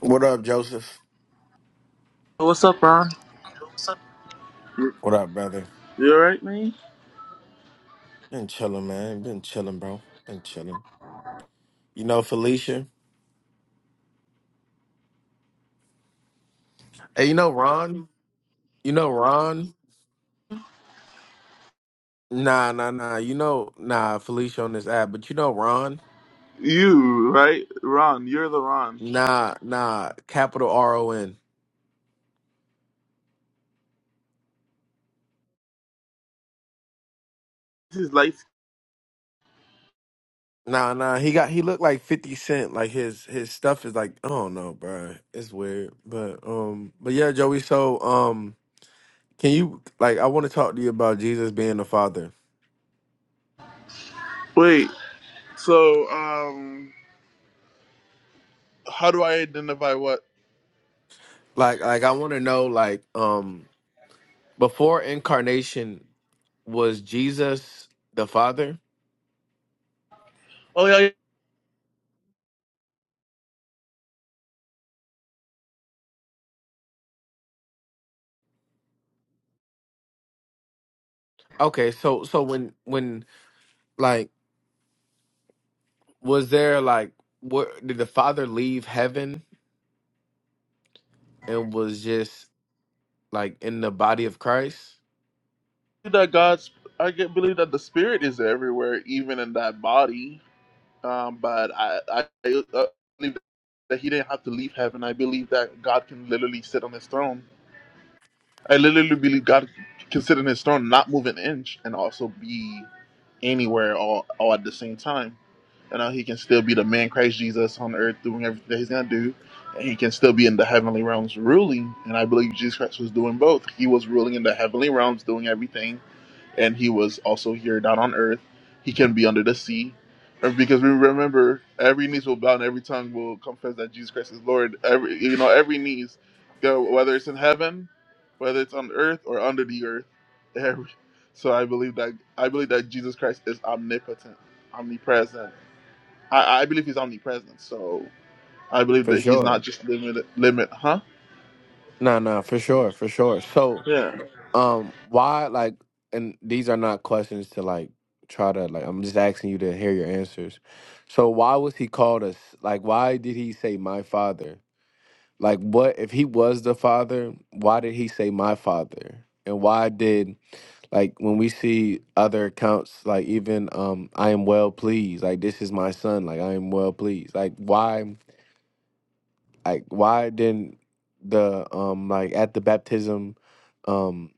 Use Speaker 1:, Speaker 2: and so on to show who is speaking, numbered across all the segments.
Speaker 1: What up, Joseph?
Speaker 2: What's up, Ron?
Speaker 1: What up, brother?
Speaker 2: You alright, man?
Speaker 1: Been chilling, man. Been chilling, bro. Been chilling. You know Felicia? Hey, you know Ron? You know Ron? Nah, nah, nah. You know, nah, Felicia on this app, but you know Ron?
Speaker 2: You, right? Ron, you're the Ron.
Speaker 1: Nah, nah. Capital R O N.
Speaker 2: This is light.
Speaker 1: Nah, nah. He got he looked like Fifty Cent. Like his his stuff is like I don't know, bro. It's weird, but um, but yeah, Joey. So um, can you like I want to talk to you about Jesus being the Father.
Speaker 2: Wait, so, um, how do I identify what?
Speaker 1: Like like I want to know like um Before incarnation was Jesus the Father?
Speaker 2: Oh, yeah, I believe
Speaker 1: Okay, so so when when like was there like what did the Father leave heaven and was just like in the body of Christ?
Speaker 2: that God's, I get, believe that the Spirit is everywhere, even in that body. Um, but I, I, I uh, believe that He didn't have to leave heaven. I believe that God can literally sit on His throne. I literally believe God can sit in His throne, not move an inch, and also be anywhere all, all at the same time. You know, He can still be the man Christ Jesus on earth doing everything that He's gonna do, and He can still be in the heavenly realms ruling. And I believe Jesus Christ was doing both. He was ruling in the heavenly realms, doing everything and he was also here down on earth. He can be under the sea. And Because we remember every knees will bow and every tongue will confess that Jesus Christ is Lord. Every you know, every knees, go- whether it's in heaven, whether it's on earth or under the earth. Every, so I believe that I believe that Jesus Christ is omnipotent, omnipresent. I, I believe he's omnipresent. So I believe
Speaker 1: For
Speaker 2: that he's not
Speaker 1: sure.
Speaker 2: just limited. Limit, huh?
Speaker 1: No, no, for sure, for sure. So
Speaker 2: Yeah.
Speaker 1: um why like and these are not questions to like try to like I'm just asking you to hear your answers. So why was he called us like why did he say my father? Like, what if he was the father? Why did he say my father? And why did like when we see other accounts, like even um, I am well pleased. Like this is my son. Like I am well pleased. Like why? Like why didn't the um like at the baptism, um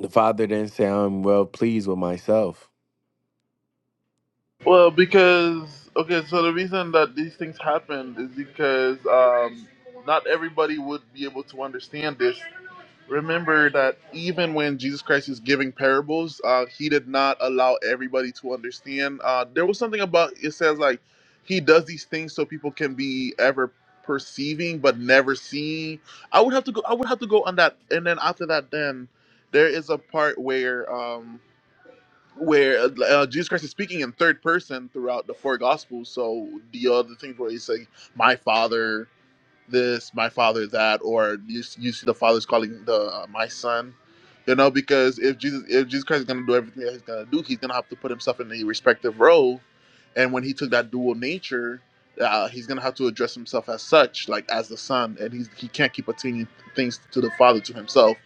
Speaker 1: the father didn't say I'm well pleased with myself.
Speaker 2: Well, because okay, so the reason that these things happen is because um, not everybody would be able to understand this. Remember that even when Jesus Christ is giving parables, uh, he did not allow everybody to understand. Uh, there was something about it says like he does these things so people can be ever perceiving but never seeing. I would have to go. I would have to go on that, and then after that, then there is a part where. Um, where uh, like, uh, Jesus Christ is speaking in third person throughout the four Gospels. So the other things where he's saying, "My Father," this, my father that, or you, you see the father's calling the uh, my son, you know, because if Jesus if Jesus Christ is gonna do everything that he's gonna do, he's gonna have to put himself in the respective role, and when he took that dual nature, uh, he's gonna have to address himself as such, like as the son, and he's he can't keep attaining things to the father to himself,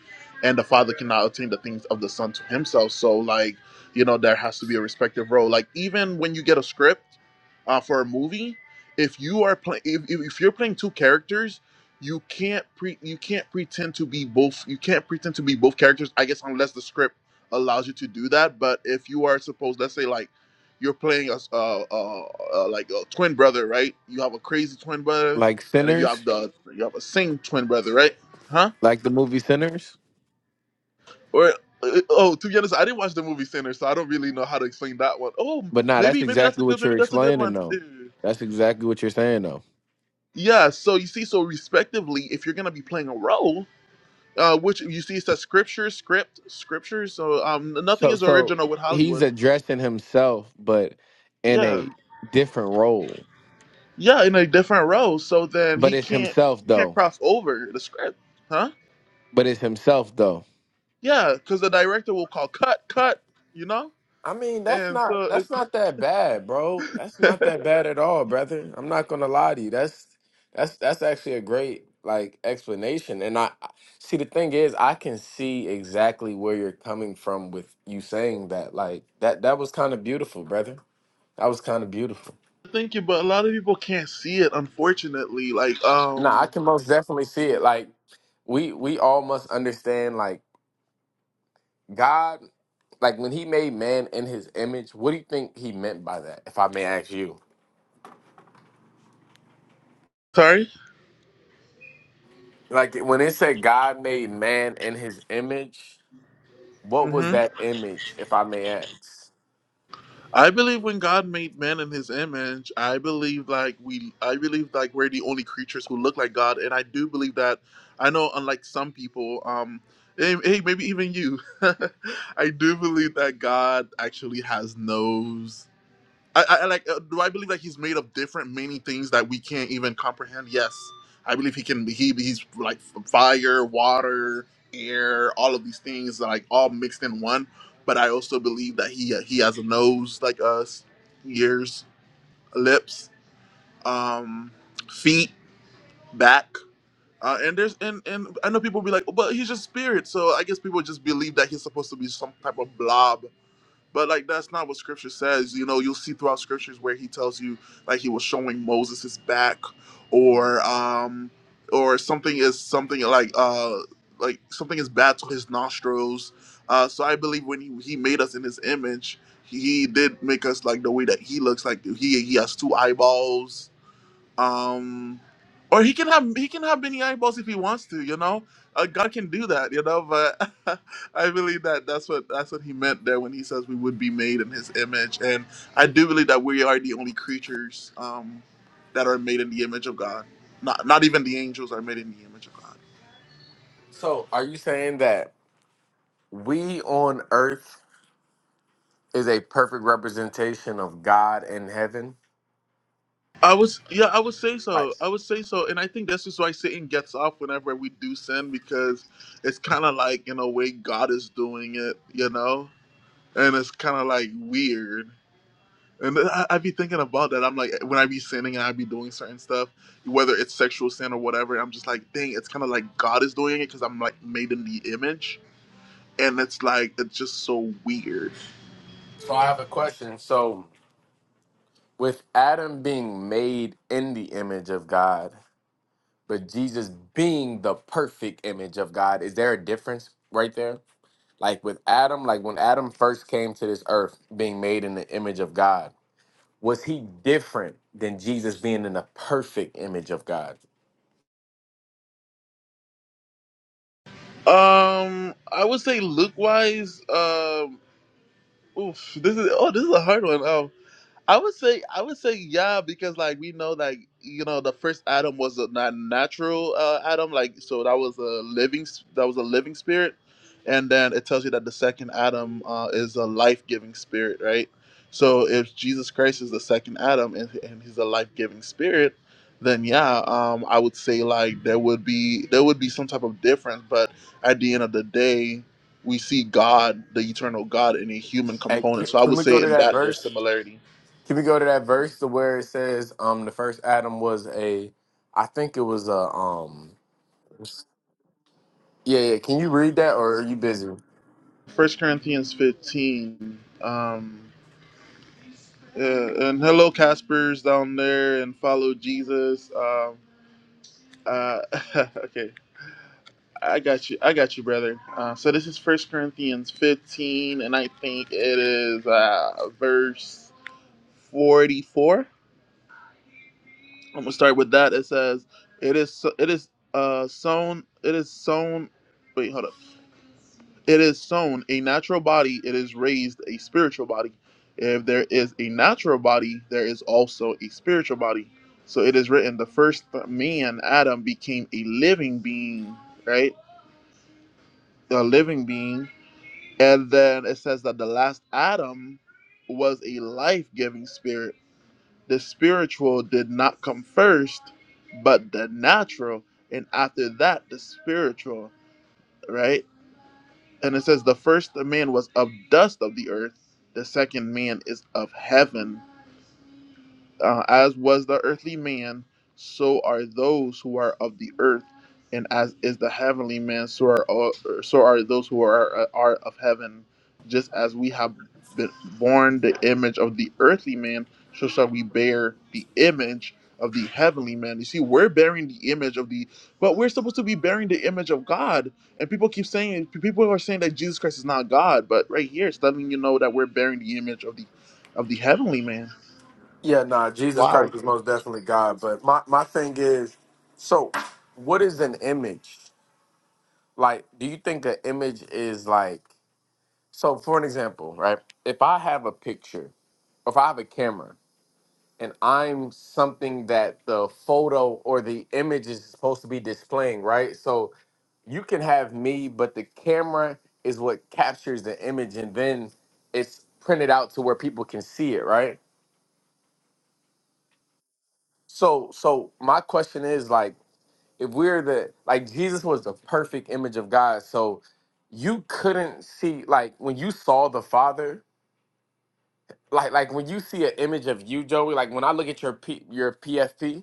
Speaker 2: and the father cannot attain the things of the son to himself. So like you know there has to be a respective role. Like even when you get a script uh, for a movie if you are playing if, if if you're playing two characters you can't pre you can't pretend to be both you can't pretend to be both characters i guess unless the script allows you to do that but if you are supposed let's say like you're playing a s- uh, uh, uh, like a twin brother right you have a crazy twin brother
Speaker 1: Like
Speaker 2: and then you have
Speaker 1: sinners,
Speaker 2: the you have a sing twin brother right huh
Speaker 1: like the movie Sinners.
Speaker 2: or uh, uh, oh to be honest i didn't watch the movie center so i don't really know how to explain that one. Oh,
Speaker 1: But nah, that's
Speaker 2: maybe maybe that's a
Speaker 1: exactly
Speaker 2: good
Speaker 1: what
Speaker 2: maybe
Speaker 1: you're
Speaker 2: that's a good
Speaker 1: explaining
Speaker 2: one to
Speaker 1: though.
Speaker 2: do
Speaker 1: That's exactly what you're saying though.
Speaker 2: Yeah, so you see, so respectively, if you're gonna be playing a role, uh, which you see, it says scripture, script, scripture. So um, nothing
Speaker 1: So
Speaker 2: is
Speaker 1: so
Speaker 2: original with
Speaker 1: he's
Speaker 2: Hollywood.
Speaker 1: addressing himself, but in
Speaker 2: Yeah,
Speaker 1: a different role.
Speaker 2: yeah, in a different role. So then he
Speaker 1: But it's
Speaker 2: can't,
Speaker 1: himself
Speaker 2: he can't
Speaker 1: though.
Speaker 2: cross over the script, huh?
Speaker 1: But it's himself though.
Speaker 2: Yeah, because the director will call cut, cut, you know.
Speaker 1: I mean, that's
Speaker 2: And
Speaker 1: not
Speaker 2: so
Speaker 1: that's not that bad, bro. That's
Speaker 2: it,
Speaker 1: not that bad at all, brother. I'm not gonna lie to you. That's that's that's actually a great like explanation. And I see the thing is, I can see exactly where you're coming from with you saying that. Like that that was kind of beautiful, brother. That was kind of beautiful.
Speaker 2: thank you, but a lot of people can't see it, unfortunately. Like,
Speaker 1: No, I
Speaker 2: um,
Speaker 1: can most definitely see it. Like we we all must understand like God like when he made man in his image, what do you think he meant by that, if I may ask you?
Speaker 2: sorry.
Speaker 1: Like when it said God made man in his image, what was
Speaker 2: Mm-hmm.
Speaker 1: that image, if I may ask?
Speaker 2: I believe when God made man in his image, I believe like we I believe like we're the only creatures who look like God and I do believe that I know unlike some people um hey, hey maybe even you I do believe that God actually has nose I, I like. Uh, do I believe that he's made of different many things that we can't even comprehend? Yes, I believe he can. He he's like fire, water, air, all of these things like all mixed in one. But I also believe that he uh, he has a nose like us, ears, lips, um, feet, back. Uh, and there's and and I know people be like, "Oh, but he's just spirit. So I guess people just believe that he's supposed to be some type of blob but like that's not what scripture says. You know, you'll see throughout scriptures where he tells you like he was showing Moses his back or um or something is something like uh like something is bad to his nostrils. Uh so I believe when he, he made us in his image, he did make us like the way that he looks like he he has two eyeballs um, or he can have he can have many eyeballs if he wants to. You know, uh, God can do that. You know, but I believe that that's what that's what he meant there when he says we would be made in His image, and I do believe that we are the only creatures um, that are made in the image of God. Not not even the angels are made in the image of God.
Speaker 1: So are you saying that we on earth is a perfect representation of God in heaven?
Speaker 2: I was yeah, I would say
Speaker 1: Like
Speaker 2: so. I would say so, and I think this is why Satan gets off whenever we do sin because it's kind of like in a way God is doing it, you know and it's kind of like weird. And I, I be thinking about that. I'm like, when I be sinning and I be doing certain stuff, whether it's sexual sin or whatever, I'm just like, dang, it's kind of like God is doing it because I'm like made in the image, and it's like it's just so weird.
Speaker 1: so I have a question. So with Adam being made in the image of God, but Jesus being the perfect image of God, is there a difference right there? Like with Adam, like when Adam first came to this earth being made in the image of God, was he different than Jesus being in the perfect image of God?
Speaker 2: Um, I would say look wise, um, oof, this is oh, this is a hard one. Um, I would say I would say yeah because like we know like you know the first Adam was a not natural uh, Adam like so that was a living s- that was a living spirit, and then it tells you that the second Adam uh, is a life giving spirit, right? So if Jesus Christ is the second Adam and, and he's a life giving spirit, then yeah, um, I would say like there would be there would be some type of difference, but at the end of the day, we see God, the eternal God, in a human
Speaker 1: And
Speaker 2: component.
Speaker 1: can,
Speaker 2: So I
Speaker 1: can
Speaker 2: would
Speaker 1: we go
Speaker 2: say
Speaker 1: to
Speaker 2: in
Speaker 1: that
Speaker 2: that there's
Speaker 1: verse?
Speaker 2: similarity.
Speaker 1: Can we go to that verse to where it says um the first Adam was a I think it was a um yeah, yeah. Can you read that or are you busy?
Speaker 2: First Corinthians 15. Um, uh, and hello, Caspers down there, and follow Jesus. Um, uh, okay, I got you. I got you, brother. Uh, so this is First Corinthians 15, and I think it is uh, verse 44. I'm gonna start with that. It says, "It is. so- It is uh, sown. It is sown. Wait, hold up. It is sown a natural body, it is raised a spiritual body. If there is a natural body, there is also a spiritual body. So it is written, the first man, Adam, became a living being, right? A living being. And then it says that the last Adam was a life giving spirit. The spiritual did not come first, but the natural. And after that, the spiritual, right? and it says the first man was of dust of the earth the second man is of heaven uh, as was the earthly man, so are those who are of the earth, and as is the heavenly man, so are all, so are those who are uh, are of heaven. Just as we have been borne the image of the earthly man, so shall we bear the image of the heavenly man. You see, we're bearing the image of the, but we're supposed to be bearing the image of God. And people keep saying, people are saying that Jesus Christ is not God, but right here, it's letting you know that we're bearing the image of the, of the heavenly man.
Speaker 1: Yeah, nah, Jesus
Speaker 2: Wow.
Speaker 1: Christ is most definitely God. But my, my thing is, so what is an image? Like, do you think an image is like, so for an example, right? If I have a picture, if I have a camera, and I'm something that the photo or the image is supposed to be displaying, right? So you can have me, but the camera is what captures the image and then it's printed out to where people can see it, right? So so my question is like if we're the like Jesus was the perfect image of God, so you couldn't see like when you saw the Father, like like when you see an image of you, Joey. Like when I look at your P, your PFP,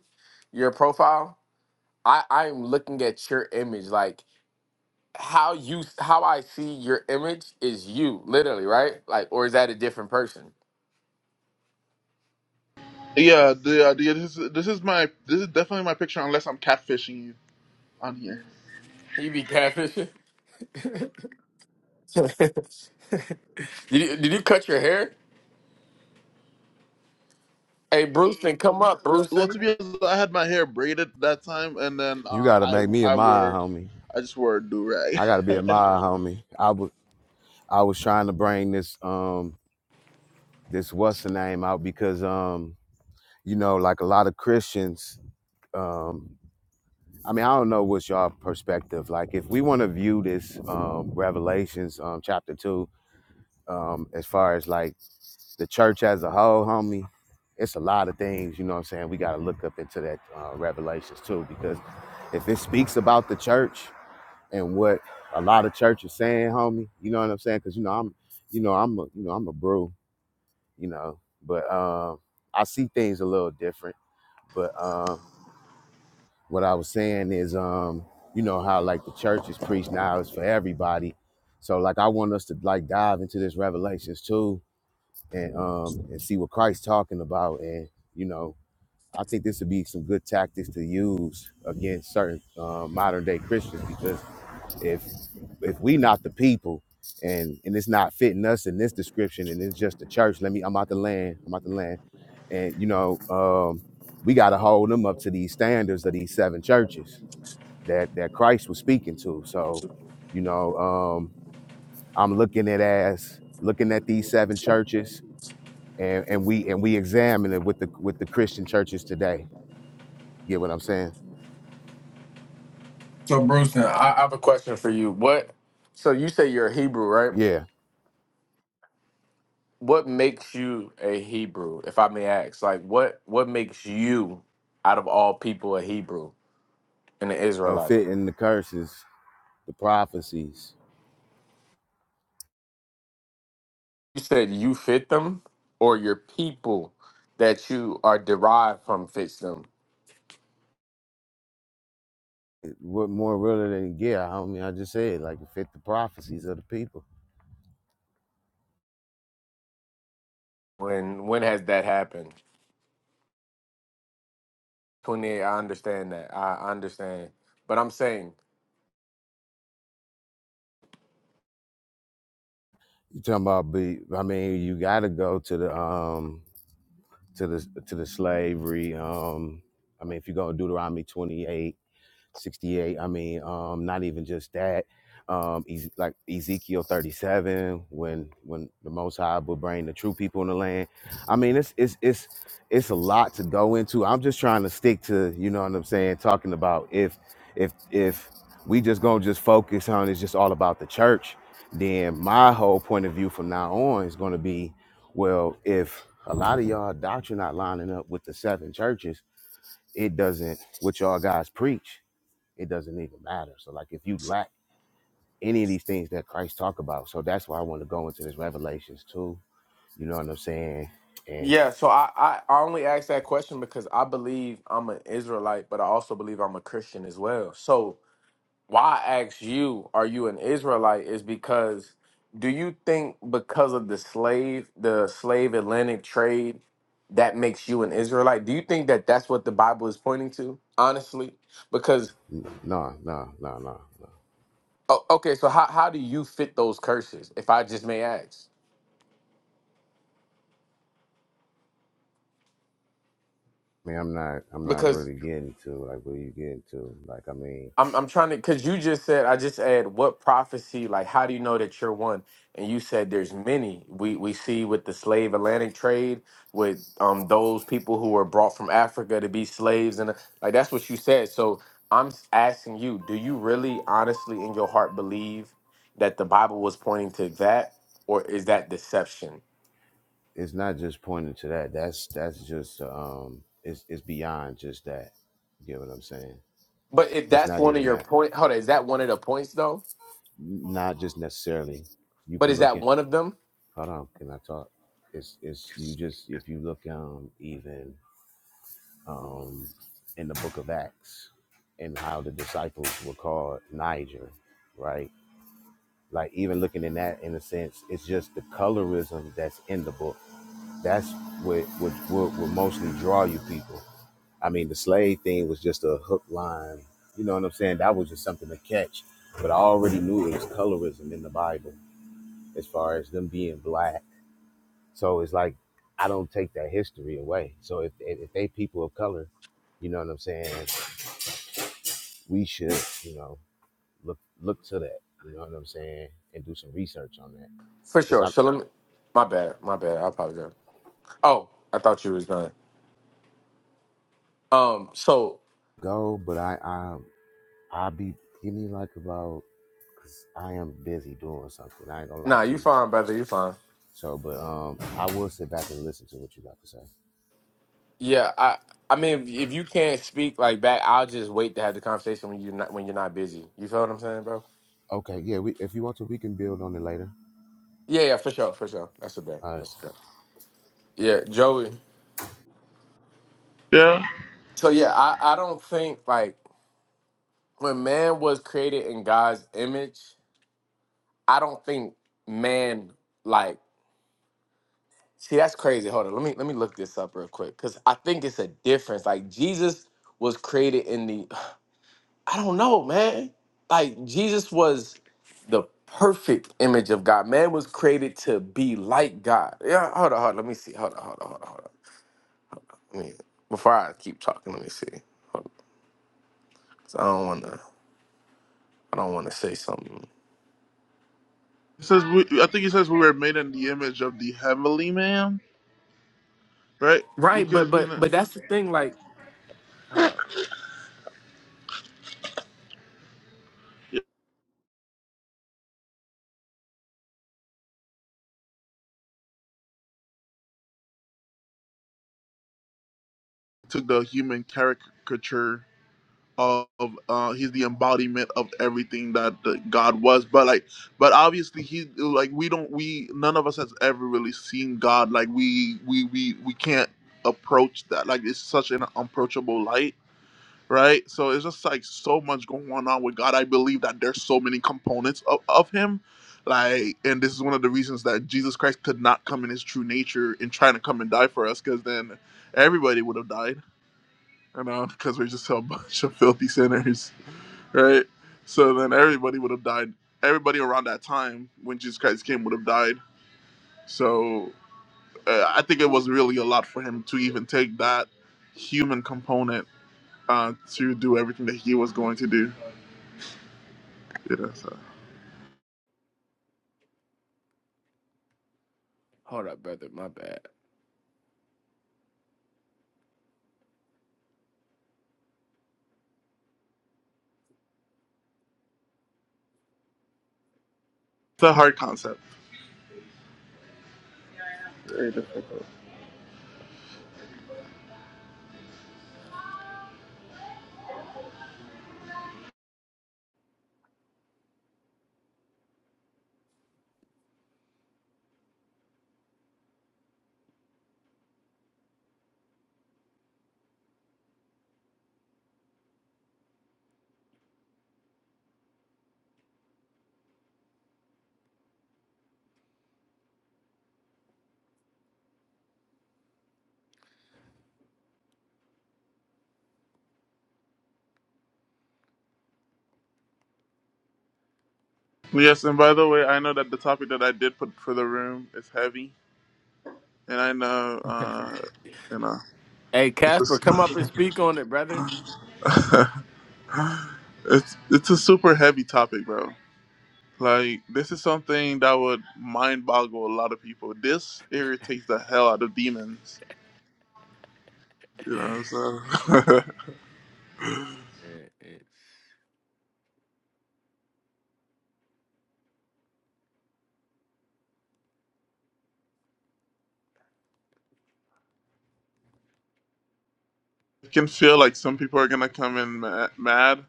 Speaker 1: your profile, I I'm looking at your image. Like how you how I see your image is you, literally, right? Like or is that a different person?
Speaker 2: Yeah, the, uh, the, this, is- this is my this is definitely my picture unless I'm catfishing you on here.
Speaker 1: You be catfishing. did, you, did you cut your hair? Hey, Brewston, come up,
Speaker 2: Well,
Speaker 1: Brewston.
Speaker 2: to be honest, I had my hair braided that time, and then
Speaker 3: You
Speaker 2: uh,
Speaker 3: gotta
Speaker 2: I
Speaker 3: make me
Speaker 2: I
Speaker 3: admire,
Speaker 2: wore
Speaker 3: homie.
Speaker 2: I just wore a do rag.
Speaker 3: I gotta be admire, homie. I was I was trying to bring this um this what's the name out because um you know like a lot of Christians um I mean I don't know what's your perspective like if we want to view this um Revelations um chapter two um as far as like the church as a whole, homie. It's a lot of things, you know what I'm saying? We got to look up into that uh, Revelations too, because if it speaks about the church, and what a lot of churches saying, homie. You know what I'm saying? Because you know I'm, you know I'm a, you know I'm a bro. You know, but um, I see things a little different. But um, what I was saying is, um, you know how like the church is preached now is for everybody. So like I want us to like dive into this Revelations too, and um, and see what Christ's talking about, and you know. I think this would be some good tactics to use against certain uh, modern day Christians because if if we not the people and and it's not fitting us in this description and it's just the church let me i'm out the land i'm out the land and you know um we got to hold them up to these standards of these seven churches that that christ was speaking to so you know um i'm looking at as looking at these seven churches and and we and we examine it with the with the christian churches today get what i'm saying
Speaker 1: So Bruce, now I I have a question for you. What? So you say you're a Hebrew, right?
Speaker 3: yeah
Speaker 1: What makes you a Hebrew, if I may ask? Like, what what makes you, out of all people, a Hebrew and an
Speaker 3: uh,
Speaker 1: Israelite?
Speaker 3: fitting the curses the prophecies
Speaker 1: You said you fit them, or your people that you are derived from fits them.
Speaker 3: What more really than it get? I mean, I just said like it fit the prophecies of the people.
Speaker 1: When when has that happened? Twenty eight. I understand that. I I understand. But I'm saying
Speaker 3: You talking about be? I mean, you got to go to the um to the to the slavery. Um, I mean, if you go to Deuteronomy 28. 68. I mean, um, not even just that. Um, Ez- like Ezekiel 37, when when the Most High will bring the true people in the land. I mean, it's it's it's it's a lot to go into. I'm just trying to stick to, you know what I'm saying, talking about if if if we just gonna just focus on it's just all about the church, then my whole point of view from now on is gonna be, well, if a lot of y'all doctrine not lining up with the seven churches, it doesn't what y'all guys preach it doesn't even matter. So like if you lack any of these things that Christ talk about, so that's why I want to go into this Revelations too. You know what I'm saying? And
Speaker 1: Yeah, so I, I, I only asked that question because I believe I'm an Israelite, but I also believe I'm a Christian as well. So why I asked you, are you an Israelite? Is because do you think because of the slave, the slave Atlantic trade, that makes you an Israelite? Do you think that that's what the Bible is pointing to? Honestly, because
Speaker 3: no, no, no, no, no.
Speaker 1: o- okay, so how how do you fit those curses, if I just may ask?
Speaker 3: I mean, I'm not, I'm not
Speaker 1: Because
Speaker 3: really getting to like what are you getting to? Like, I mean,
Speaker 1: I'm I'm trying to because you just said I just add what prophecy like how do you know that you're one and you said there's many we we see with the slave Atlantic trade with um those people who were brought from Africa to be slaves and like that's what you said so I'm s- asking you do you really honestly in your heart believe that the Bible was pointing to that or is that deception
Speaker 3: it's not just pointing to that. That's that's just um, it's it's beyond just that. You know what I'm saying?
Speaker 1: but if
Speaker 3: It's
Speaker 1: that's
Speaker 3: not
Speaker 1: one of
Speaker 3: even
Speaker 1: your
Speaker 3: that.
Speaker 1: point hold on is that one of the points though
Speaker 3: Not just necessarily. You
Speaker 1: but
Speaker 3: can
Speaker 1: is
Speaker 3: look
Speaker 1: that
Speaker 3: at.
Speaker 1: one of them
Speaker 3: Hold on, can I talk? It's it's you just if you look um even um, in the book of Acts and how the disciples were called Niger, right? Like even looking in that in a sense, it's just the colorism that's in the book. That's what what what will mostly draw you people. I mean, the slave thing was just a hook line. You know what I'm saying? That was just something to catch. But I already knew it was colorism in the Bible as far as them being black. So it's like I don't take that history away. So if if if they people of color, you know what I'm saying? we should, you know, look look to that. You know what I'm saying, and do some research on that
Speaker 1: for
Speaker 3: because
Speaker 1: sure
Speaker 3: I
Speaker 1: so let me my bad my bad I apologize. Oh, I thought you was done. Um, so
Speaker 3: go, but I I I be give me like about because I am busy doing something. I ain't gonna lie
Speaker 1: nah,
Speaker 3: to
Speaker 1: you
Speaker 3: you.
Speaker 1: fine, brother. You fine.
Speaker 3: So, but um, I will sit back and listen to what you got to say.
Speaker 1: Yeah, I. I mean, if, if you can't speak like back, I'll just wait to have the conversation when you're not when you're not busy. You feel what I'm saying, bro?
Speaker 3: Okay, yeah. We if you want to, we can build on it later.
Speaker 1: Yeah, yeah, for sure, for sure. That's a bet.
Speaker 3: Uh,
Speaker 1: That's a bet. Yeah, Joey.
Speaker 2: Yeah,
Speaker 1: So yeah, I I don't think like when man was created in God's image, I don't think man like see that's crazy. Hold on, let me let me look this up real quick because I think it's a difference. Like Jesus was created in the I don't know, man. Like Jesus was the perfect image of God. Man was created to be like God. Yeah, hold on, hold on. Let me see. Hold on, hold on, hold on, hold on. Let me, before I keep talking, let me see. Hold on. 'Cause I don't wanna I don't wanna say something.
Speaker 2: it says we, I think he says we were made in the image of the heavenly man, right?
Speaker 1: Right, but
Speaker 2: Because we
Speaker 1: but
Speaker 2: kn-
Speaker 1: but that's the thing, like hold up.
Speaker 2: yeah, took the human caricature of uh, he's the embodiment of everything that uh, God was. But like, but obviously he like we don't we none of us has ever really seen God. Like we we we we can't approach that. Like it's such an unapproachable light. Right, so it's just like so much going on with God. I believe that there's so many components of, of Him, like, and this is one of the reasons that Jesus Christ could not come in His true nature and trying to come and die for us, because then everybody would have died, you know, because we're just a bunch of filthy sinners right? So then everybody would have died. Everybody around that time when Jesus Christ came would have died. So uh, I think it was really a lot for him to even take that human component uh, to do everything that he was going to do. You know, so
Speaker 1: Hold up, brother. My bad.
Speaker 2: it's a hard concept. Very difficult. Yes, and by the way, I know that the topic that I did put for the room is heavy, and I know, uh, you know,
Speaker 1: hey
Speaker 2: it's a,
Speaker 1: Casper, come up and speak on it, brother.
Speaker 2: it's it's a super heavy topic, bro. Like this is something that would mind boggle a lot of people. This irritates the hell out of demons. You know, so
Speaker 1: Mm,
Speaker 2: I
Speaker 1: eh, eh.
Speaker 2: can feel like some people are gonna come in ma- mad.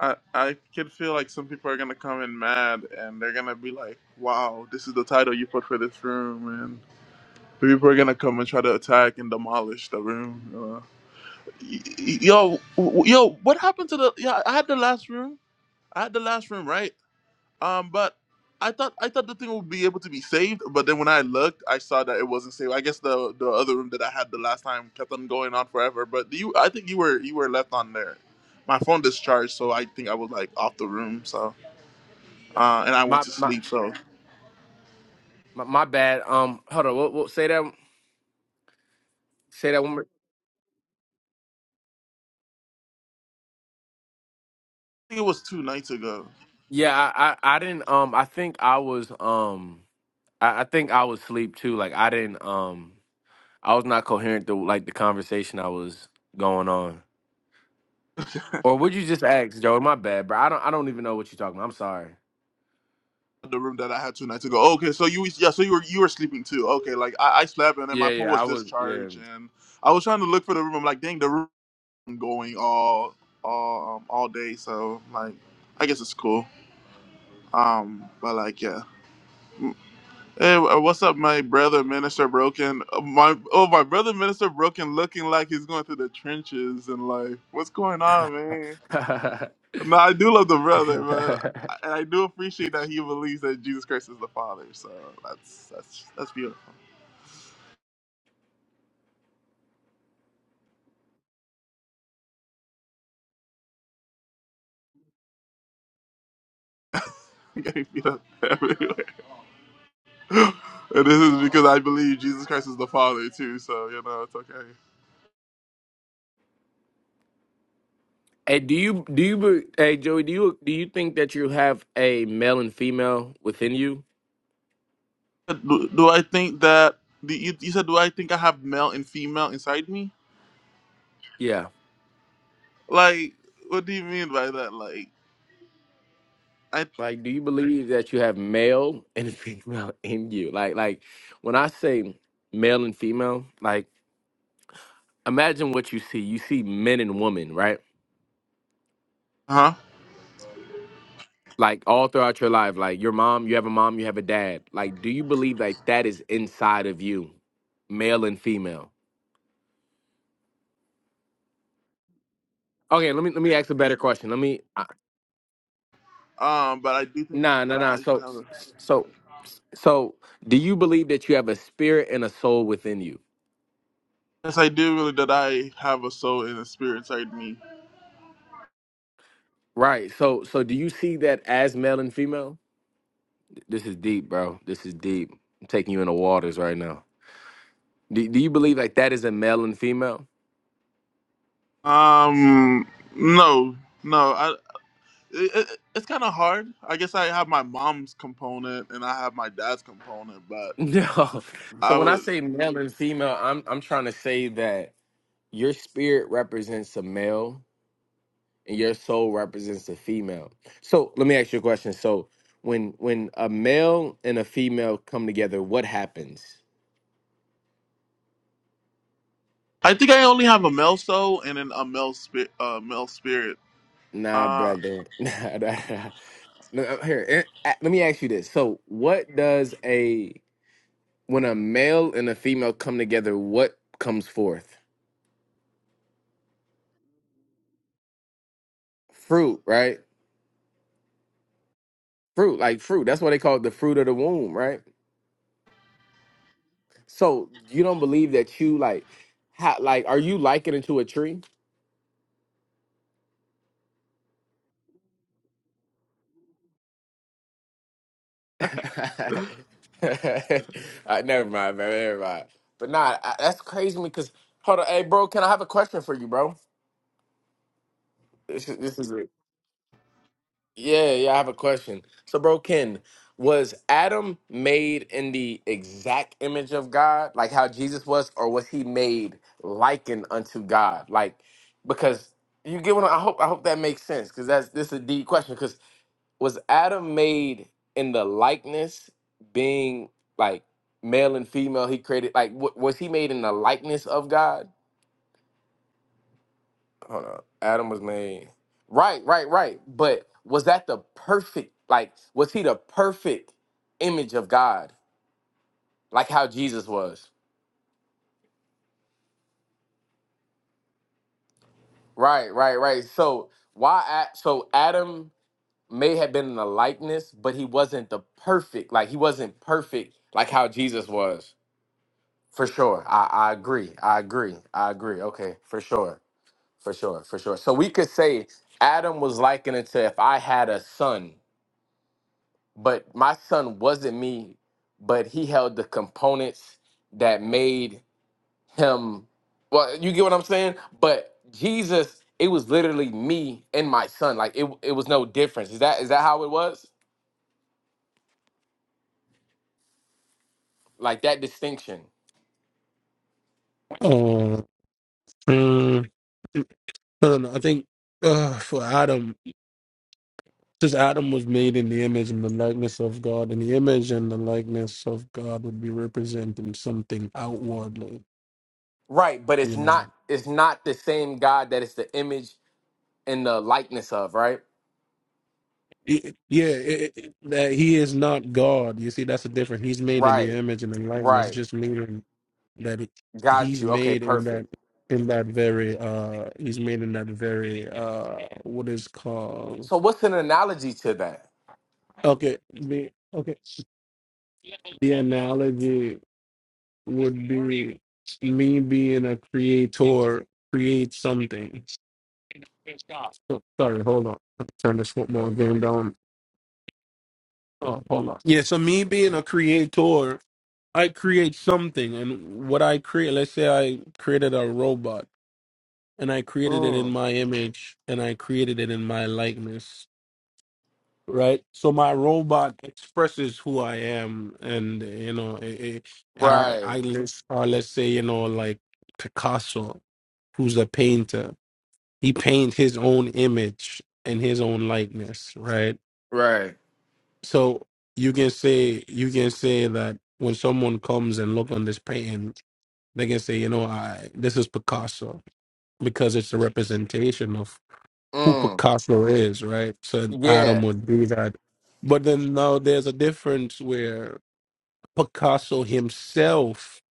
Speaker 2: I I can feel like some people are gonna come in mad, and they're gonna be like, "Wow, this is the title you put for this room," and people are gonna come and try to attack and demolish the room. you know. Y- y- yo, w- yo, what happened to the? Yeah, I had the last room. I had the last room, right? Um, but I thought I thought the thing would be able to be saved, but then when I looked, I saw that it wasn't saved. I guess the the other room that I had the last time kept on going on forever. But you, I think you were you were left on there. My phone discharged, so I think I was like off the room. So uh, and I went
Speaker 1: My
Speaker 2: to
Speaker 1: my
Speaker 2: sleep. So I
Speaker 1: my, my bad. Um hold on, We'll say that say that one more
Speaker 2: think it was two nights ago.
Speaker 1: Yeah, I, I, I didn't um I think I was um I, I think I was asleep too. Like I didn't um I was not coherent to like the conversation I was going on. Or would you just ask, Joe? My bad, bro. I don't I don't even know what you're talking about. I'm sorry.
Speaker 2: The room that I had two nights ago. Oh, okay, so you yeah, so you were you were sleeping too. Okay, like I, I slept and then my
Speaker 1: Yeah,
Speaker 2: phone
Speaker 1: yeah,
Speaker 2: was
Speaker 1: I was yeah.
Speaker 2: discharged and I was trying to look for the room. I'm like, dang, the room. going all all um, all day. So like, I guess it's cool. Um, but like, yeah. Hey, wh- what's up, my brother, Minister Broken? Uh, My oh, my brother, Minister Broken, looking like he's going through the trenches in life. What's going on, man? No, I do love the brother, but I, and I do appreciate that he believes that Jesus Christ is the Father. So that's that's that's beautiful. You got me beat up everywhere. and this is because I believe Jesus Christ is the Father too. So you know, it's okay.
Speaker 1: hey, do you do you be- hey Joey, do you do you think that you have a male and female within you?
Speaker 2: do, do I think that the, you, you said do I think I have male and female inside me? Like, what do you mean by that? Like, I
Speaker 1: Like, do you believe that you have male and female in you? Like, like when I say male and female, like imagine what you see. You see men and women, right?
Speaker 2: huh?
Speaker 1: Like all throughout your life, like your mom, you have a mom, you have a dad. Like, do you believe like that is inside of you, male and female? Okay, let me let me ask a better question. Let me uh,
Speaker 2: Um, but I do think
Speaker 1: nah nah
Speaker 2: that
Speaker 1: nah.
Speaker 2: I
Speaker 1: So
Speaker 2: have. A,
Speaker 1: so so, do you believe that you have a spirit and a soul within you?
Speaker 2: yes, I do really that I have a soul and a spirit inside me.
Speaker 1: Right. So so, do you see that as male and female? This is deep, bro. This is deep. I'm taking you in the waters right now. Do, do you believe like that is a male and female?
Speaker 2: Um, no, no, I. It, it, it's kind of hard. I guess I have my mom's component and I have my dad's component, but
Speaker 1: No. So
Speaker 2: I
Speaker 1: when I
Speaker 2: would.
Speaker 1: say male and female, I'm I'm trying to say that your spirit represents a male and your soul represents a female. So let me ask you a question. So when when a male and a female come together, what happens?
Speaker 2: I think I only have a male soul and then a male spirit. Uh, male spirit.
Speaker 1: Nah,
Speaker 2: Uh,
Speaker 1: brother. Nah, nah, nah. No, Here, eh, eh, let me ask you this. So what does a when a male and a female come together, what comes forth? Fruit, right? Fruit, like fruit. That's why they call it the fruit of the womb, right? So you don't believe that you like, how, like, are you likened to a tree? Uh, never mind, man. Never mind. But nah, I, that's crazy because hold on, hey, bro. Can I have a question for you, bro? This is this is Yeah, yeah, I have a question. So, bro, Ken, was Adam made in the exact image of God, like how Jesus was, or was he made likened unto God? Like, because you get what I I hope. I hope that makes sense, because that's this is a deep question. Because was Adam made in the likeness, being like male and female? He created like wa- was he made in the likeness of God? hold on. Adam was made. Right, right, right. But was that the perfect? Like, was he the perfect image of God? Like how Jesus was. Right, right, right. So why? A- So Adam may have been in the likeness, but he wasn't the perfect. Like he wasn't perfect. Like how Jesus was. For sure. I, I agree. I agree. I agree. Okay. For sure. For sure. For sure. So we could say Adam was likened to if I had a son. but my son wasn't me, but he held the components that made him. Well, you get what I'm saying. But Jesus, it was literally me and my son. Like it, it was no difference. Is that is that how it was? Like that distinction,
Speaker 4: Oh, mm, I don't know. I think uh, for Adam, since Adam was made in the image and the likeness of God, and the image and the likeness of God would be representing something outwardly,
Speaker 1: right? But it's
Speaker 4: you know.
Speaker 1: not. It's not the same God that it's the image and the likeness of, right?
Speaker 4: It- yeah, it, it- that he is not God. You see, that's the difference. He's made in the
Speaker 1: Right,
Speaker 4: image and the likeness,
Speaker 1: right.
Speaker 4: just meaning that it,
Speaker 1: Got
Speaker 4: he's
Speaker 1: you. Okay,
Speaker 4: made in that
Speaker 1: perfect.
Speaker 4: in that very uh he's made in that very uh what is called
Speaker 1: So what's an analogy to that?
Speaker 4: okay me. okay The analogy would be me being a creator, create something. So- Sorry, hold on. Let me Turn this football game down. Oh, hold on. Yeah, so me being a creator, I create something, and what I create, let's say I created a robot, and I created it in
Speaker 1: Mm.
Speaker 4: my image, and I created it in my likeness. right? So my robot expresses who I am, and you know, it, it, our
Speaker 1: Right,
Speaker 4: I let's or let's say you know like Picasso, who's a painter, he paints his own image and his own likeness, right?
Speaker 1: right.
Speaker 4: So you can say you can say that when someone comes and look on this painting, they can say, you know, I this is Picasso because it's a representation of who
Speaker 1: Mm.
Speaker 4: Picasso is, right? So
Speaker 1: Yeah,
Speaker 4: Adam would do that. But then now there's a difference where Picasso himself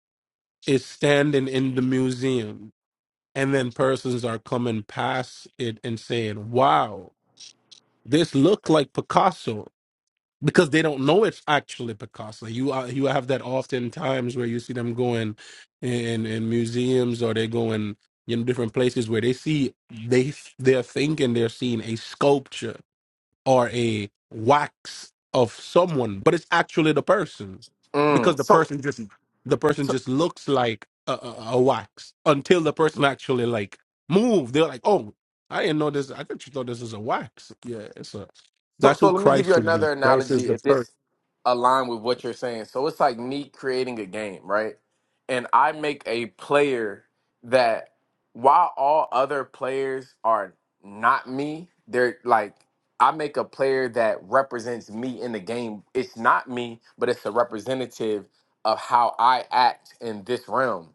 Speaker 4: is standing in the museum and then persons are coming past it and saying, Wow, this looked like Picasso because they don't know it's actually Picasso. You are, you have that oftentimes where you see them going in in museums or they go in you know different places where they see they they're thinking they're seeing a sculpture or a wax of someone, but it's actually the person because
Speaker 1: Mm.
Speaker 4: the
Speaker 1: So,
Speaker 4: person just the person
Speaker 1: so,
Speaker 4: just looks like a, a, a wax until the person actually like move. They're like, oh, I didn't know this. I thought you thought this is a wax. Yeah, it's a.
Speaker 1: so,
Speaker 4: That's
Speaker 1: so
Speaker 4: who
Speaker 1: let me give
Speaker 4: Christ
Speaker 1: you
Speaker 4: would be.
Speaker 1: another
Speaker 4: Christ is
Speaker 1: analogy.
Speaker 4: the
Speaker 1: If
Speaker 4: person.
Speaker 1: this align with what you're saying, so it's like me creating a game, right? And I make a player that, while all other players are not me, they're like I make a player that represents me in the game. It's not me, but it's a representative of how I act in this realm.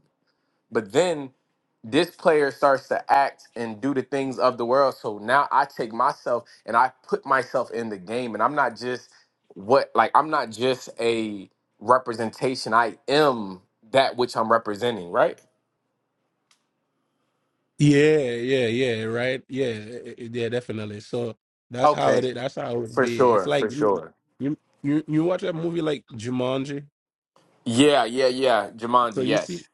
Speaker 1: But then this player starts to act and do the things of the world. So now I take myself and I put myself in the game, and I'm not just what like I'm not just a representation. I am that which I'm representing, right?
Speaker 4: Yeah, yeah, yeah, right. Yeah, i- i- yeah, definitely. So that's how
Speaker 1: Okay,
Speaker 4: it is. That's how it would
Speaker 1: for
Speaker 4: be. It's
Speaker 1: sure,
Speaker 4: like
Speaker 1: for
Speaker 4: you,
Speaker 1: sure.
Speaker 4: you, you, you watch a movie like Jumanji.
Speaker 1: Yeah, yeah, yeah.
Speaker 4: So
Speaker 1: Jumanji,
Speaker 4: you see.
Speaker 1: yes.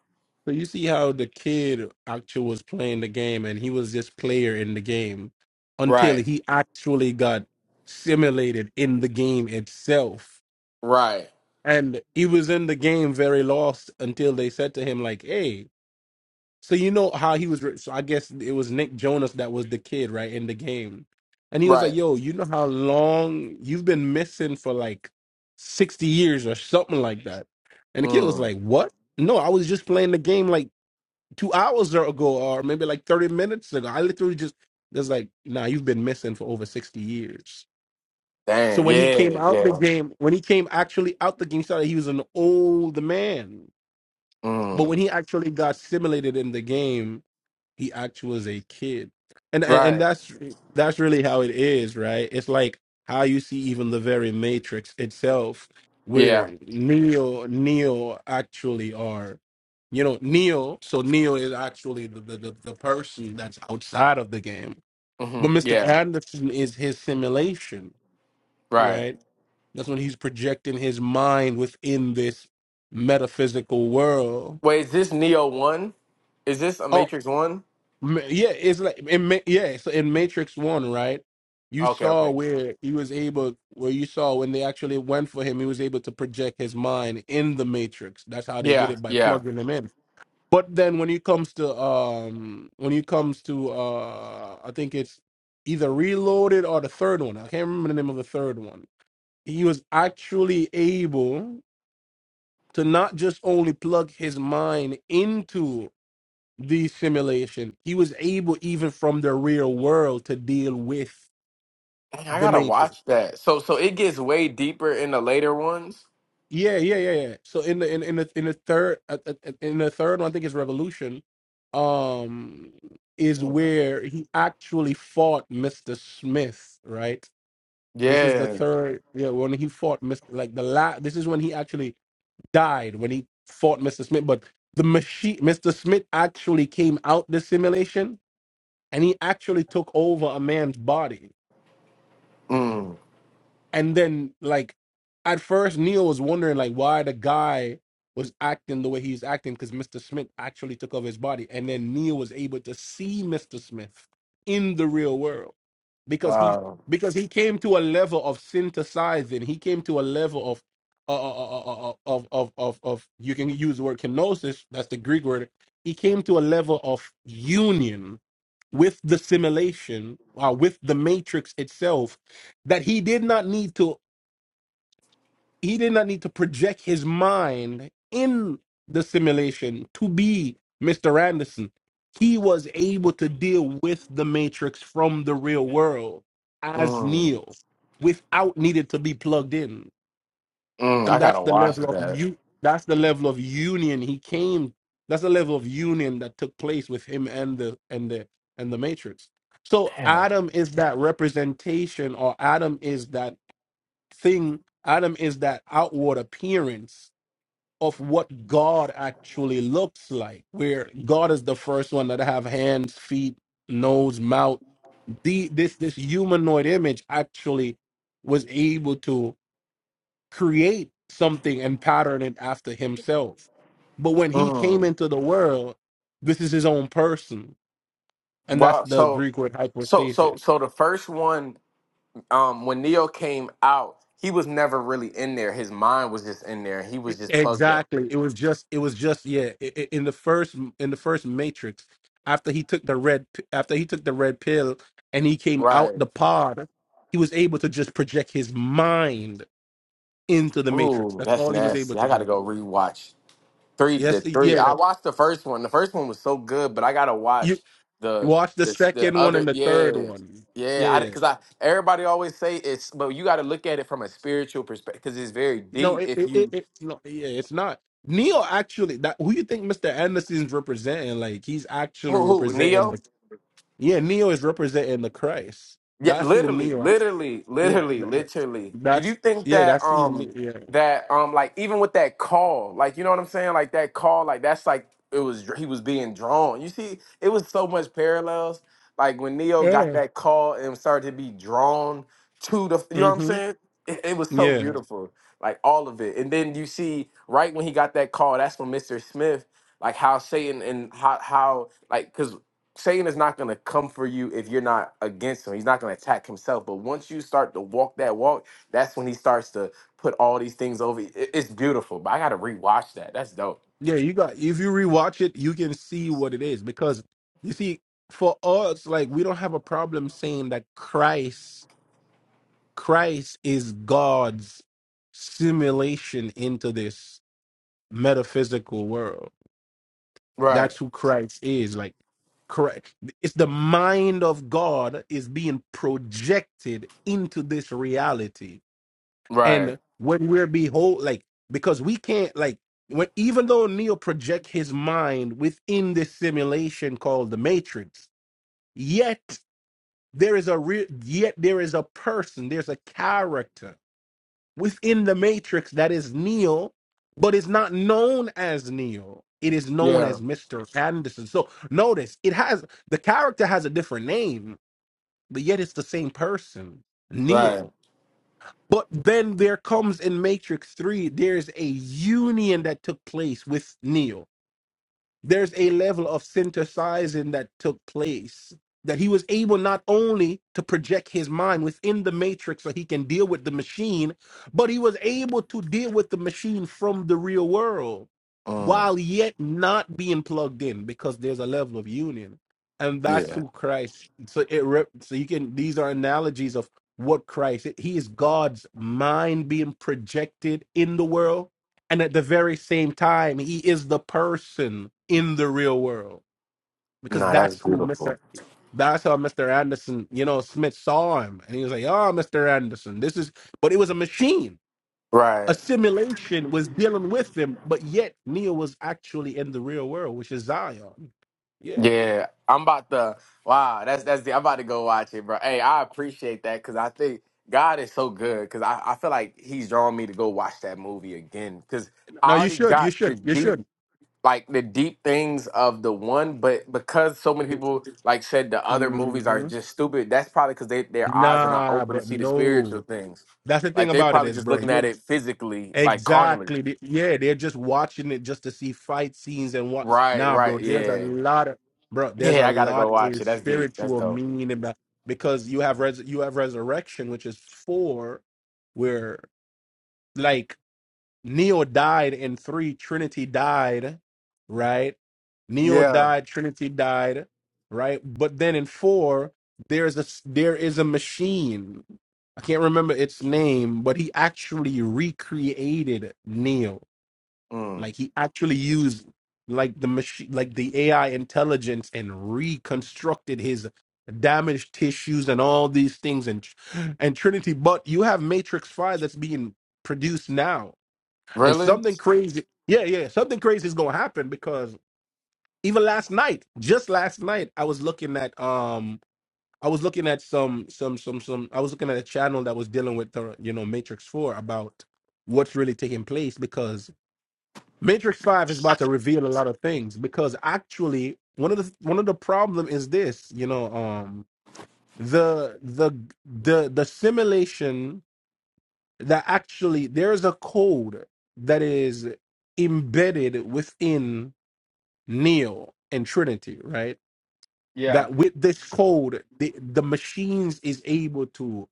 Speaker 4: So you see how the kid actually was playing the game and he was just player in the game until
Speaker 1: Right,
Speaker 4: he actually got simulated in the game itself.
Speaker 1: right,
Speaker 4: And he was in the game very lost until they said to him, like, hey, so you know how he was. Re- so I guess it was Nick Jonas that was the kid, right, in the game. And he was like,
Speaker 1: right.
Speaker 4: yo, you know how long you've been missing for like 60 years or something like that. And the kid was
Speaker 1: Mm,
Speaker 4: like, what? No, I was just playing the game like two hours ago or maybe like 30 minutes ago. I literally just was like, nah, you've been missing for over 60 years. So
Speaker 1: dang,
Speaker 4: when he came
Speaker 1: yeah,
Speaker 4: out the
Speaker 1: yeah.
Speaker 4: game, when he came actually out the game, he started, he was an old man. But
Speaker 1: Mm,
Speaker 4: when he actually got simulated in the game, he actually was a kid and and and
Speaker 1: right,
Speaker 4: that's that's really how it is right it's like how you see even the very matrix itself
Speaker 1: yeah,
Speaker 4: where neo neo actually are you know neo so neo is actually the, the, the, the person that's outside of the game
Speaker 1: hmm
Speaker 4: but mr
Speaker 1: yeah,
Speaker 4: anderson is his simulation
Speaker 1: right.
Speaker 4: right that's when he's projecting his mind within this metaphysical world
Speaker 1: Wait, is this Neo One? Is this a
Speaker 4: Oh,
Speaker 1: Matrix One?
Speaker 4: Ma- Yeah, it's like in Ma- yeah, so in Matrix One, right? You
Speaker 1: Okay,
Speaker 4: saw
Speaker 1: okay.
Speaker 4: where he was able, where you saw when they actually went for him, he was able to project his mind in the Matrix. That's how they did
Speaker 1: Yeah,
Speaker 4: it by
Speaker 1: yeah.
Speaker 4: plugging him in. But then when it comes to um, when it comes to uh, I think it's either Reloaded or the third one. I can't remember the name of the third one. He was actually able to not just only plug his mind into the simulation. He was able, even from the real world, to deal with
Speaker 1: Dang, I
Speaker 4: the
Speaker 1: gotta
Speaker 4: Matrix.
Speaker 1: watch that. So so it gets way deeper in the later ones.
Speaker 4: Yeah, yeah, yeah, yeah. So in the in in the in the third uh, uh, uh, in the third one, I think it's Revolution, um, is where he actually fought Mister Smith. Right. This is the
Speaker 1: Yeah.
Speaker 4: third. Yeah, when he fought Mister like the last. This is when he actually died when he fought Mister Smith. But the machine, Mister Smith, actually came out the simulation and he actually took over a man's body
Speaker 1: Mm.
Speaker 4: And then like at first Neo was wondering like why the guy was acting the way he's acting because Mr. Smith actually took over his body. And then Neo was able to see Mr. Smith in the real world. Because he
Speaker 1: Wow.
Speaker 4: because he came to a level of synthesizing. He came to a level of uh, uh, uh, uh, uh, uh, of, of of of you can use the word kenosis, that's the Greek word. He came to a level of union with the simulation, uh, with the matrix itself, that he did not need to he did not need to project his mind in the simulation to be Mr. Anderson. He was able to deal with the matrix from the real world as
Speaker 1: Mm.
Speaker 4: Neo without needing to be plugged in.
Speaker 1: Mm.
Speaker 4: And
Speaker 1: I
Speaker 4: that's
Speaker 1: gotta
Speaker 4: the
Speaker 1: watch
Speaker 4: level of
Speaker 1: that.
Speaker 4: you that's the level of union he came that's the level of union that took place with him and the and the and the matrix. So Adam is that representation or Adam is that thing adam is that outward appearance of what god actually looks like where god is the first one that have hands feet nose mouth the this this humanoid image actually was able to create something and pattern it after himself but when he came
Speaker 1: Mm.
Speaker 4: into the world this is his own person and that's
Speaker 1: Wow.
Speaker 4: the
Speaker 1: So
Speaker 4: greek word
Speaker 1: so so
Speaker 4: hypostasis
Speaker 1: so the first one, um, when Neo came out, he was never really in there. His mind was just in there. He was just plugged up.
Speaker 4: Exactly. It was just. It was just. Yeah. i i- in the first. In the first Matrix, after he took the red. p- After he took the red pill, and he came out
Speaker 1: Right.
Speaker 4: the pod, he was able to just project his mind into the Matrix.
Speaker 1: Ooh,
Speaker 4: That's
Speaker 1: that's
Speaker 4: all he was able
Speaker 1: nasty.
Speaker 4: to
Speaker 1: I gotta
Speaker 4: do.
Speaker 1: go rewatch Three,
Speaker 4: Yes.
Speaker 1: the three.
Speaker 4: Yeah.
Speaker 1: I
Speaker 4: That,
Speaker 1: watched the first one. The first one was so good, but I gotta
Speaker 4: you
Speaker 1: watch the
Speaker 4: watch the
Speaker 1: the the
Speaker 4: second one
Speaker 1: other.
Speaker 4: and the
Speaker 1: Yeah,
Speaker 4: third one.
Speaker 1: yeah.
Speaker 4: Yeah.
Speaker 1: I
Speaker 4: yeah.
Speaker 1: because I everybody always say it's, but you gotta look at it from a spiritual perspective because it's very
Speaker 4: No.
Speaker 1: deep.
Speaker 4: It.
Speaker 1: If
Speaker 4: It. It.
Speaker 1: you
Speaker 4: it no. Yeah. It's not. Neo actually. That who you think Mr. Anderson's representing? Like he's actually
Speaker 1: who who Neo?
Speaker 4: representing. Yeah, Neo is representing the Christ.
Speaker 1: Yeah,
Speaker 4: That's who
Speaker 1: literally,
Speaker 4: Neo.
Speaker 1: literally,
Speaker 4: Yeah,
Speaker 1: literally,
Speaker 4: that, that's
Speaker 1: literally. Did you
Speaker 4: that's
Speaker 1: think
Speaker 4: yeah,
Speaker 1: that
Speaker 4: that's who.
Speaker 1: um
Speaker 4: Ne- Yeah,
Speaker 1: that um like even with that call, like you know what I'm saying? Like that call, like that's like it was he was being drawn. You see, it was so much parallels. Like when Neo got
Speaker 4: yeah.
Speaker 1: that call and started to be drawn to the you know what I'm
Speaker 4: hmm
Speaker 1: saying? It, it was so
Speaker 4: Yeah,
Speaker 1: beautiful. Like all of it. And then you see right when he got that call, that's when Mr. Smith like how Satan and how how like because Satan is not going to come for you if you're not against him. He's not going to attack himself. But once you start to walk that walk, that's when he starts to put all these things over. It- It's beautiful. But I got to rewatch that. That's dope.
Speaker 4: yeah. You got if you rewatch it, you can see what it is because you see, for us, like we don't have a problem saying that Christ, Christ is God's simulation into this metaphysical world
Speaker 1: Right.
Speaker 4: That's who Christ is. Like, correct. It's the mind of God is being projected into this reality.
Speaker 1: Right.
Speaker 4: And when we're behold, like, because we can't, like, when even though Neo project his mind within this simulation called the Matrix, yet there is a real, yet there is a person, there's a character within the matrix that is Neo, but is not known as Neo. It is known
Speaker 1: Yeah.
Speaker 4: as Mr. Anderson. So notice it has the character has a different name, but yet it's the same person,
Speaker 1: Right.
Speaker 4: Neo. But then there comes in Matrix 3, there's a union that took place with Neo there's a level of synthesizing that took place that he was able not only to project his mind within the matrix so he can deal with the machine, but he was able to deal with the machine from the real world
Speaker 1: Mm,
Speaker 4: while yet not being plugged in because there's a level of union. And that's
Speaker 1: yeah.
Speaker 4: who Christ. So it rep, so you can these are analogies of what Christ. He is God's mind being projected in the world and at the very same time, he is the person in the real world because
Speaker 1: Nah, that's
Speaker 4: that's who Mr.
Speaker 1: beautiful.
Speaker 4: That's how Mr. Anderson, you know, Smith saw him. And he was like, oh, Mr. Anderson, this is, but it was a machine. A
Speaker 1: Right.
Speaker 4: simulation was dealing with him, but yet Neo was actually in the real world, which is Zion. Yeah.
Speaker 1: Yeah. I'm about to. Wow. That's that's the. I'm about to go watch it, bro. Hey, I appreciate that because I think God is so good because I I feel like He's drawing me to go watch that movie again because I
Speaker 4: No, you
Speaker 1: already
Speaker 4: should. You
Speaker 1: got the
Speaker 4: should. You
Speaker 1: deep
Speaker 4: should.
Speaker 1: like the deep things of the one, but because so many people like said the other movies are
Speaker 4: Mhm.
Speaker 1: just stupid, that's probably because they their eyes are not
Speaker 4: Nah,
Speaker 1: open to
Speaker 4: bro.
Speaker 1: see the spiritual
Speaker 4: No.
Speaker 1: things.
Speaker 4: That's the thing
Speaker 1: Like they're
Speaker 4: about it
Speaker 1: probably
Speaker 4: is,
Speaker 1: just
Speaker 4: bro.
Speaker 1: looking at
Speaker 4: You're
Speaker 1: it physically, like carnally.
Speaker 4: Exactly. They- Yeah, they're just watching it just to see fight scenes and what.
Speaker 1: Right,
Speaker 4: Nah, bro,
Speaker 1: right,
Speaker 4: there's a
Speaker 1: yeah,
Speaker 4: lot of bro. There's a
Speaker 1: yeah. I gotta go
Speaker 4: lot
Speaker 1: watch
Speaker 4: of
Speaker 1: it. That's deep. That's
Speaker 4: spiritual
Speaker 1: dope.
Speaker 4: meaning about because you have res you have resurrection, which is four, where like Neo died in three. Trinity died, right? Neo
Speaker 1: Yeah.
Speaker 4: died. Trinity died, right? But then in four, there's a there is a machine. I can't remember its name, but he actually recreated Neo.
Speaker 1: Mm.
Speaker 4: Like he actually used like the machine, like the AI intelligence, and reconstructed his damaged tissues and all these things and and Trinity. But you have Matrix Five that's being produced now and
Speaker 1: Really?
Speaker 4: something crazy, yeah, yeah, something crazy is gonna happen because even last night, just last night, I was looking at um, I was looking at some some some some, I was looking at a channel that was dealing with the you know Matrix Four about what's really taking place because Matrix Five is about to reveal a lot of things because actually one of the one of the problem is this, you know, um, the the the the simulation that actually there is a code that is embedded within Neo and Trinity, right?
Speaker 1: Yeah.
Speaker 4: That with this code, the, the machines is able to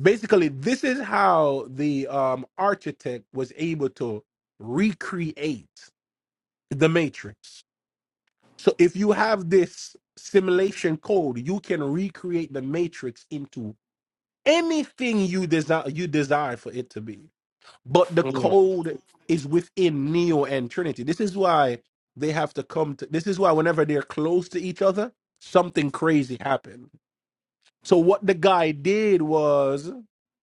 Speaker 4: basically this is how the um architect was able to recreate the matrix. So if you have this simulation code, you can recreate the matrix into anything you desire you desire for it to be. But the
Speaker 1: Mm.
Speaker 4: code is within Neo and Trinity. This is why they have to come to this is why whenever they're close to each other, something crazy happened. So what the guy did was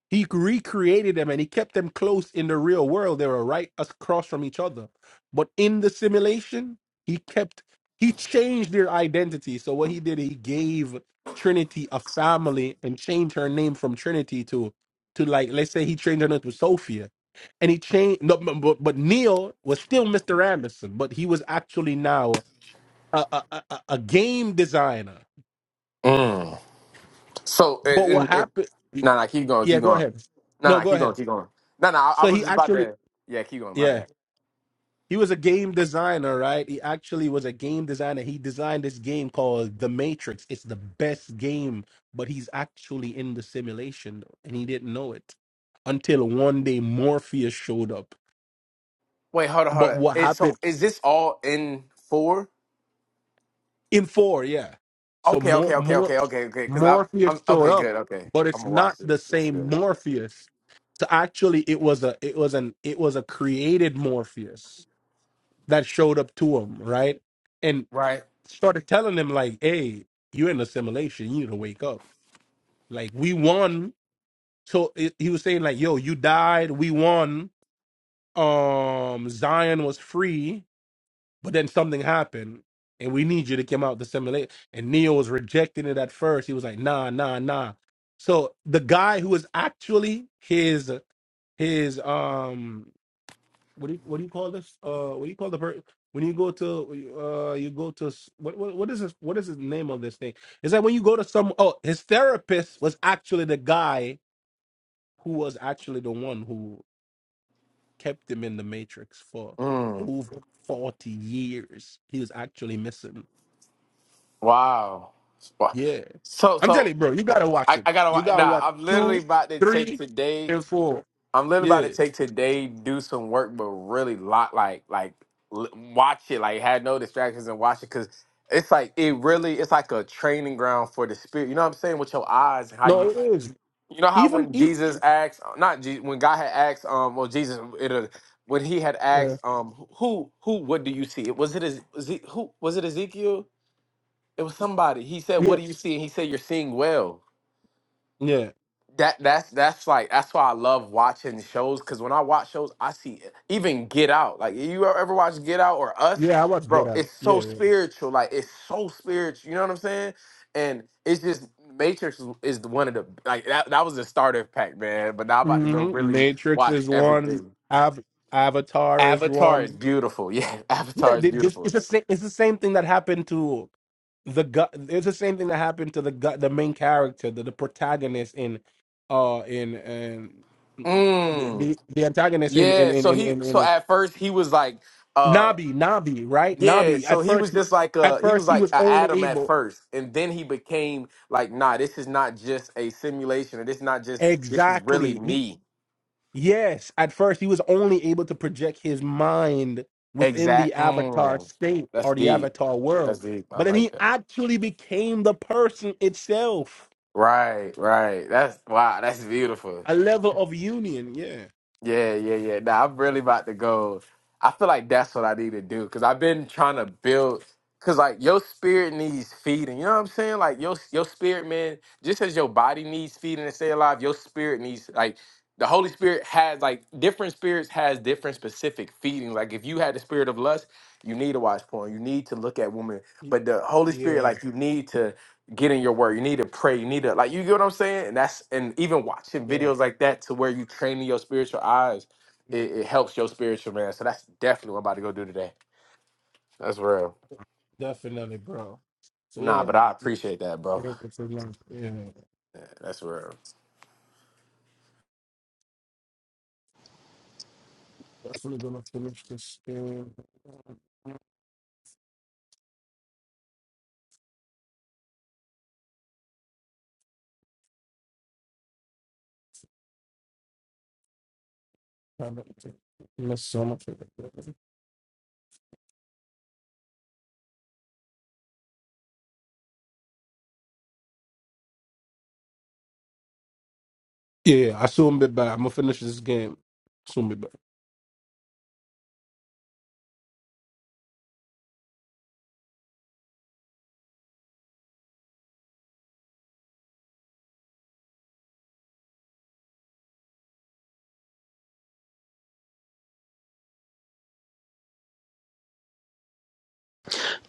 Speaker 4: he recreated them and he kept them close in the real world. They were right across from each other. But in the simulation, he kept, he changed their identity. So what he did, he gave Trinity a family and changed her name from Trinity to, to like, let's say he changed her name to Sophia. And he changed, no, but, but but Neil was still Mr. Anderson, but he was actually now a, a, a, a a game designer.
Speaker 1: Mm. So, and,
Speaker 4: But what
Speaker 1: and, and,
Speaker 4: happened?
Speaker 1: no, no, keep going,
Speaker 4: Yeah,
Speaker 1: keep
Speaker 4: go
Speaker 1: going.
Speaker 4: ahead.
Speaker 1: No,
Speaker 4: No,
Speaker 1: no,
Speaker 4: go
Speaker 1: keep
Speaker 4: ahead.
Speaker 1: going, keep going. No, no, I, I
Speaker 4: So
Speaker 1: was
Speaker 4: he
Speaker 1: just about
Speaker 4: actually,
Speaker 1: to. Yeah, keep going. My
Speaker 4: yeah.
Speaker 1: bad.
Speaker 4: He was a game designer, right? He actually was a game designer. He designed this game called The Matrix. It's the best game, but he's actually in the simulation and he didn't know it until one day Morpheus showed up.
Speaker 1: Wait, hold on, hold
Speaker 4: But
Speaker 1: on.
Speaker 4: what
Speaker 1: It,
Speaker 4: happened
Speaker 1: so is this all in four?
Speaker 4: in four, yeah. So
Speaker 1: Okay,
Speaker 4: more
Speaker 1: okay, okay,
Speaker 4: more
Speaker 1: okay, okay, okay. Because I'm, I'm
Speaker 4: Morpheus showed
Speaker 1: okay,
Speaker 4: up,
Speaker 1: good, okay.
Speaker 4: but
Speaker 1: I'm
Speaker 4: it's
Speaker 1: gonna
Speaker 4: not
Speaker 1: watch
Speaker 4: the
Speaker 1: this. It's
Speaker 4: same
Speaker 1: good,
Speaker 4: Morpheus. So actually it was a it was an it was a created Morpheus that showed up to him, right?
Speaker 1: right?
Speaker 4: started telling them like, "Hey, you're in assimilation. You need to wake up. Like we won." So it, he was saying like, "Yo, you died. We won. Um, Zion was free, but then something happened, and we need you to come out to assimilate." And Neo was rejecting it at first. He was like, "Nah, nah, nah." So the guy who was actually his his um what do you what do you call this? Uh, what do you call the per when you go to uh you go to s- what what what is this? What is the name of this thing? Is that when you go to some? Oh, his therapist was actually the guy who was actually the one who kept him in the matrix for
Speaker 1: Mm,
Speaker 4: over forty years. He was actually missing.
Speaker 1: wow. Wow.
Speaker 4: Yeah,
Speaker 1: So,
Speaker 4: I'm telling
Speaker 1: so
Speaker 4: you, bro. You gotta watch
Speaker 1: I,
Speaker 4: it.
Speaker 1: I gotta
Speaker 4: You
Speaker 1: watch.
Speaker 4: gotta
Speaker 1: Nah,
Speaker 4: watch
Speaker 1: I'm literally
Speaker 4: two,
Speaker 1: about to take
Speaker 4: three,
Speaker 1: today.
Speaker 4: and four.
Speaker 1: I'm literally about to
Speaker 4: Yeah.
Speaker 1: take today, do some work, but really lot like, like l- watch it, like had no distractions and watch it because it's like it really, it's like a training ground for the spirit. You know what I'm saying? With your eyes and how you
Speaker 4: No, it is
Speaker 1: You know how
Speaker 4: even
Speaker 1: when
Speaker 4: if
Speaker 1: Jesus asked, uh, not Je- when God had asked, um, well, Jesus, it, uh, when he had
Speaker 4: yeah
Speaker 1: asked, um, who, who, what do you see? It was it, Eze- was who was it Ezekiel? It was somebody. He said, "What do you
Speaker 4: yes
Speaker 1: see?" And he said, "You're seeing well."
Speaker 4: yeah
Speaker 1: That that's that's like that's why I love watching shows because when I watch shows, I see even Get Out. Like you e-, ever watch Get Out or Us,
Speaker 4: yeah. I watched Get
Speaker 1: bro?
Speaker 4: Out.
Speaker 1: It's
Speaker 4: Yeah.
Speaker 1: so
Speaker 4: yeah.
Speaker 1: spiritual. Like it's so spiritual. You know what I'm saying? And it's just Matrix is is the one of the like that. That was the starter pack, man. But now I'm about to go
Speaker 4: hmm
Speaker 1: really
Speaker 4: Matrix
Speaker 1: watch
Speaker 4: is one.
Speaker 1: everything.
Speaker 4: Av- Avatar is
Speaker 1: Avatar is
Speaker 4: one.
Speaker 1: beautiful. Yeah,
Speaker 4: Yeah,
Speaker 1: Avatar is
Speaker 4: they just, it's
Speaker 1: beautiful.
Speaker 4: the same. It's the same thing that happened to the gut. It's the same thing that happened to the gut, the main character, the, the protagonist in, uh, in and the,
Speaker 1: Mm,
Speaker 4: the the antagonist in in
Speaker 1: yeah.
Speaker 4: in
Speaker 1: So
Speaker 4: in,
Speaker 1: he
Speaker 4: in,
Speaker 1: so
Speaker 4: in, in
Speaker 1: at first he was like. uh.
Speaker 4: Nabi Nabi right
Speaker 1: Yeah,
Speaker 4: Nabi. At
Speaker 1: so he
Speaker 4: first,
Speaker 1: was
Speaker 4: he-
Speaker 1: just like
Speaker 4: at
Speaker 1: uh he was
Speaker 4: first he
Speaker 1: like
Speaker 4: was
Speaker 1: a
Speaker 4: only
Speaker 1: Adam at
Speaker 4: able
Speaker 1: first, and then he became like, nah, this is not just a simulation, or this is not just this is really
Speaker 4: exactly.
Speaker 1: me.
Speaker 4: Yes, at first he was only able to project his mind within the
Speaker 1: Exact.
Speaker 4: avatar
Speaker 1: Mm,
Speaker 4: state
Speaker 1: that's
Speaker 4: or the
Speaker 1: deep.
Speaker 4: avatar
Speaker 1: That's
Speaker 4: world.
Speaker 1: deep. I
Speaker 4: But then
Speaker 1: like
Speaker 4: he
Speaker 1: that.
Speaker 4: actually became the person itself,
Speaker 1: Right, right. That's wow. That's beautiful.
Speaker 4: a level of union. Yeah.
Speaker 1: Yeah, yeah, yeah. Nah, I'm really about to go. I feel like that's what I need to do because I've been trying to build. Because like your spirit needs feeding, you know what I'm saying? Like your your spirit, man. Just as your body needs feeding to stay alive, your spirit needs like the Holy Spirit has like different spirits has different specific feedings. Like if you had the spirit of lust, you need to watch porn. You need to look at women. But the Holy Spirit,
Speaker 4: Yeah.
Speaker 1: like you need to get in your word. You need to pray. You need to like you get what I'm saying? And that's and even watching
Speaker 4: Yeah.
Speaker 1: videos like that to where you training your spiritual eyes, it, it helps your spiritual man. So that's definitely what I'm about to go do today. That's real.
Speaker 4: Definitely, bro. So, yeah.
Speaker 1: Nah, but I appreciate that, bro.
Speaker 4: Yeah. it's a lot. Yeah.
Speaker 1: Yeah, that's real.
Speaker 4: Definitely going to finish this game. Miss so much. Yeah. I soon be back. I'm going to finish this game. Soon be back.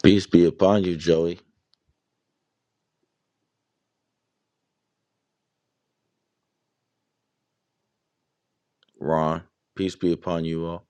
Speaker 5: Peace be upon you, Joey. Ron. Peace be upon you all.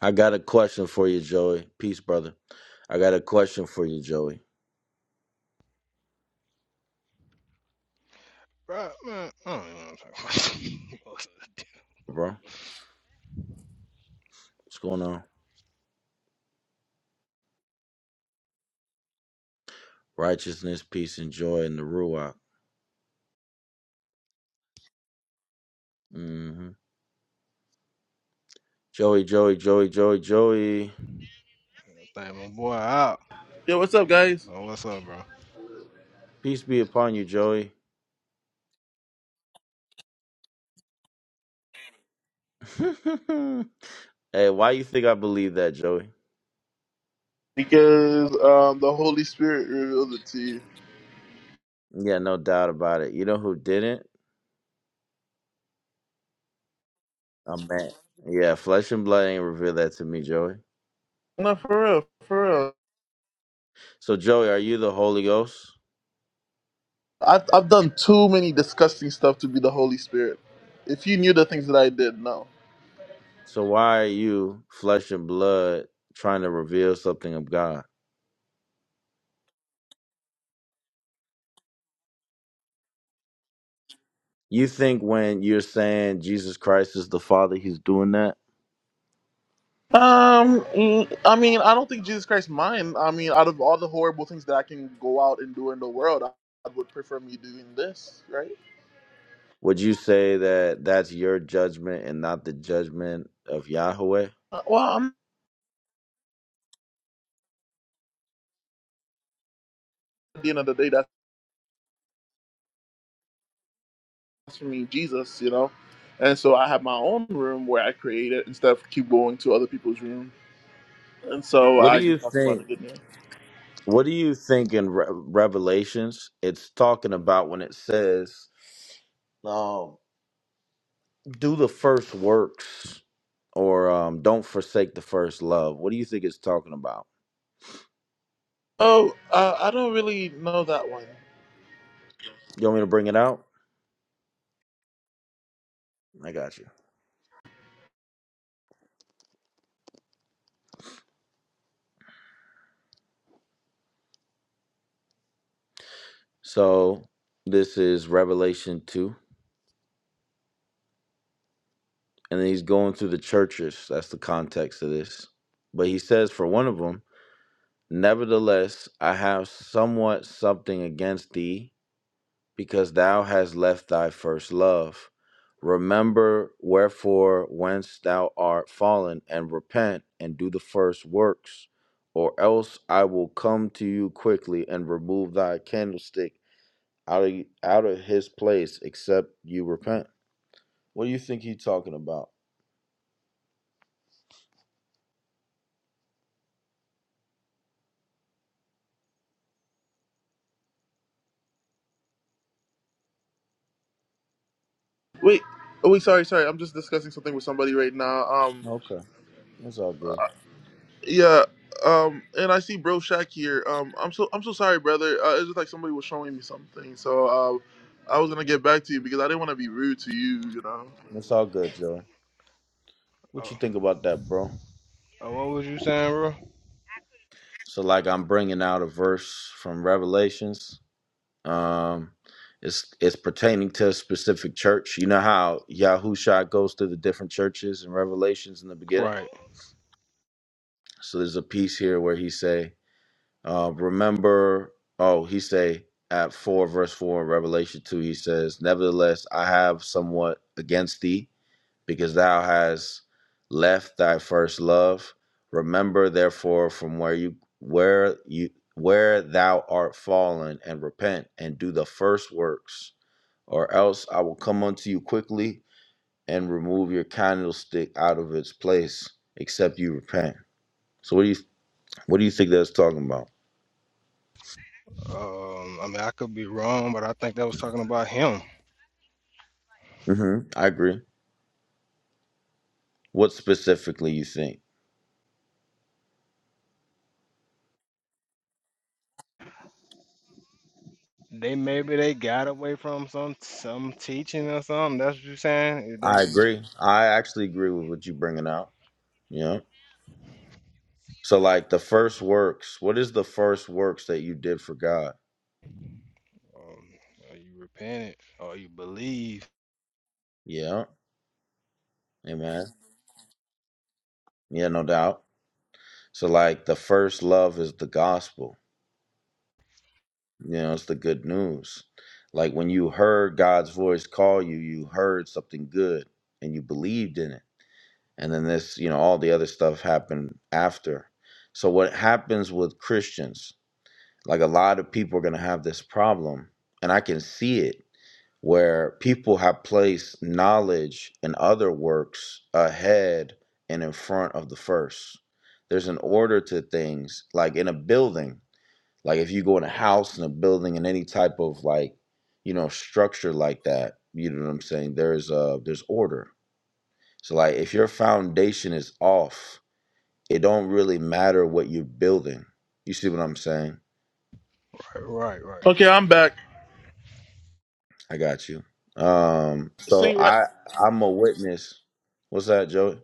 Speaker 5: I got a question for you, Joey. Peace, brother. I got a question for you, Joey. Bro, what's going on? Righteousness, peace, and joy in the Ruach. hmm Joey, Joey, Joey, Joey, Joey.
Speaker 2: yeah. What's up, guys?
Speaker 5: Peace be upon you, Joey. hey, why you think I believe that, Joey?
Speaker 2: because um, the Holy Spirit revealed it to you.
Speaker 5: Yeah, no doubt about it. You know who didn't? I'm mad. Yeah, flesh and blood ain't revealed that to me, Joey.
Speaker 2: No, for real, for real.
Speaker 5: So, Joey, are you the Holy Ghost?
Speaker 2: I've I've done too many disgusting stuff to be the Holy Spirit. If you knew the things that I did, no.
Speaker 5: So why are you flesh and blood trying to reveal something of God? You think when you're saying Jesus Christ is the Father, he's doing that?
Speaker 2: Um, mm, I mean, I don't think Jesus Christ mind. I mean, out of all the horrible things that I can go out and do in the world, I, I would prefer me doing this, right?
Speaker 5: Would you say that that's your judgment and not the judgment of Yahweh?
Speaker 2: Uh, Well, I'm, at the end of the day, that's for me, Jesus, you know. And so I have my own room where I create it instead of keep going to other people's room. And so
Speaker 5: What do
Speaker 2: I
Speaker 5: you
Speaker 2: just talked about
Speaker 5: think?
Speaker 2: it, didn't I?
Speaker 5: What do you think in Re- Revelations it's talking about when it says, um, "Do the first works" or um, "Don't forsake the first love"? What do you think it's talking about?
Speaker 2: Oh, uh, I don't really know that one.
Speaker 5: You want me to bring it out? I got you. So this is Revelation 2. And then he's going through the churches. That's the context of this. But he says for one of them, Nevertheless, I have somewhat something against thee, because thou hast left thy first love. Remember wherefore whence thou art fallen, and repent and do the first works, or else I will come to you quickly and remove thy candlestick out of out of his place, except you repent. What do you think he's talking about?
Speaker 2: Wait, oh, wait, sorry, sorry. I'm just discussing something with somebody right now. Um,
Speaker 5: Okay, that's all good.
Speaker 2: yeah, um, and I see Bro Shaq here. Um, I'm so I'm so sorry, brother. Uh, it's just like somebody was showing me something, so uh, I was gonna get back to you because I didn't want to be rude to you, you know.
Speaker 5: That's all good, Joey. What you think about that, bro? So, like, I'm bringing out a verse from Revelations. Um, it's it's pertaining to a specific church. You know how Yahusha goes to the different churches in Revelations in the beginning. So there's a piece here where he say, uh, "Remember." Oh, he say at four verse four in Revelation two. He says, "Nevertheless, I have somewhat against thee." because thou hast left thy first love. Remember therefore from where you where you where thou art fallen and repent and do the first works, or else I will come unto you quickly and remove your candlestick out of its place, except you repent. So what do you what do you think that's talking about? hmm I agree. What specifically you think? I agree. I actually agree with what you're bringing out. Yeah. So like the first works, what is the first works that you did for God? Yeah. Amen. Yeah, no doubt. So like the first love is the gospel. You know, it's the good news. Like when you heard God's voice call you, you heard something good and you believed in it. And then this, you know, all the other stuff happened after. So what happens with Christians, like a lot of people are going to have this problem and I can see it where people have placed knowledge and other works ahead and in front of the first. There's an order to things, like in a building. Like if you go in a house and a building and any type of like, you know, structure like that, you know what I'm saying? There's uh there's order. So like if your foundation is off, it don't really matter what you're building. You see what I'm saying?
Speaker 2: Okay, I'm back.
Speaker 5: I got you. Um so
Speaker 2: Saint,
Speaker 5: I
Speaker 2: Re-
Speaker 5: I'm a witness. What's that, Joey?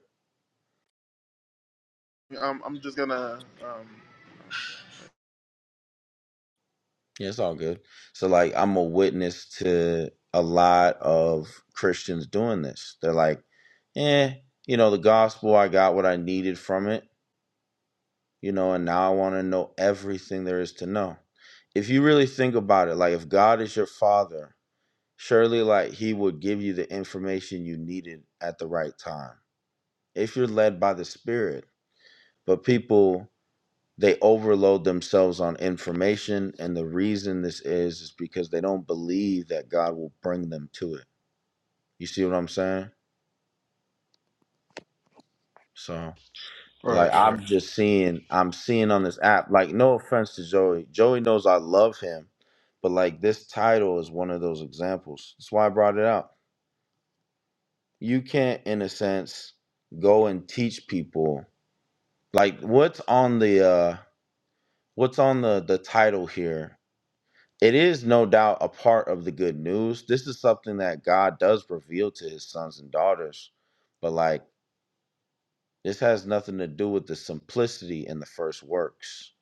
Speaker 2: um, I'm just gonna um,
Speaker 5: Yeah, it's all good. So like I'm a witness to a lot of Christians doing this. They're like, eh, you know, the gospel, I got what I needed from it, you know, and now I want to know everything there is to know. If you really think about it, like if God is your father, surely like he would give you the information you needed at the right time. If you're led by the spirit. But people they overload themselves on information and the reason this is is because they don't believe that god will bring them to it you see what i'm saying so like i'm just seeing i'm seeing on this app like no offense to joey joey knows i love him but like this title is one of those examples that's why i brought it out you can't in a sense go and teach people like what's on the uh what's on the the title here It is no doubt a part of the good news. This is something that God does reveal to his sons and daughters. But like this has nothing to do with the simplicity in the first works.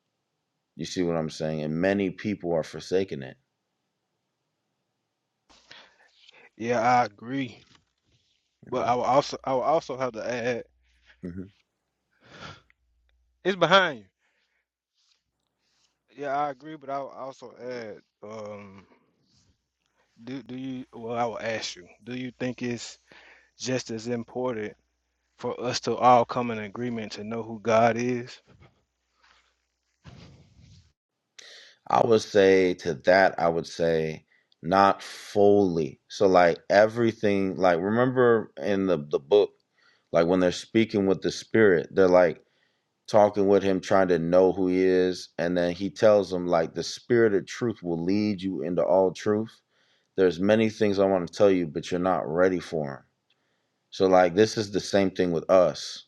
Speaker 5: You see what I'm saying? And many people are forsaking it. Mhm. I would say to that, I would say not fully. So like everything, like remember in the, the book, like when they're speaking with the spirit, they're like, talking with him, trying to know who he is. And then he tells him, like, the spirit of truth will lead you into all truth. There's many things I want to tell you, but you're not ready for them. So, like, this is the same thing with us.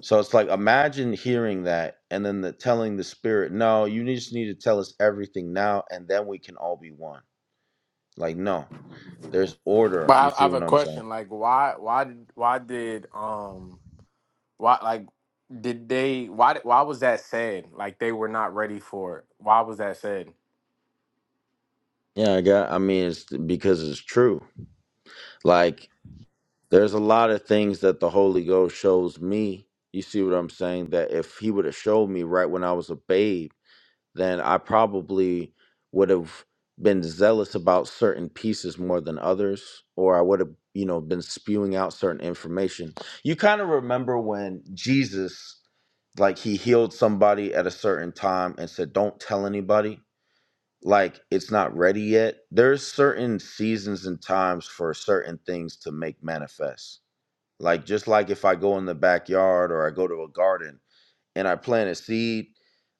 Speaker 5: So it's like imagine hearing that and then the telling the spirit, no, you just need to tell us everything now, and then we can all be one. Like, no, there's
Speaker 1: But
Speaker 5: order. You
Speaker 1: I, I
Speaker 5: see
Speaker 1: have
Speaker 5: what
Speaker 1: a
Speaker 5: I'm saying?
Speaker 1: question. Like, why, why, did- why did um, why like did they? Why, did- why was that said? Like, they were not ready for it. Why was that said?
Speaker 5: Yeah, I got I mean it's because it's true. Like. There's a lot of things that the Holy Ghost shows me. You see what I'm saying? That if He would have showed me right when I was a babe, then I probably would have been zealous about certain pieces more than others, or I would have, you know, been spewing out certain information. You kind of remember when Jesus, like, He healed somebody at a certain time and said, Don't tell anybody like it's not ready yet. There's certain seasons and times for certain things to make manifest like just like if I go in the backyard or I go to a garden and I plant a seed,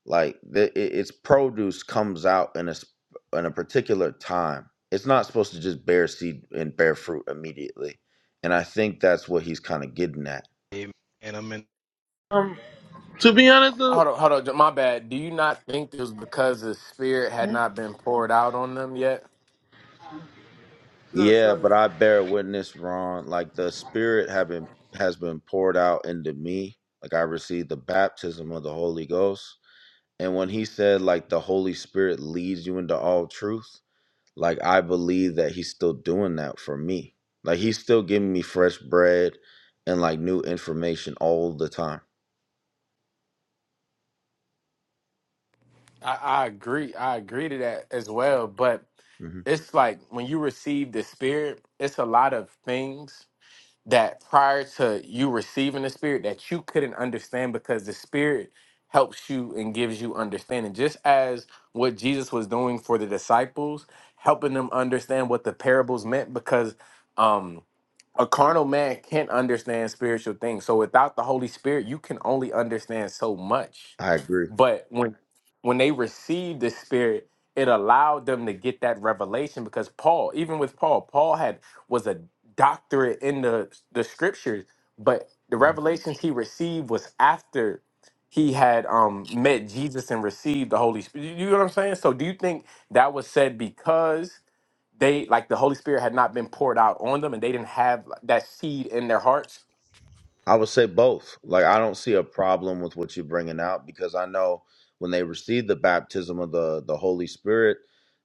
Speaker 5: like the, it, its produce comes out in a s- in a particular time. It's not supposed to just bear seed and bear fruit immediately. And I think that's what he's kind of getting at.
Speaker 2: um, to be honest though.
Speaker 1: Hold on, hold on. My bad. Do you not think it was because the spirit had not been poured out on them yet?
Speaker 2: Yeah,
Speaker 5: Yeah,
Speaker 2: sorry.
Speaker 5: but I bear witness, Ron, like the spirit have been has been poured out into me. Like I received the baptism of the Holy Ghost. And when he said like the Holy Spirit leads you into all truth, like I believe that he's still doing that for me. Like he's still giving me fresh bread and like new information all the time.
Speaker 1: I, I agree. I agree to that as well. But
Speaker 5: hmm
Speaker 1: it's like when you receive the spirit, it's a lot of things that prior to you receiving the spirit that you couldn't understand because the spirit helps you and gives you understanding just as what jesus was doing for the disciples helping them understand what the parables meant because um a carnal man can't understand spiritual things so without the holy spirit you can only understand so much
Speaker 5: I agree.
Speaker 1: but when when they received the spirit it allowed them to get that revelation because Paul, even with Paul, Paul had was a doctorate in the the scriptures, but the
Speaker 5: Mhm.
Speaker 1: revelations he received was after he had um met Jesus and received the Holy Spirit. You you know what I'm saying? So do you think that was said because they like the Holy Spirit had not been poured out on them and they didn't have like, that seed in their hearts?
Speaker 5: I would say both. Like I don't see a problem with what you're bringing out because I know when they received the baptism of the the Holy Spirit,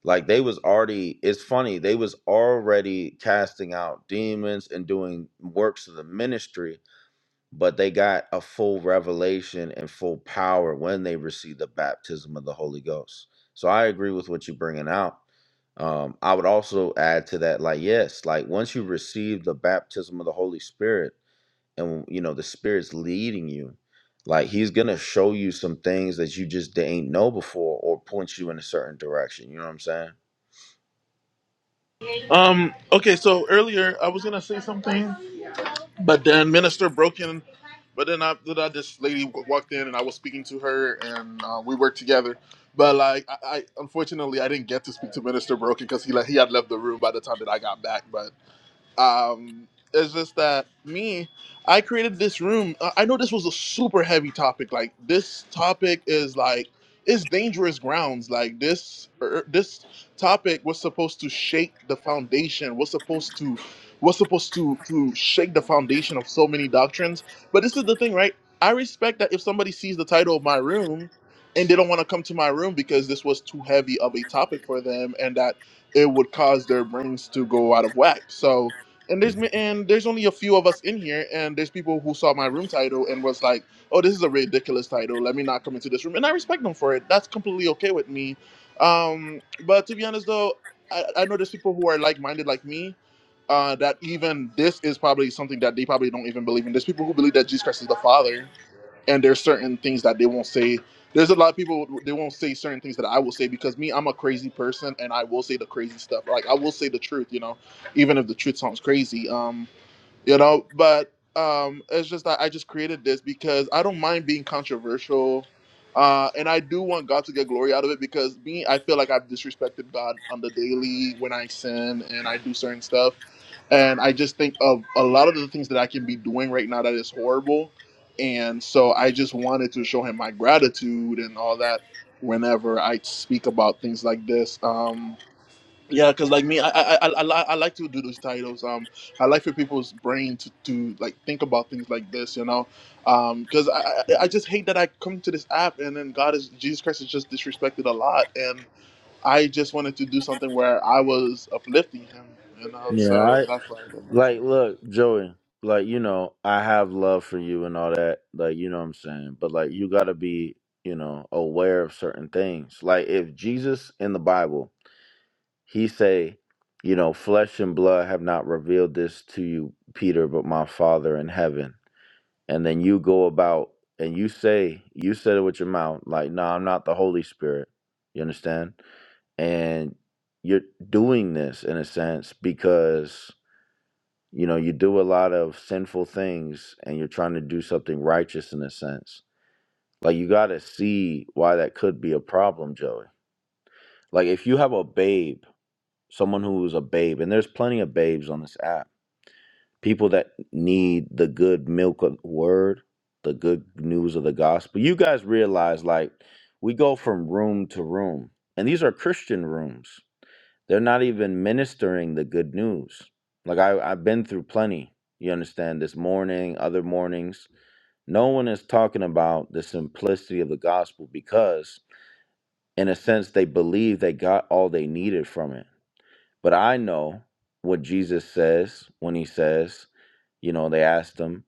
Speaker 5: like they was already. It's funny they was already casting out demons and doing works of the ministry but they got a full revelation and full power when they received the baptism of the Holy Ghost. So I agree with what you're bringing out. Um, I would also add to that, like, yes, like once you receive the baptism of the Holy Spirit, and you know the Spirit's leading you, like He's gonna show you some things that you just didn't know before, or point you in a certain direction. You know what I'm saying?
Speaker 2: Um, okay, so earlier I was gonna say something. But then minister broke in. But then after that, this lady w- walked in and I was speaking to her and uh, we worked together. But like, I, I unfortunately I didn't get to speak to minister broken because he like he had left the room by the time that I got back. But um it's just that me i created this room i I know this was a super heavy topic like this topic is like it's dangerous grounds like this er, er, this topic was supposed to shake the foundation was supposed to was supposed to to shake the foundation of so many doctrines but this is the thing right i respect that if somebody sees the title of my room and they don't want to come to my room because this was too heavy of a topic for them and that it would cause their brains to go out of whack so and there's ma- and there's only a few of us in here, and there's people who saw my room title and was like, "Oh, this is a ridiculous title. Let me not come into this room." And I respect them for it. That's completely okay with me. Um, but to be honest, though, I, I know there's people who are like-minded like me. Uh, that even this is probably something that they probably don't even believe in. There's people who believe that Jesus Christ is the Father, and there's certain things that they won't say. There's a lot of people they won't say certain things that I will say because me, I'm a crazy person, and I will say the crazy stuff. Like I will say the truth, you know, even if the truth sounds crazy. Um, you know but um it's just that i just created this because i don't mind being controversial uh and i do want god to get glory out of it because me i feel like i've disrespected god on the daily when i sin and i do certain stuff and i just think of a lot of the things that i can be doing right now that is horrible and so i just wanted to show him my gratitude and all that whenever i speak about things like this Um, yeah, because like me, I I, I I li- I like to do those titles. Um, I like for people's brain to, to like think about things like this, you know. Um, because I I I just hate that I come to this app and then God is Jesus Christ is just disrespected a lot, and I just wanted to do something where I was uplifting Him, you know. So
Speaker 5: Yeah,
Speaker 2: that's why I did that.
Speaker 5: Like, look, Joey, like, you know, I have love for you and all that. Like, you know what I'm saying? But, like, you got to be, you know, aware of certain things. Like, if Jesus in the Bible, he say, you know, flesh and blood have not revealed this to you, Peter, but my Father in heaven. And then you go about and you say, you said it with your mouth, like, no, I'm not the Holy Spirit. You understand? And you're doing this in a sense because you know, you do a lot of sinful things and you're trying to do something righteous in a sense. Like, you got to see why that could be a problem, Joey. Like, if you have a babe, someone who is a babe, and there's plenty of babes on this app, people that need the good milk of the word, the good news of the gospel, you guys realize, like, we go from room to room, and these are Christian rooms they're not even ministering the good news. Like I, I've been through plenty, you understand, this morning, other mornings. No one is talking about the simplicity of the gospel because, in a sense, they believe they got all they needed from it. But I know what Jesus says when he says, you know, they asked him,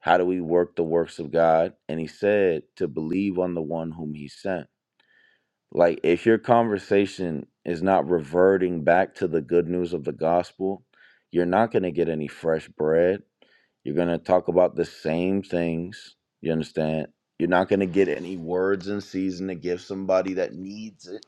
Speaker 5: How do we work the works of God? And he said, To believe on the one whom he sent. Like, if your conversation is not reverting back to the good news of the gospel, you're not going to get any fresh bread. You're going to talk about the same things. You understand? You're not going to get any words in season to give somebody that needs it.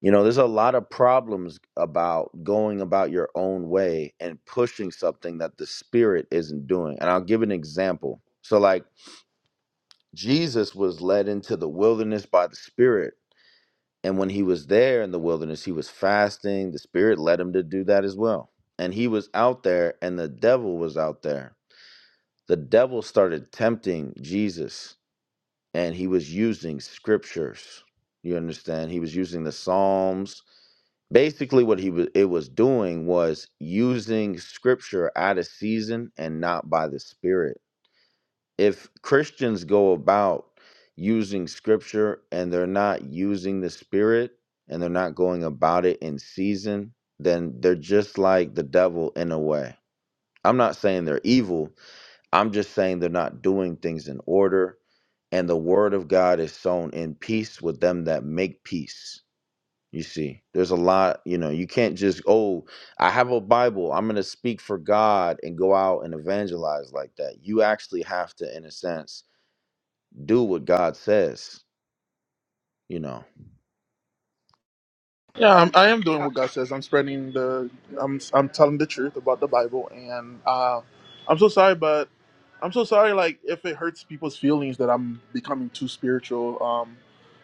Speaker 5: You know, there's a lot of problems about going about your own way and pushing something that the spirit isn't doing. And I'll give an example. So, like, Jesus was led into the wilderness by the Spirit And when he was there in the wilderness, he was fasting. The Spirit led him to do that as well. And he was out there, and the devil was out there. The devil started tempting Jesus, and he was using scriptures. You understand? He was using the Psalms. Basically, what he was it was doing was using scripture out of season and not by the Spirit if Christians go about using scripture and they're not using the spirit and they're not going about it in season, then they're just like the devil in a way. I'm not saying they're evil, I'm just saying they're not doing things in order. And the word of God is sown in peace with them that make peace. You see, there's a lot, you know, you can't just, oh, I have a Bible. I'm going to speak for God and go out and evangelize like that. You actually have to, in a sense, do what God says, you know.
Speaker 2: Yeah, I'm, I am doing what God says. I'm spreading the, I'm, I'm telling the truth about the Bible, and uh, I'm so sorry, but I'm so sorry. Like, if it hurts people's feelings that I'm becoming too spiritual, um,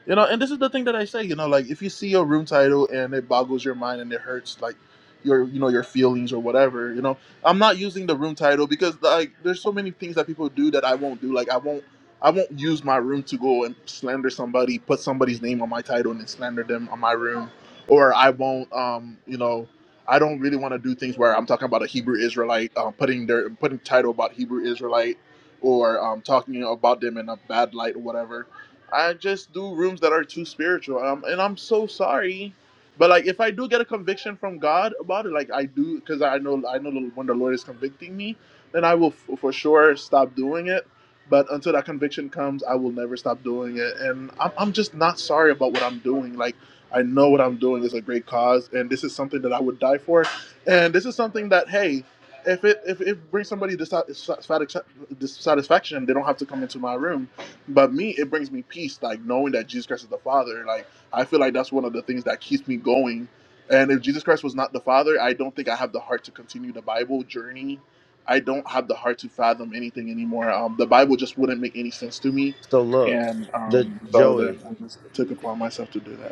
Speaker 2: you know. And this is the thing that I say, you know, like if you see a room title and it boggles your mind and it hurts, like your, you know, your feelings or whatever, you know, I'm not using the room title because like there's so many things that people do that I won't do. Like, I won't. I won't use my room to go and slander somebody, put somebody's name on my title and then slander them on my room or I won't, um, you know, I don't really want to do things where I'm talking about a Hebrew Israelite, um, putting their putting title about Hebrew Israelite, or um, talking about them in a bad light or whatever. I just do rooms that are too spiritual, um, and I'm so sorry, but like if I do get a conviction from God about it, like I do, because I know I know the- when the Lord is convicting me, then I will f- for sure stop doing it. But until that conviction comes, I will never stop doing it, and I'm, I'm just not sorry about what I'm doing. Like I know what I'm doing is a great cause, and this is something that I would die for, and this is something that hey, if it if it brings somebody dissatisfaction, dissatisfaction, they don't have to come into my room. But me, it brings me peace, like knowing that Jesus Christ is the Father. Like I feel like that's one of the things that keeps me going. And if Jesus Christ was not the Father, I don't think I have the heart to continue the Bible journey. I don't have the heart to fathom anything anymore. Um, the Bible just wouldn't make any sense to me,
Speaker 5: So look,
Speaker 2: and
Speaker 5: the
Speaker 2: um, so then
Speaker 5: Joey,
Speaker 2: I just took upon myself to do that.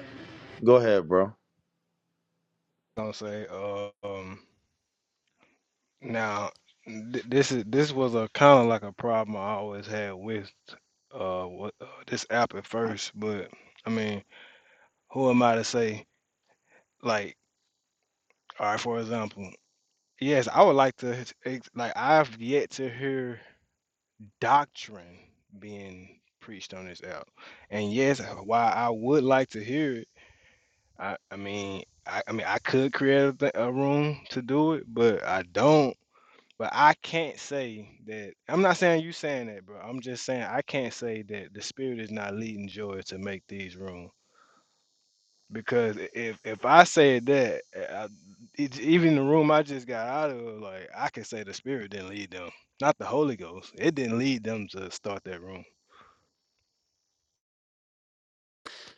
Speaker 5: go ahead, bro.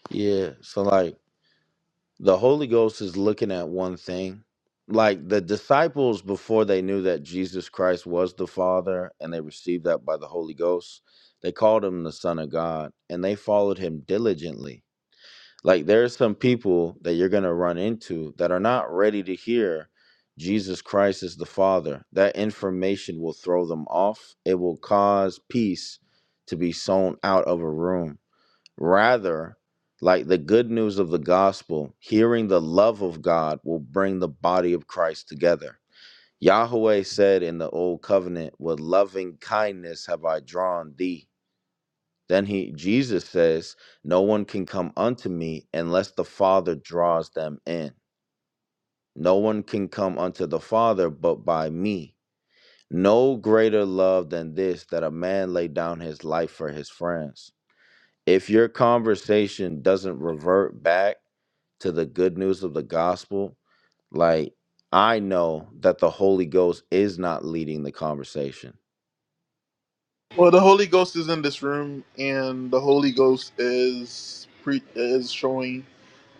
Speaker 5: Yeah. So like the Holy Ghost is looking at one thing. Like the disciples before they knew that Jesus Christ was the Father and they received that by the Holy Ghost, they called him the Son of God and they followed him diligently. Like there are some people that you're going to run into that are not ready to hear Jesus Christ is the Father. That information will throw them off. It will cause peace to be sown out of a room. Rather, like the good news of the gospel, hearing the love of God will bring the body of Christ together. Yahweh said in the old covenant, With loving kindness have I drawn thee. Then he Jesus says, "No one can come unto me unless the Father draws them in. No one can come unto the Father but by me. No greater love than this that a man lay down his life for his friends." If your conversation doesn't revert back to the good news of the gospel, like I know that the Holy Ghost is not leading the conversation.
Speaker 2: Well, the Holy Ghost is in this room, and the Holy Ghost is pre- is showing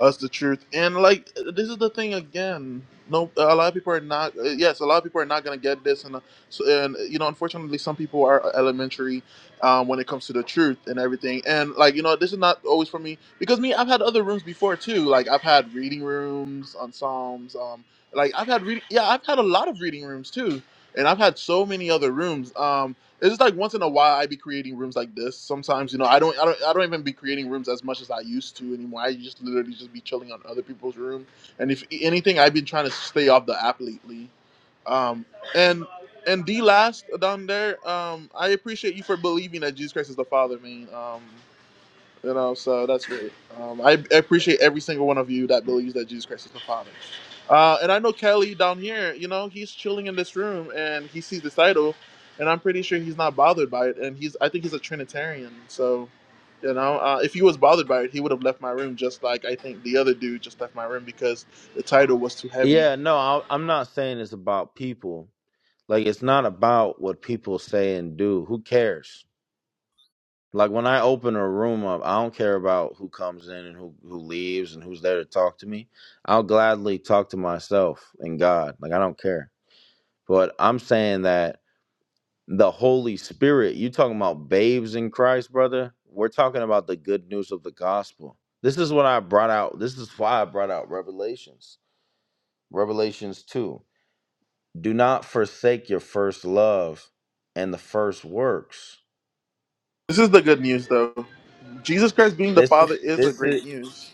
Speaker 2: us the truth. And like this is the thing again. No, a lot of people are not. uh, Yes, a lot of people are not gonna get this, and uh, so and uh, you know, unfortunately, some people are elementary um, when it comes to the truth and everything. And like you know, this is not always for me because me, I've had other rooms before too. Like I've had reading rooms on Psalms. Um, like I've had reading. Yeah, I've had a lot of reading rooms too, and I've had so many other rooms. Um, it's just like once in a while I be creating rooms like this. Sometimes you know I don't I don't I don't even be creating rooms as much as I used to anymore. I just literally just be chilling on other people's room. And if anything, I've been trying to stay off the app lately. Um, and and the last down there, um, I appreciate you for believing that Jesus Christ is the Father, man. Um, you know, so that's great. Um, I, I appreciate every single one of you that believes that Jesus Christ is the Father. Uh, and I know Kelly down here, you know, he's chilling in this room and he sees this title, and I'm pretty sure he's not bothered by it. And he's, I think he's a Trinitarian. So, you know, uh, if he was bothered by it, he would have left my room just like I think the other dude just left my room because the title was too heavy.
Speaker 5: Yeah, no, I, I'm not saying it's about people. Like it's not about what people say and do. Who cares? Like when I open a room up, I don't care about who comes in and who who leaves and who's there to talk to me. I'll gladly talk to myself and God. Like I don't care. But I'm saying that the Holy Spirit, you talking about babes in Christ, brother? We're talking about the good news of the gospel. This is what I brought out. This is why I brought out Revelations. Revelations 2. Do not forsake your first love and the first works
Speaker 2: This is the good news, though. Jesus Christ being the
Speaker 5: This is
Speaker 2: Father is a
Speaker 5: this is
Speaker 2: great news.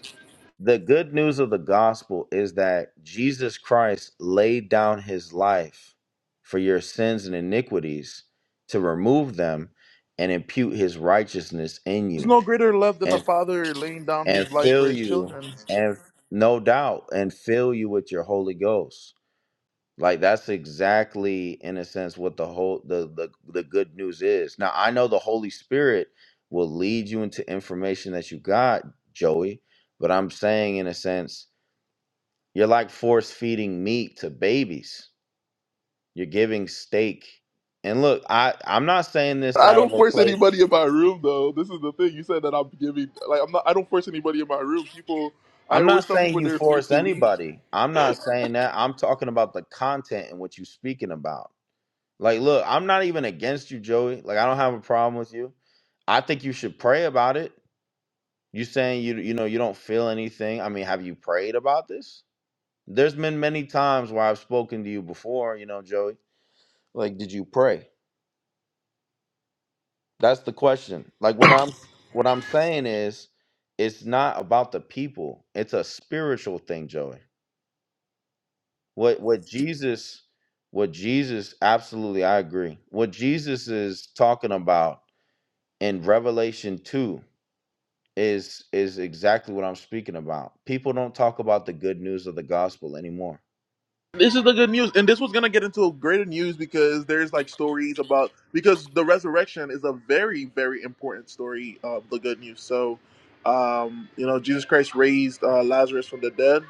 Speaker 5: the good news of the gospel is that Jesus Christ laid down his life for your sins and iniquities to remove them and impute his righteousness in
Speaker 2: There's
Speaker 5: you
Speaker 2: no greater love than the
Speaker 5: and
Speaker 2: Father laying down
Speaker 5: and
Speaker 2: his life for
Speaker 5: fill
Speaker 2: his
Speaker 5: you
Speaker 2: children.
Speaker 5: and no doubt and fill you with your holy ghost Like that's exactly in a sense what the whole the, the the good news is. Now I know the Holy Spirit will lead you into information that you got, Joey, but I'm saying in a sense, you're like force feeding meat to babies. You're giving steak. And look, I I'm not saying this
Speaker 2: I
Speaker 5: out of
Speaker 2: don't
Speaker 5: a
Speaker 2: force
Speaker 5: place
Speaker 2: anybody in my room though. This is the thing. You said that I'm giving like I'm not I don't force anybody in my room. People I
Speaker 5: I'm not
Speaker 2: always tell
Speaker 5: saying
Speaker 2: people
Speaker 5: you
Speaker 2: they're free
Speaker 5: force
Speaker 2: to leave.
Speaker 5: anybody. I'm not saying that. I'm talking about the content and what you're speaking about. Like, look, I'm not even against you, Joey. Like, I don't have a problem with you. I think you should pray about it. You saying you you know you don't feel anything. I mean, have you prayed about this? There's been many times where I've spoken to you before, you know, Joey. Like, did you pray? That's the question. Like what I'm what I'm saying is it's not about the people. It's a spiritual thing, Joey. What what Jesus what Jesus absolutely I agree. What Jesus is talking about in Revelation 2 is is exactly what I'm speaking about. People don't talk about the good news of the gospel anymore.
Speaker 2: This is the good news. And this was gonna get into greater news because there's like stories about because the resurrection is a very, very important story of the good news. So um, you know, Jesus Christ raised uh, Lazarus from the dead.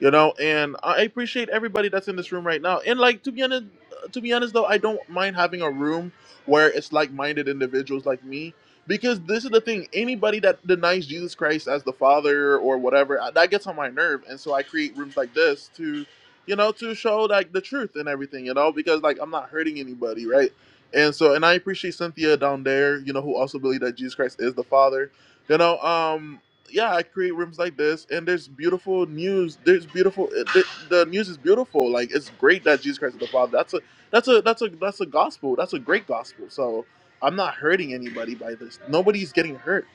Speaker 2: you know and i appreciate everybody that's in this room right now and like to be honest to be honest though i don't mind having a room where it's like-minded individuals like me because this is the thing anybody that denies jesus christ as the father or whatever I- that gets on my nerve and so i create rooms like this to you know to show like the truth and everything you know because like i'm not hurting anybody right and so and i appreciate cynthia down there you know who also believe that jesus christ is the father you know um yeah, I create rooms like this, and there's beautiful news. There's beautiful. eh, The, the news is beautiful. Like it's great that Jesus Christ is the Father. That's a that's a that's a that's a gospel. That's a great gospel. So I'm not hurting anybody by this. Nobody's getting hurt.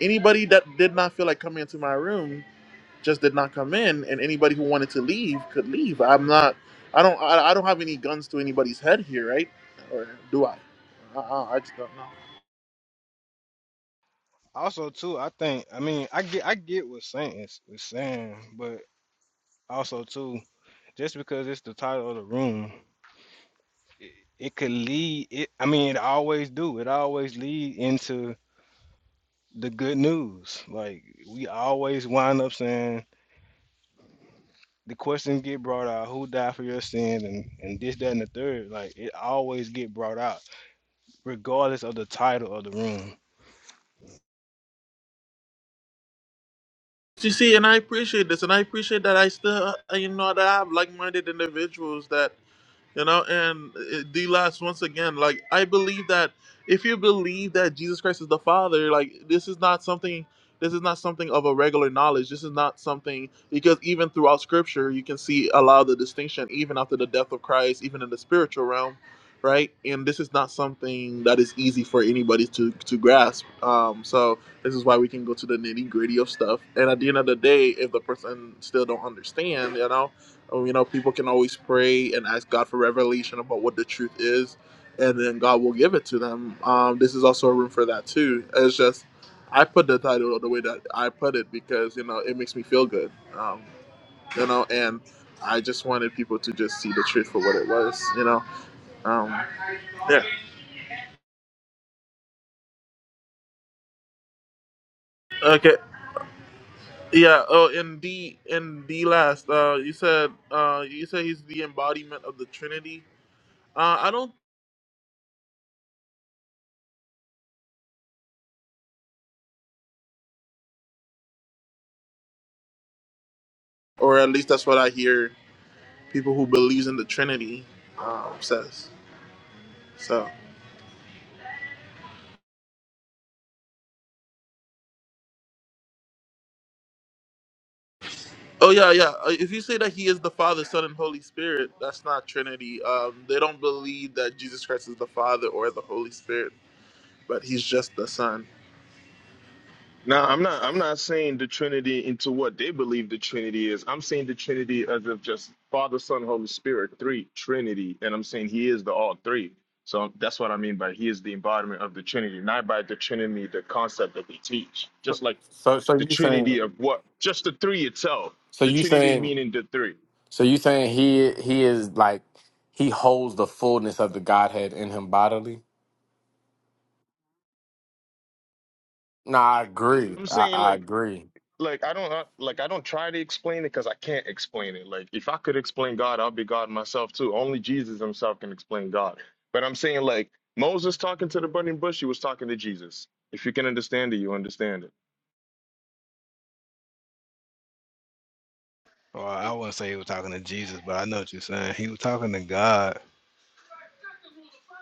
Speaker 2: Anybody that did not feel like coming into my room just did not come in, and anybody who wanted to leave could leave. I'm not. I don't. I, I don't have any guns to anybody's head here, right? Or do I? I, I I just don't know. You see, and I appreciate this, and I appreciate that I still, uh, you know, that I have like-minded individuals that you know and uh, the last once again like i believe that if you believe that jesus christ is the father like this is not something this is not something of a regular knowledge this is not something because even throughout scripture you can see a lot of the distinction even after the death of christ even in the spiritual realm right and this is not something that is easy for anybody to to grasp um so this is why we can go to the nitty gritty of stuff and at the end of the day if the person still don't understand you know Oh, You know, people can always pray and ask God for revelation about what the truth is, and then God will give it to them. Um, this is also a room for that too. It's just I put the title the way that I put it because you know it makes me feel good. Um, you know, and I just wanted people to just see the truth for what it was. You know, um, yeah. Okay. Yeah. Oh, and D and D last. Uh, you said uh, you said he's the embodiment of the Trinity. Uh, I don't, or at least that's what I hear people who believes in the Trinity um, says. So, oh yeah, yeah. Uh, If you say that He is the Father, Son, and Holy Spirit, that's not Trinity. Um, they don't believe that Jesus Christ is the Father or the Holy Spirit, but He's just the Son.
Speaker 6: Now, I'm not. I'm not saying the Trinity into what they believe the Trinity is. I'm saying the Trinity as of just Father, Son, Holy Spirit, three Trinity, and I'm saying He is the all three. So that's what I mean by He is the embodiment of the Trinity, not by the Trinity, the concept that they teach. Just like
Speaker 1: So so
Speaker 6: the
Speaker 1: you saying
Speaker 6: Trinity of what, just the three itself.
Speaker 1: so
Speaker 6: The
Speaker 1: you
Speaker 6: Trinity
Speaker 1: saying
Speaker 6: meaning the three.
Speaker 1: So you saying he he is like he holds the fullness of the Godhead in him bodily? Nah, I agree.
Speaker 6: I'm
Speaker 1: I,
Speaker 6: saying
Speaker 1: I
Speaker 6: like
Speaker 1: agree.
Speaker 6: like I don't uh, like I don't try to explain it because I can't explain it. Like if I could explain God, I'll be God myself too. Only Jesus Himself can explain God. But I'm saying like Moses talking to the burning bush, he was talking to Jesus. If you can understand it, you understand it.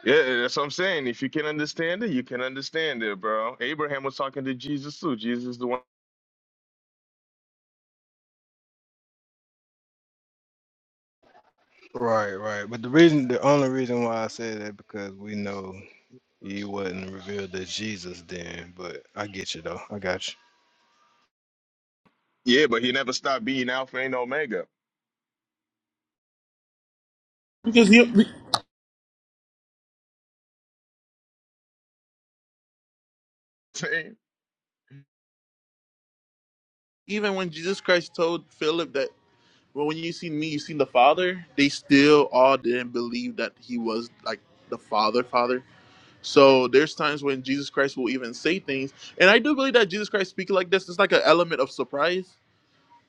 Speaker 6: Yeah, that's what I'm saying. If you can understand it, you can understand it, bro. Abraham was talking to Jesus too. Jesus is the one. Yeah, but he never stopped being Alpha and Omega.
Speaker 2: Because he, even when Jesus Christ told Philip that, well, when you see me, you seen the Father. They still all didn't believe that He was like the Father, Father. So there's times when Jesus Christ will even say things, and I do believe that Jesus Christ speaking like this is like an element of surprise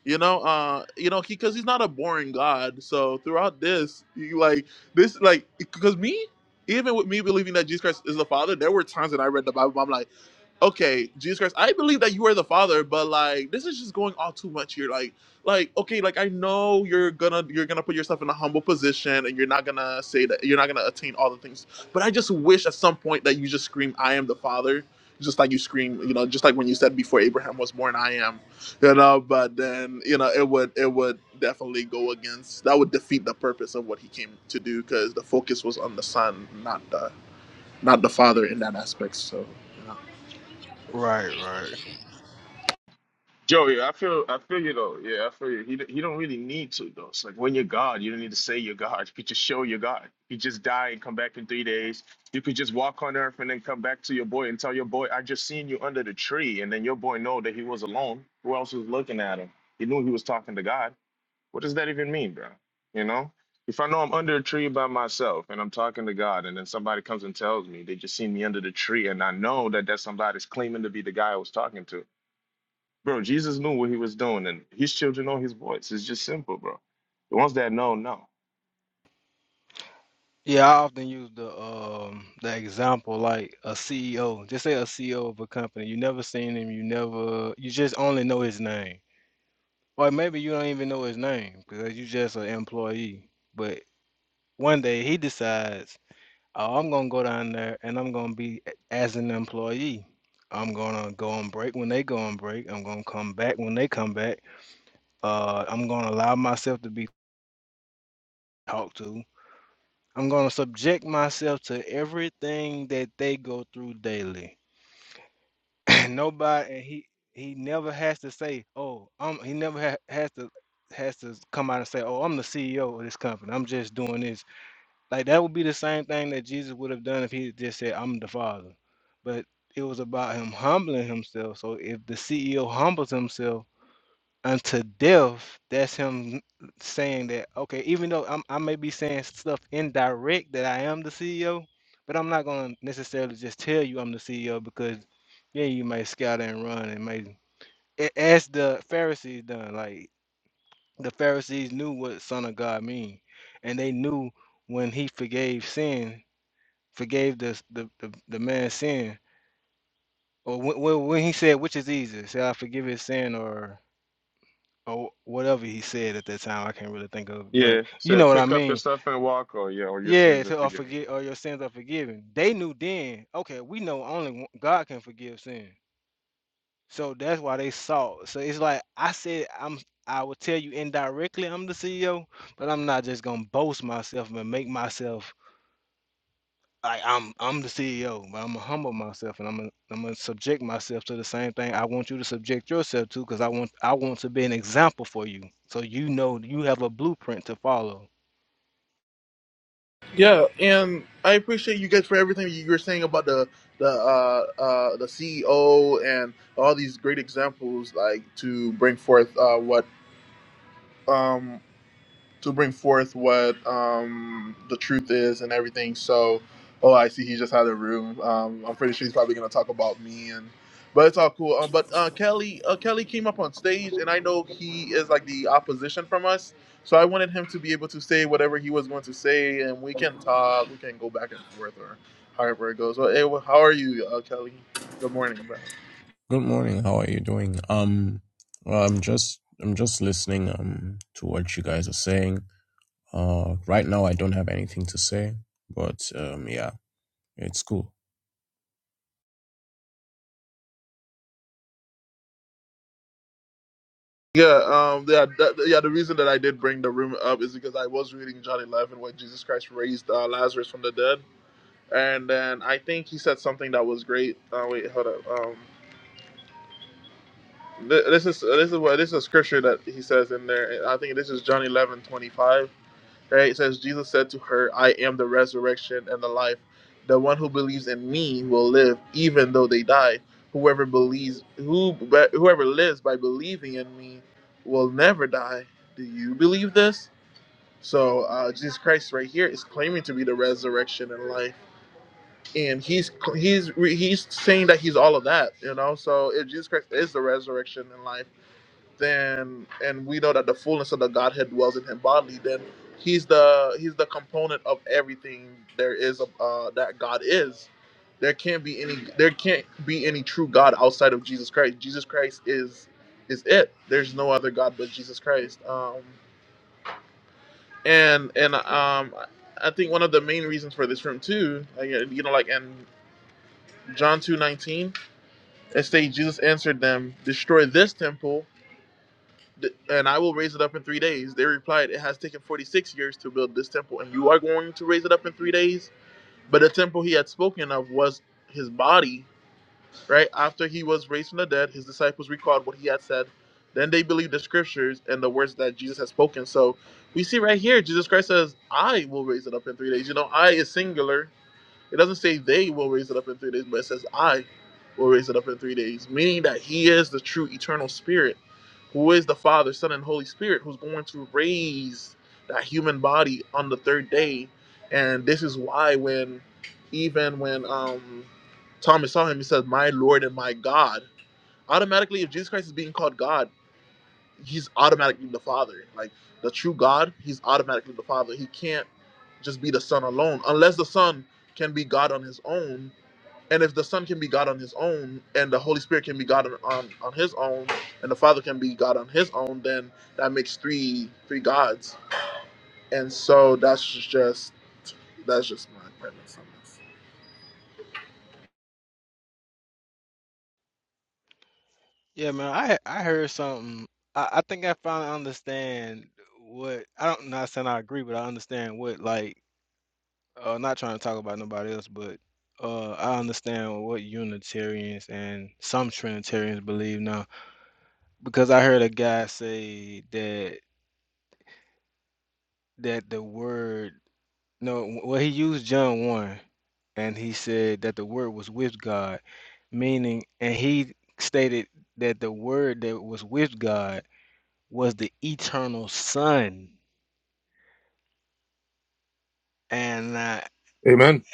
Speaker 2: You know, uh, you know, he because he's not a boring God. So throughout this, you like this, like, because me, even with me believing that Jesus Christ is the Father, there were times that I read the Bible. I'm like okay, Jesus Christ, I believe that you are the Father, but like this is just going all too much here. Like, like okay, like I know you're gonna you're gonna put yourself in a humble position, and you're not gonna say that you're not gonna attain all the things. But I just wish at some point that you just scream, "I am the Father." Just like you scream, you know, just like when you said before Abraham was born, I am, you know. But then, you know, it would it would definitely go against that would defeat the purpose of what he came to do because the focus was on the son, not the not the father in that aspect. So,
Speaker 6: Joey, I feel I feel you though. Yeah, I feel you. He d- he don't really need to though. It's like when you're God, you don't need to say you're God. You could just show you're God. You just die and come back in three days. You could just walk on earth and then come back to your boy and tell your boy, I just seen you under the tree, and then your boy know that he was alone. Who else was looking at him? He knew he was talking to God. What does that even mean, bro? You know? If I know I'm under a tree by myself and I'm talking to God, and then somebody comes and tells me they just seen me under the tree, and I know that that somebody's claiming to be the guy I was talking to Bro, Jesus knew what he was doing, and his children know his voice. It's just simple, bro. The ones that know, know. Yeah, said, pick up your stuff and walk, or yeah, or your sins are forgiven.
Speaker 2: Yeah, and I appreciate you guys for everything you were saying about the the uh, uh, the CEO and all these great examples, like to bring forth uh, what. um, to bring forth what um, the truth is and everything. So, oh, I see he just had a room. Um, I'm pretty sure he's probably going to talk about me and. But it's all cool. Um, but uh, Kelly, uh, Kelly came up on stage, and I know he is like the opposition from us. So I wanted him to be able to say whatever he was going to say, and we can talk. We can go back and forth, or however it goes. Well, hey, well, how are you, uh, Kelly? Uh, good morning.
Speaker 7: Good morning. How are you doing? Um, well, I'm just I'm just listening um to what you guys are saying. Uh, right now I don't have anything to say, but um, yeah, it's cool.
Speaker 2: Yeah, um, yeah, that, yeah. The reason that I did bring the room up is because I was reading John 11 where Jesus Christ raised uh, Lazarus from the dead, and then I think he said something that was great. Uh, wait, hold up. Um, th- this is this is what this is a scripture that he says in there. I think this is John 11:25. Right? It says, Jesus said to her, I am the resurrection and the life. The one who believes in me will live even though they die. Whoever believes, who, whoever lives by believing in me will never die. Do you believe this? So uh, Jesus Christ right here is claiming to be the resurrection and life, and he's he's he's saying that he's all of that, you know. So if Jesus Christ is the resurrection and life then and we know that the fullness of the Godhead dwells in him bodily, then he's the he's the component of everything there is of, uh, that God is. There can't be any there can't be any true God outside of Jesus Christ. Jesus Christ is is it. There's no other God but Jesus Christ. Um, and and um, I think one of the main reasons for this room too, like, you know, like in John two nineteen, it states Jesus answered them, "Destroy this temple." And I will raise it up in three days. They replied, It has taken 46 years to build this temple, and you are going to raise it up in three days? But the temple he had spoken of was his body, right? After he was raised from the dead, his disciples recalled what he had said. Then they believed the scriptures and the words that Jesus had spoken. So we see right here, Jesus Christ says, I will raise it up in three days. You know, I is singular it doesn't say they will raise it up in three days, but it says I will raise it up in three days, meaning that He is the true eternal Spirit, who is the Father, Son, and Holy Spirit, who's going to raise that human body on the third day. And this is why, when even when um, Thomas saw him, he said, "My Lord and my God." Automatically, if Jesus Christ is being called God he's automatically the father. Like the true God, he's automatically the father. He can't just be the son alone, unless the son can be God on his own. And if the son can be God on his own, and the Holy Spirit can be God on, on, on his own, and the Father can be God on his own, then that makes three three gods. And so that's just that's just my premise on this.
Speaker 6: Amen.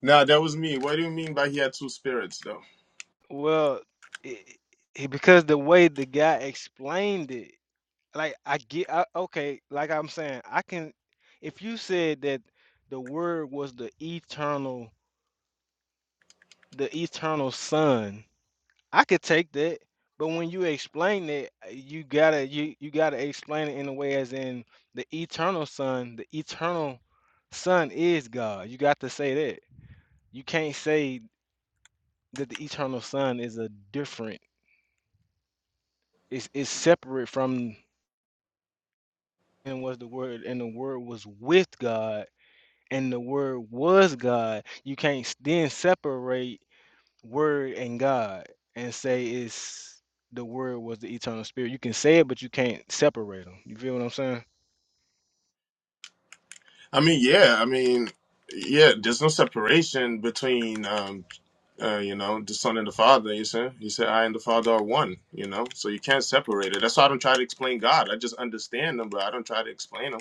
Speaker 6: Nah, that was me. What do you mean by he had two spirits, though? I mean, yeah, I mean, yeah. There's no separation between, um, uh, you know, the son and the father. You said he said I and the father are one. You know, so you can't separate it. That's why I don't try to explain God. I just understand them, but I don't try to explain them.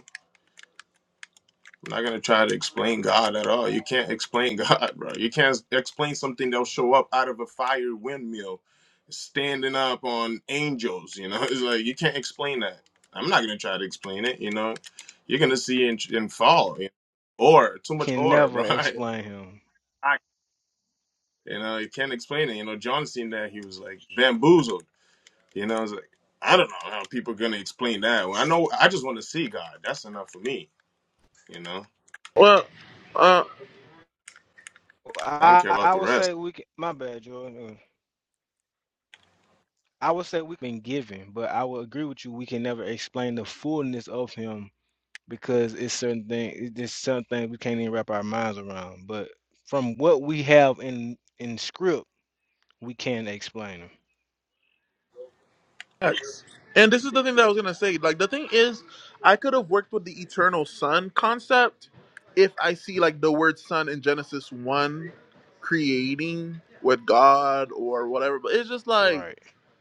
Speaker 6: I'm not gonna try to explain God at all. You can't explain God, bro. You can't explain something that'll show up out of a fire windmill, standing up on angels. You know, it's like you can't explain that. I'm not gonna try to explain it. You know, you're gonna see and, and fall. You know? Or too much or, bro. I, I- you know, you can't explain it. You know, John seen that he was like bamboozled. You know, it's like I don't know how people are gonna explain that. Well, I know I just want to see God. That's enough for me. You know,
Speaker 2: Well, uh,
Speaker 6: I don't care about the rest.
Speaker 2: Facts. And this is the thing that I was gonna say. Like the thing is, I could have worked with the eternal sun concept if I see like the word sun in Genesis one creating with God or whatever. But it's just like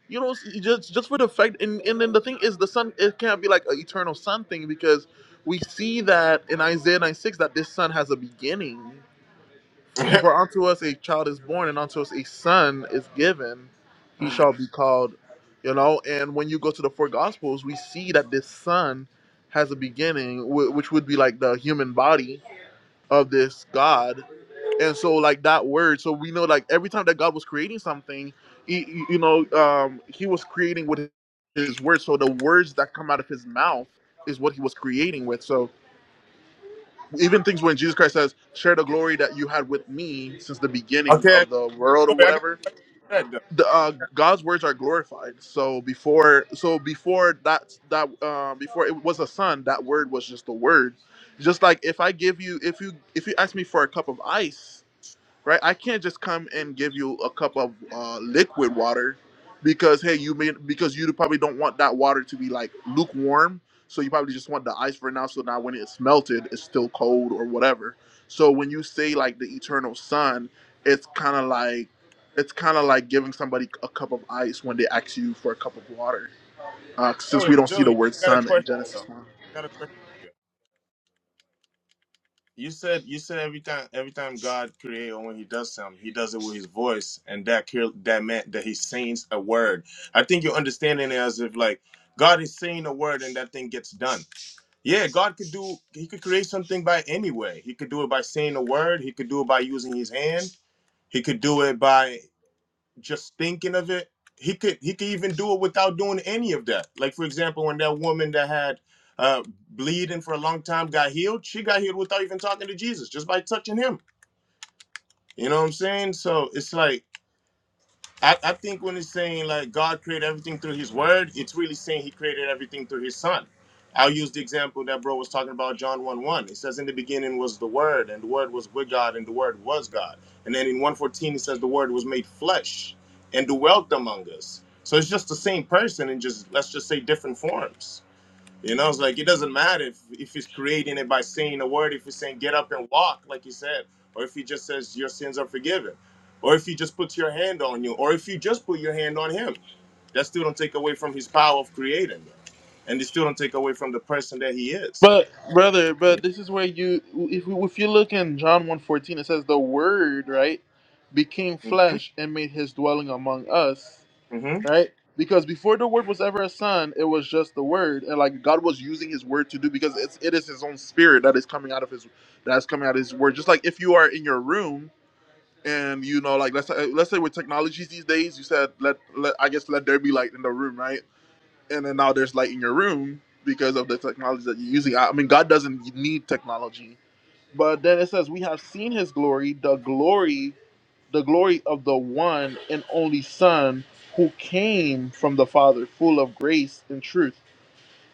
Speaker 2: you know, just just for the fact, and and then the thing is, the sun it can't be like an eternal sun thing because we see that in Isaiah nine six that this sun has a beginning. For, for unto us a child is born, and unto us a son is given. He shall be called, you know. And when you go to the four gospels, we see that this son has a beginning, wh- which would be like the human body of this God. And so, like that word, so we know, like every time that God was creating something, he, he- you know, um, he was creating with his words. So the words that come out of his mouth is what he was creating with. So even things when Jesus Christ says, "Share the glory that you had with me since the beginning
Speaker 6: Okay,
Speaker 2: of the world," or
Speaker 6: Joey, I got
Speaker 2: whatever.
Speaker 6: that though.
Speaker 2: The, uh, God's words are glorified. So before, so before that, that uh, before it was a son, that word was just a word. Just like if I give you, if you, if you ask me for a cup of ice, right? I can't just come and give you a cup of uh, liquid water because hey, you may because you probably don't want that water to be like lukewarm, so you probably just want the ice for now. So now when it's melted, it's still cold or whatever. So when you say like the eternal sun, it's kind of like it's kind of like giving somebody a cup of ice when they ask you for a cup of water, uh, since
Speaker 6: Joey,
Speaker 2: we don't see the
Speaker 6: Joey,
Speaker 2: word
Speaker 6: I got a
Speaker 2: sun in
Speaker 6: question though.
Speaker 2: Genesis one.
Speaker 6: I got a question. for You You said you said every time every time God creates or when He does something, He does it with His voice, and that clear- that meant that He sings a word. I think you're understanding it as if like God is saying a word and that thing gets done. Yeah, God could do He could create something by any way. He could do it by saying a word. He could do it by using His hand. He could do it by just thinking of it he could he could even do it without doing any of that like for example when that woman that had uh bleeding for a long time got healed she got healed without even talking to jesus just by touching him you know what i'm saying so it's like I, I think when it's saying like God created everything through his word, it's really saying he created everything through his son. I'll use the example that bro was talking about, John 1 1. It says, In the beginning was the word, and the word was with God, and the word was God. And then in 114, it says, The word was made flesh and dwelt among us. So it's just the same person in just, let's just say, different forms. You know, it's like it doesn't matter if if he's creating it by saying a word, if he's saying get up and walk, like he said, or if he just says your sins are forgiven, or if he just puts your hand on you, or if you just put your hand on him, that still don't take away from his power of creating, and it still don't take away from the person that he is.
Speaker 2: But brother,
Speaker 6: You
Speaker 2: but this is where you if you- if you look in John one fourteen, it says the word, right, became
Speaker 6: know?
Speaker 2: flesh and made his dwelling among us,
Speaker 6: hmm hmm
Speaker 2: right? Because before the word was ever a son, it was just the word and like God was using his word to do because it's it is his own spirit that is coming out of his that's coming out of his word. Just like if you are in your room and you know like let's say, let's say with technologies these days, you said let, let I guess let there be light in the room, right? and then now there's light in your room because of the technology that you're using. I mean, God doesn't need technology. But then it says, "We have seen His glory, the glory, the glory of the one and only Son, who came from the Father, full of grace and truth."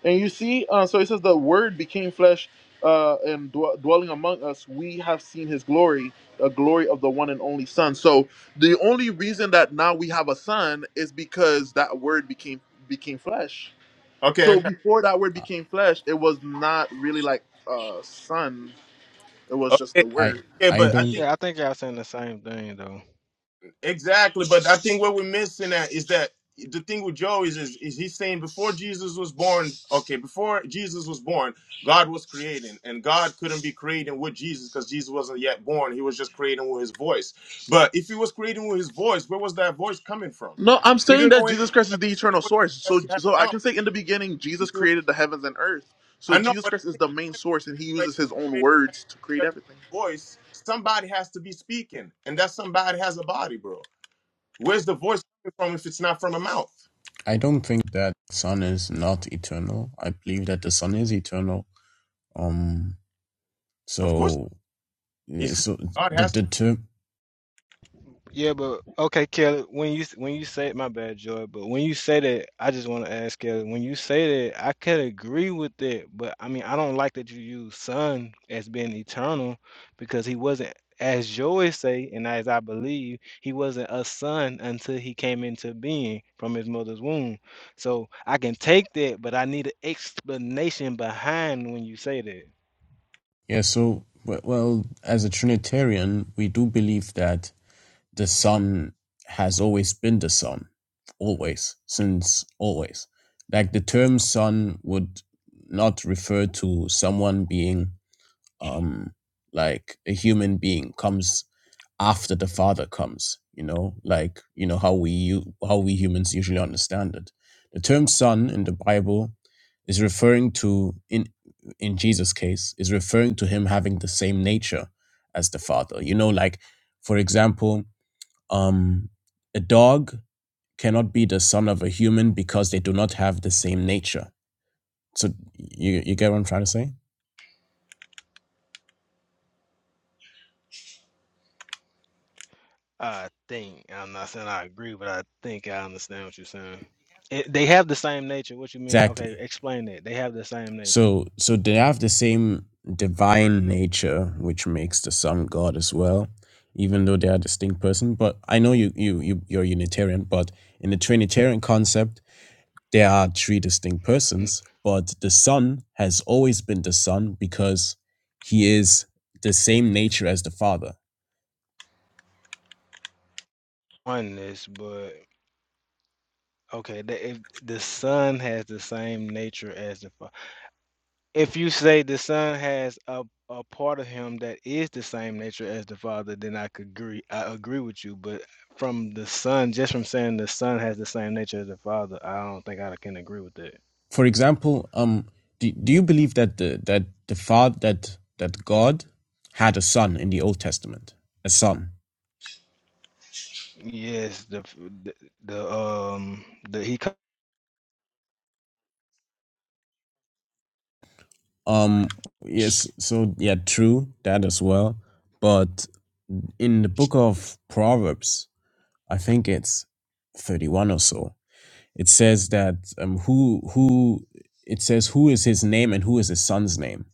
Speaker 2: And you see, uh, so it says, "The Word became flesh uh, and dw- dwelling among us. We have seen His glory, the glory of the one and only Son." So the only reason that now we have a Son is because that Word became became flesh
Speaker 6: Okay,
Speaker 2: so
Speaker 6: okay,
Speaker 2: before that word became flesh, it was not really like uh son. It was just
Speaker 6: okay,
Speaker 2: the
Speaker 7: I
Speaker 2: word.
Speaker 6: okay,
Speaker 7: I
Speaker 6: but I think.
Speaker 7: don't
Speaker 6: Exactly, but I think what we're missing at is that the thing with Joe is, is is he's saying before Jesus was born, okay, before Jesus was born, God was creating, and God couldn't be creating with Jesus because Jesus wasn't yet born. He was just creating with his voice. But if he was creating with his voice, where was that voice coming from?
Speaker 2: No, I'm
Speaker 6: We
Speaker 2: saying
Speaker 6: don't know
Speaker 2: that
Speaker 6: anything
Speaker 2: Jesus Christ is
Speaker 6: that
Speaker 2: the eternal
Speaker 6: voice
Speaker 2: source. So
Speaker 6: unless you have
Speaker 2: so
Speaker 6: a
Speaker 2: I
Speaker 6: mouth.
Speaker 2: can say in the beginning
Speaker 6: You
Speaker 2: Jesus
Speaker 6: see what
Speaker 2: created the heavens and earth. So
Speaker 6: I know,
Speaker 2: Jesus
Speaker 6: but
Speaker 2: Christ
Speaker 6: I'm
Speaker 2: is the
Speaker 6: thinking
Speaker 2: main source and he
Speaker 6: like
Speaker 2: uses his own
Speaker 6: creating
Speaker 2: words to create
Speaker 6: that
Speaker 2: everything.
Speaker 6: voice, somebody has to be speaking, and that somebody has a body, bro. Where's the voice coming from if it's not from a mouth?
Speaker 7: I don't think that the sun is not eternal. I believe that the sun is eternal. Um,
Speaker 6: Of course,
Speaker 7: so eh,
Speaker 6: he's
Speaker 7: so
Speaker 6: God
Speaker 7: the
Speaker 6: has to.
Speaker 7: the term yeah. So well, well, as a Trinitarian, we do believe that the sun has always been the sun, always, since always. Like the term "son" would not refer to someone being um, like a human being comes after the father comes, you know, like, you know, how we, u- how we humans usually understand it. The term son in the Bible is referring to, in, in Jesus' case, is referring to him having the same nature as the father. You know, like, for example, um, a dog cannot be the son of a human because they do not have the same nature. So you you get what I'm trying to say? Exactly. So so they have the same divine nature, which makes the Son God as well, even though they are distinct person. But I know you you, you you're Unitarian, but in the Trinitarian concept. there are three distinct persons, but the Son has always been the Son because he is the same nature as the Father. For example, um, do, do you believe that the that the Father that that God had a son in the Old Testament, a son? Um, yes. So yeah, true that as well. But in the book of Proverbs, I think it's thirty-one or so It says that um, who who it says who is his name and who is his son's name.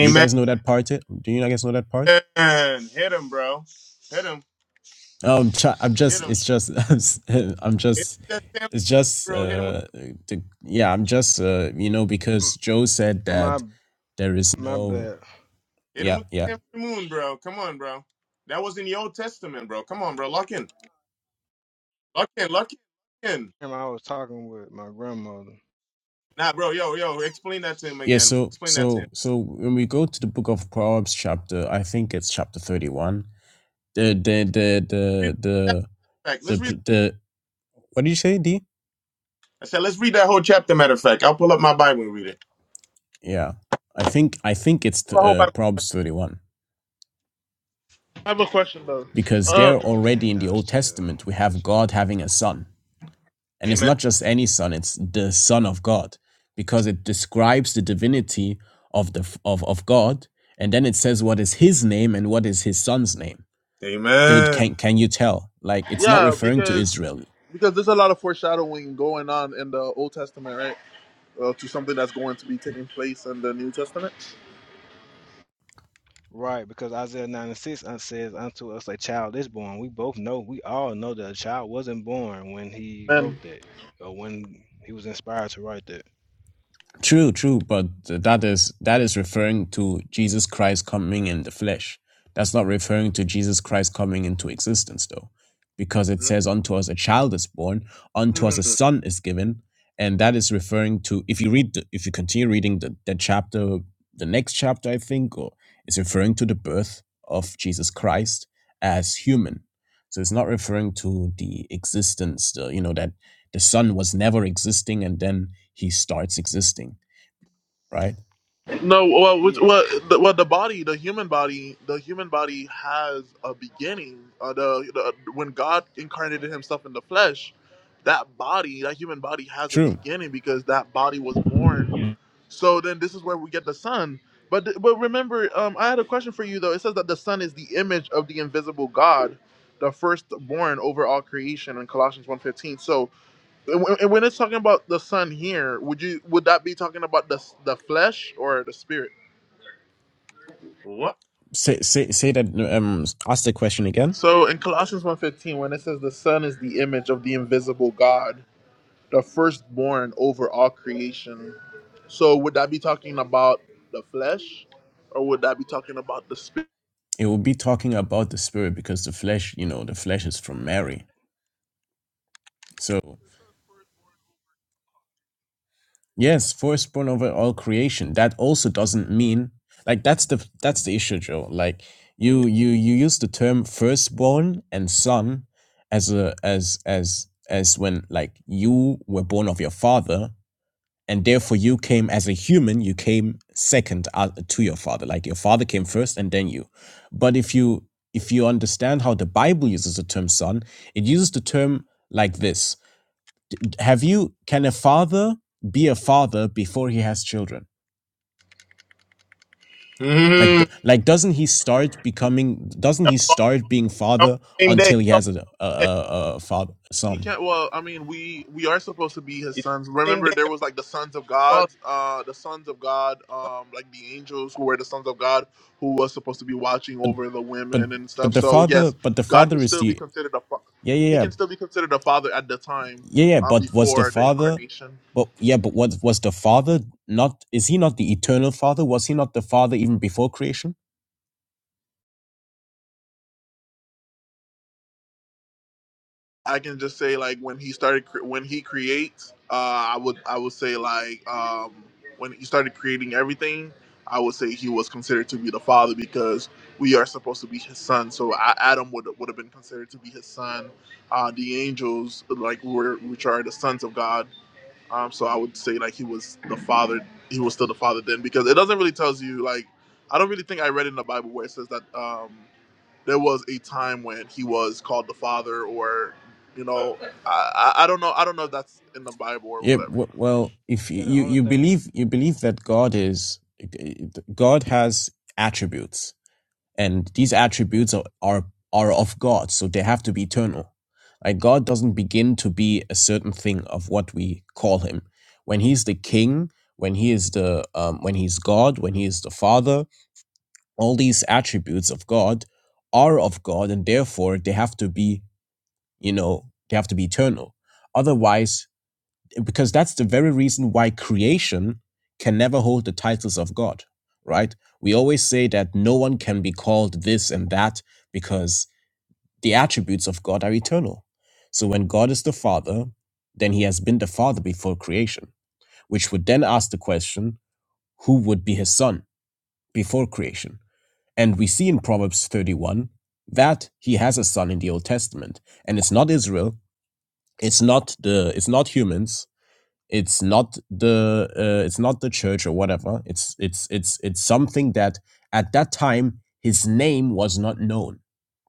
Speaker 7: Do you guys know that part? yet? Do you guys know that part?
Speaker 6: Hit him, bro. Hit him.
Speaker 7: Um, try, I'm
Speaker 6: Hit
Speaker 7: just
Speaker 6: him.
Speaker 7: it's just I'm, s- I'm
Speaker 6: Hit him
Speaker 7: just
Speaker 6: with that Samson,
Speaker 7: it's just
Speaker 6: bro. Hit him with
Speaker 7: uh to, yeah I'm just uh you know because Joe said that there is no
Speaker 6: hit him
Speaker 7: yeah
Speaker 6: with
Speaker 7: yeah
Speaker 6: the Samson moon, bro. Come on, bro. That was in the Old Testament, bro. Come on, bro. Lock in. Lock in. Lock in. Lock in. Nah, bro. Yo, yo. Explain that to him
Speaker 7: yeah
Speaker 6: again.
Speaker 7: so
Speaker 6: Explain that to him.
Speaker 7: so so when we go to the book of Proverbs chapter I think it's chapter 31 the the the the
Speaker 6: Read the
Speaker 7: the
Speaker 6: whole chapter, matter of fact. Let's read.
Speaker 7: the, the what did you say D?
Speaker 6: I said, let's read that whole chapter. Matter of fact, I'll pull up my Bible and read it.
Speaker 7: Yeah, I think I think it's t-
Speaker 6: The whole
Speaker 7: uh,
Speaker 6: Bible.
Speaker 7: Proverbs thirty-one
Speaker 2: I have a question though.
Speaker 7: because
Speaker 2: Uh
Speaker 7: there already in the Old Testament we have God having a son, and it's
Speaker 6: Amen.
Speaker 7: not just any son; it's the Son of God because it describes the divinity of the f- of of God, and then it says what is His name and what is His son's name. Dude,
Speaker 6: Amen.
Speaker 7: can can you tell? Like it's not
Speaker 2: yeah,
Speaker 7: referring to
Speaker 2: because
Speaker 7: Israel.
Speaker 2: because there's a lot of foreshadowing going on in the Old Testament, right? Uh, to something that's going to be taking place in the New Testament. And
Speaker 7: True, true, but that is that is referring to Jesus Christ coming in the flesh. That's not referring to Jesus Christ coming into existence, though, because it says, "Unto us a child is born, unto us a
Speaker 6: Mhm.
Speaker 7: son is given," and that is referring to. If you read, the, if you continue reading the, the chapter, the next chapter, I think, or it's referring to the birth of Jesus Christ as human. So it's not referring to the existence, the, you know, that the son was never existing and then he starts existing right?
Speaker 2: No, well, which, well, the, well, the body, the human body, the human body has a beginning. Uh, the, the when God incarnated Himself in the flesh, that body, that human body, has a
Speaker 7: True.
Speaker 2: beginning because that body was born. So then, this is where we get the Son. But th- but remember, um, I had a question for you though. It says that the Son is the image of the invisible God, the firstborn over all creation in Colossians one fifteen. So and when and when it's talking about the son here, would you would that be talking about the the flesh or the spirit?
Speaker 6: What?
Speaker 7: Say say say that. Um, ask the question again.
Speaker 2: So in Colossians one fifteen, when it says the son is the image of the invisible God, the firstborn over all creation. So would that be talking about the flesh, or would that be talking about the spirit?
Speaker 7: It will be talking about the spirit because the flesh, you know, the flesh is from Mary. So yes, firstborn over all creation. That also doesn't mean like that's the that's the issue, Joe. Like
Speaker 6: Mhm.
Speaker 7: you you you use the term firstborn and son as a as as as when like you were born of your father and therefore you came as a human you came second uh, to your father like your father came first and then you but if you if you understand how the bible uses the term son it uses the term like this have you can a father be a father before he has children like like doesn't he start becoming doesn't he start being
Speaker 6: On the
Speaker 7: father
Speaker 6: same
Speaker 7: until he has
Speaker 6: day.
Speaker 7: a a, a, a father
Speaker 2: He
Speaker 7: son
Speaker 2: can't. Well, I mean, we we are supposed to be his
Speaker 6: It's
Speaker 2: sons.
Speaker 6: on the same
Speaker 2: Remember,
Speaker 6: day.
Speaker 2: there was
Speaker 6: Apostle
Speaker 2: like the sons of God,
Speaker 6: Osborne.
Speaker 2: uh, the sons of God, um, like the angels who were the sons of God, who was supposed to be watching
Speaker 7: but
Speaker 2: over the
Speaker 7: but
Speaker 2: women and stuff.
Speaker 7: but the
Speaker 2: So
Speaker 7: father
Speaker 2: yes,
Speaker 7: but the
Speaker 2: God could
Speaker 7: father is
Speaker 2: still be
Speaker 7: the
Speaker 2: considered a fa-
Speaker 7: yeah yeah
Speaker 2: he
Speaker 7: yeah
Speaker 2: can still be considered a father at the time
Speaker 7: Yeah, yeah,
Speaker 2: uh,
Speaker 7: but was the
Speaker 2: before the
Speaker 7: father,
Speaker 2: incarnation.
Speaker 7: but yeah, but what was the father not, is he not the eternal father? Was he not the father even before creation?
Speaker 2: I can just say like when he started cre- when he creates, uh, I would I would say like um, when he started creating everything, I would say he was considered to be the father because we are supposed to be his son. So I, Adam would would have been considered to be his son. Uh, the angels like were which are the sons of God. Um, so I would say like he was the father. He was still the father then because it doesn't really tells you like I don't really think I read in the Bible where it says that. Um, there was a time when he was called the father, or you know, I I don't know I don't know if that's in the Bible or
Speaker 7: Yeah,
Speaker 2: whatever. You
Speaker 7: w-
Speaker 2: know,
Speaker 7: well, if you, you you believe, you believe that God is, God has attributes. and these attributes are, are are of God, so they have to be eternal. Like God doesn't begin to be a certain thing of what we call Him. When He's the King, when He is the um, when He's God, when He is the Father, all these attributes of God are of God, and therefore they have to be you know they have to be eternal. Otherwise, because that's the very reason why creation can never hold the titles of God, right? We always say that no one can be called this and that because the attributes of God are eternal. So when God is the Father, then he has been the Father before creation, which would then ask the question who would be his son before creation? And we see in Proverbs 31 that he has a son in the Old Testament, and it's not Israel, it's not the it's not humans, it's not the uh, it's not the church or whatever it's it's it's it's something that at that time his name was not known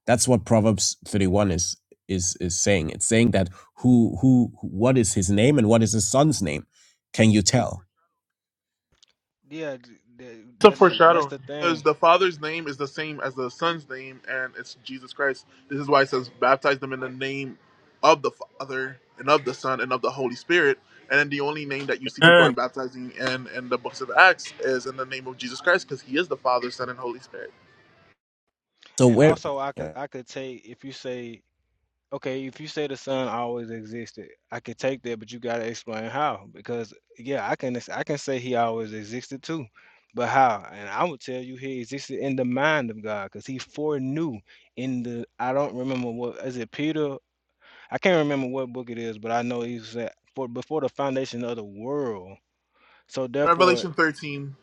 Speaker 7: that's what proverbs 31 is is is saying it's saying that who who what is his name and what is his son's name can you tell
Speaker 2: It's a foreshadowing. because the father's name is the same as the son's name, and it's Jesus Christ. This is why it says baptize them in the name of the Father and of the Son and of the Holy Spirit. And then the only name that you see people are
Speaker 6: Man,
Speaker 2: baptizing in in the books of Acts is in the name of Jesus Christ, because He is the Father, Son, and Holy Spirit.
Speaker 7: so where
Speaker 2: Revelation thirteen.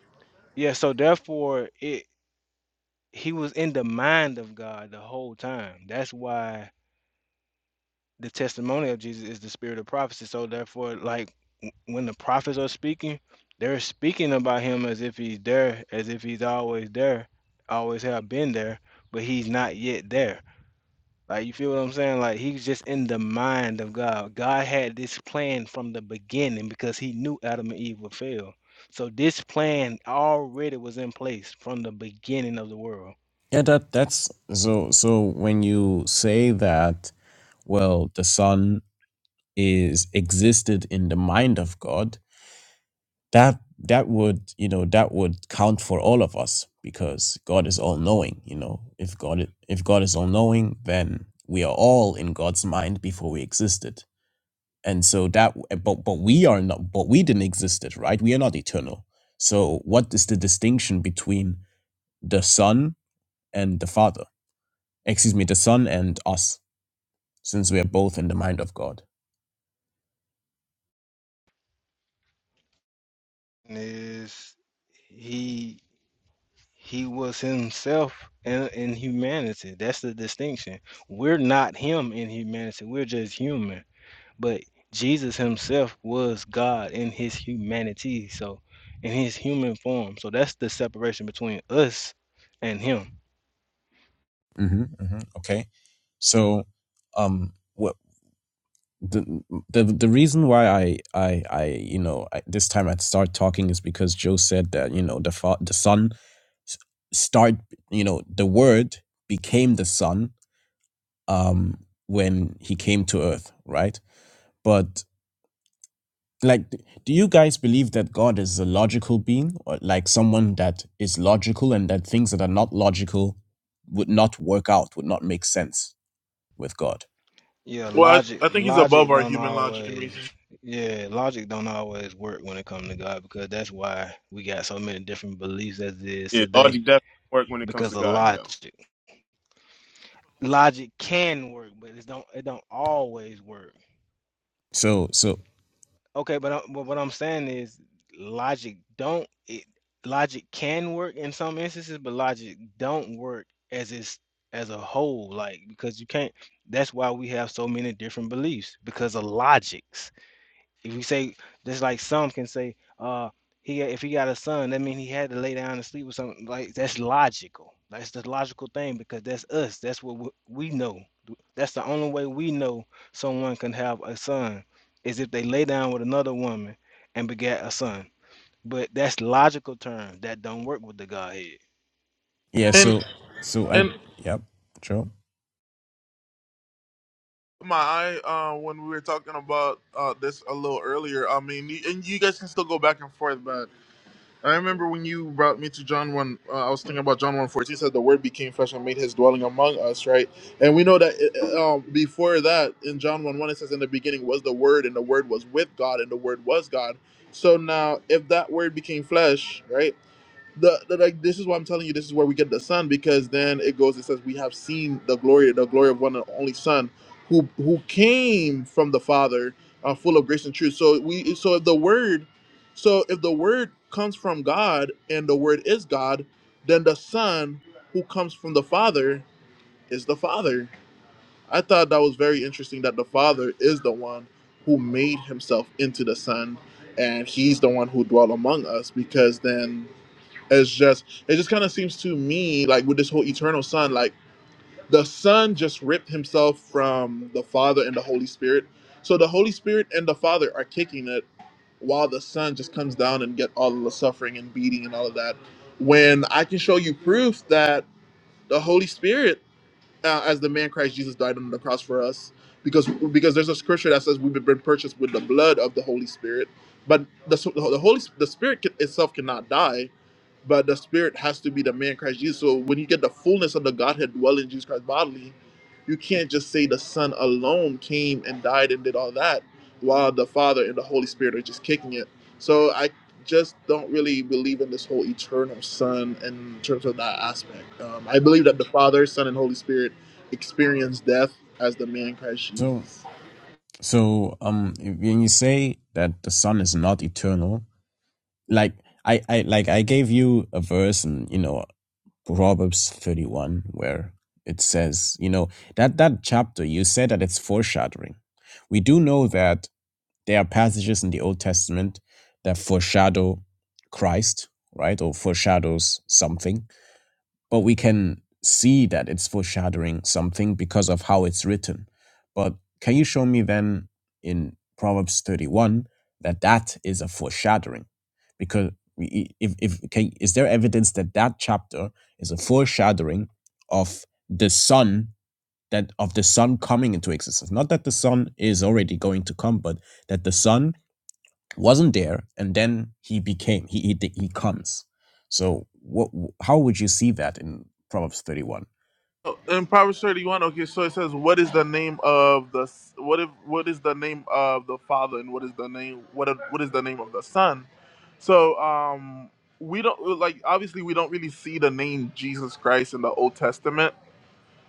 Speaker 7: Yeah, that that's so so when you say that, well, the Son is existed in the mind of God, that that would, you know, that would count for all of us because God is all knowing, you know. If God i- if God is all knowing, then we are all in God's mind before we existed. And so that but but we are not but we didn't existed, right? We are not eternal. So what is the distinction between the Son and the Father? excuse me, the Son and us. since we are both in the mind of God. hmm hmm Okay, so um, what the the the reason why I I I you know I, this time I start talking is because Joe said that you know the fa- the son s- start you know the word became the son um when he came to earth right But. like d- do you guys believe that god is a logical being or like someone that is logical and that things that are not logical would not work out would not make sense with god
Speaker 2: Well, I, I think he's above our human logic and reason.
Speaker 6: yeah, logic doesn't work when it comes to God, though.
Speaker 7: so so yeah
Speaker 2: and
Speaker 7: so so i
Speaker 2: and.
Speaker 7: yep sure
Speaker 2: my eye uh, when we were talking about uh, this a little earlier. I mean, y- and you guys can still go back and forth, but I remember when you brought me to John one. Uh, I was thinking about John one fourteen. Said the Word became flesh and made His dwelling among us, right? And we know that uh, um, before that, in John one one, it says, "In the beginning was the Word, and the Word was with God, and the Word was God." So now, if that Word became flesh, right? the, the like this is why I'm telling you this is where we get the son because then it goes it says we have seen the glory the glory of one and only son who who came from the father uh, full of grace and truth so we so if the word so if the word comes from God and the word is God then the son who comes from the father is the father I thought that was very interesting that the father is the one who made himself into the son and he's the one who dwelt among us because then it's just it just kind of seems to me like with this whole eternal son, like the son just ripped himself from the Father and the Holy Spirit. So the Holy Spirit and the Father are kicking it while the son just comes down and get all of the suffering and beating and all of that. When I can show you proof that the Holy Spirit uh, as the man Christ Jesus died on the cross for us, because because there's a scripture that says we've been purchased with the blood of the Holy Spirit, but the so, the Holy the Spirit itself cannot die, but the Spirit has to be the man Christ Jesus. So when you get the fullness of the Godhead dwelling in Jesus Christ bodily, you can't just say the Son alone came and died and did all that, while the Father and the Holy Spirit are just kicking it. So I just don't really believe in this whole eternal Son in terms of that aspect. Um, I believe that the Father, Son, and Holy Spirit experience death as the man Christ
Speaker 7: so
Speaker 2: Jesus.
Speaker 7: so um when you say that the son is not eternal like i i like i gave you a verse and you know Proverbs 31 where it says, you know, that that chapter you said that it's foreshadowing. We do know that there are passages in the Old Testament that foreshadow Christ, right? Or foreshadows something but we can see that it's foreshadowing something because of how it's written. But can you show me then in Proverbs 31 that that is a foreshadowing? Because we- if, if can, is there evidence that that chapter is a foreshadowing of the sun that of the sun coming into existence? Not that the sun is already going to come, but that the sun wasn't there and then he became he he, he comes so what how would you see that in proverbs 31
Speaker 2: Oh, In Proverbs 31, okay, so it says, "What is the name of the s- what if what is the name of the Father and what is the name what if- what is the name of the Son?" So, um, we don't like obviously we don't really see the name Jesus Christ in the Old Testament.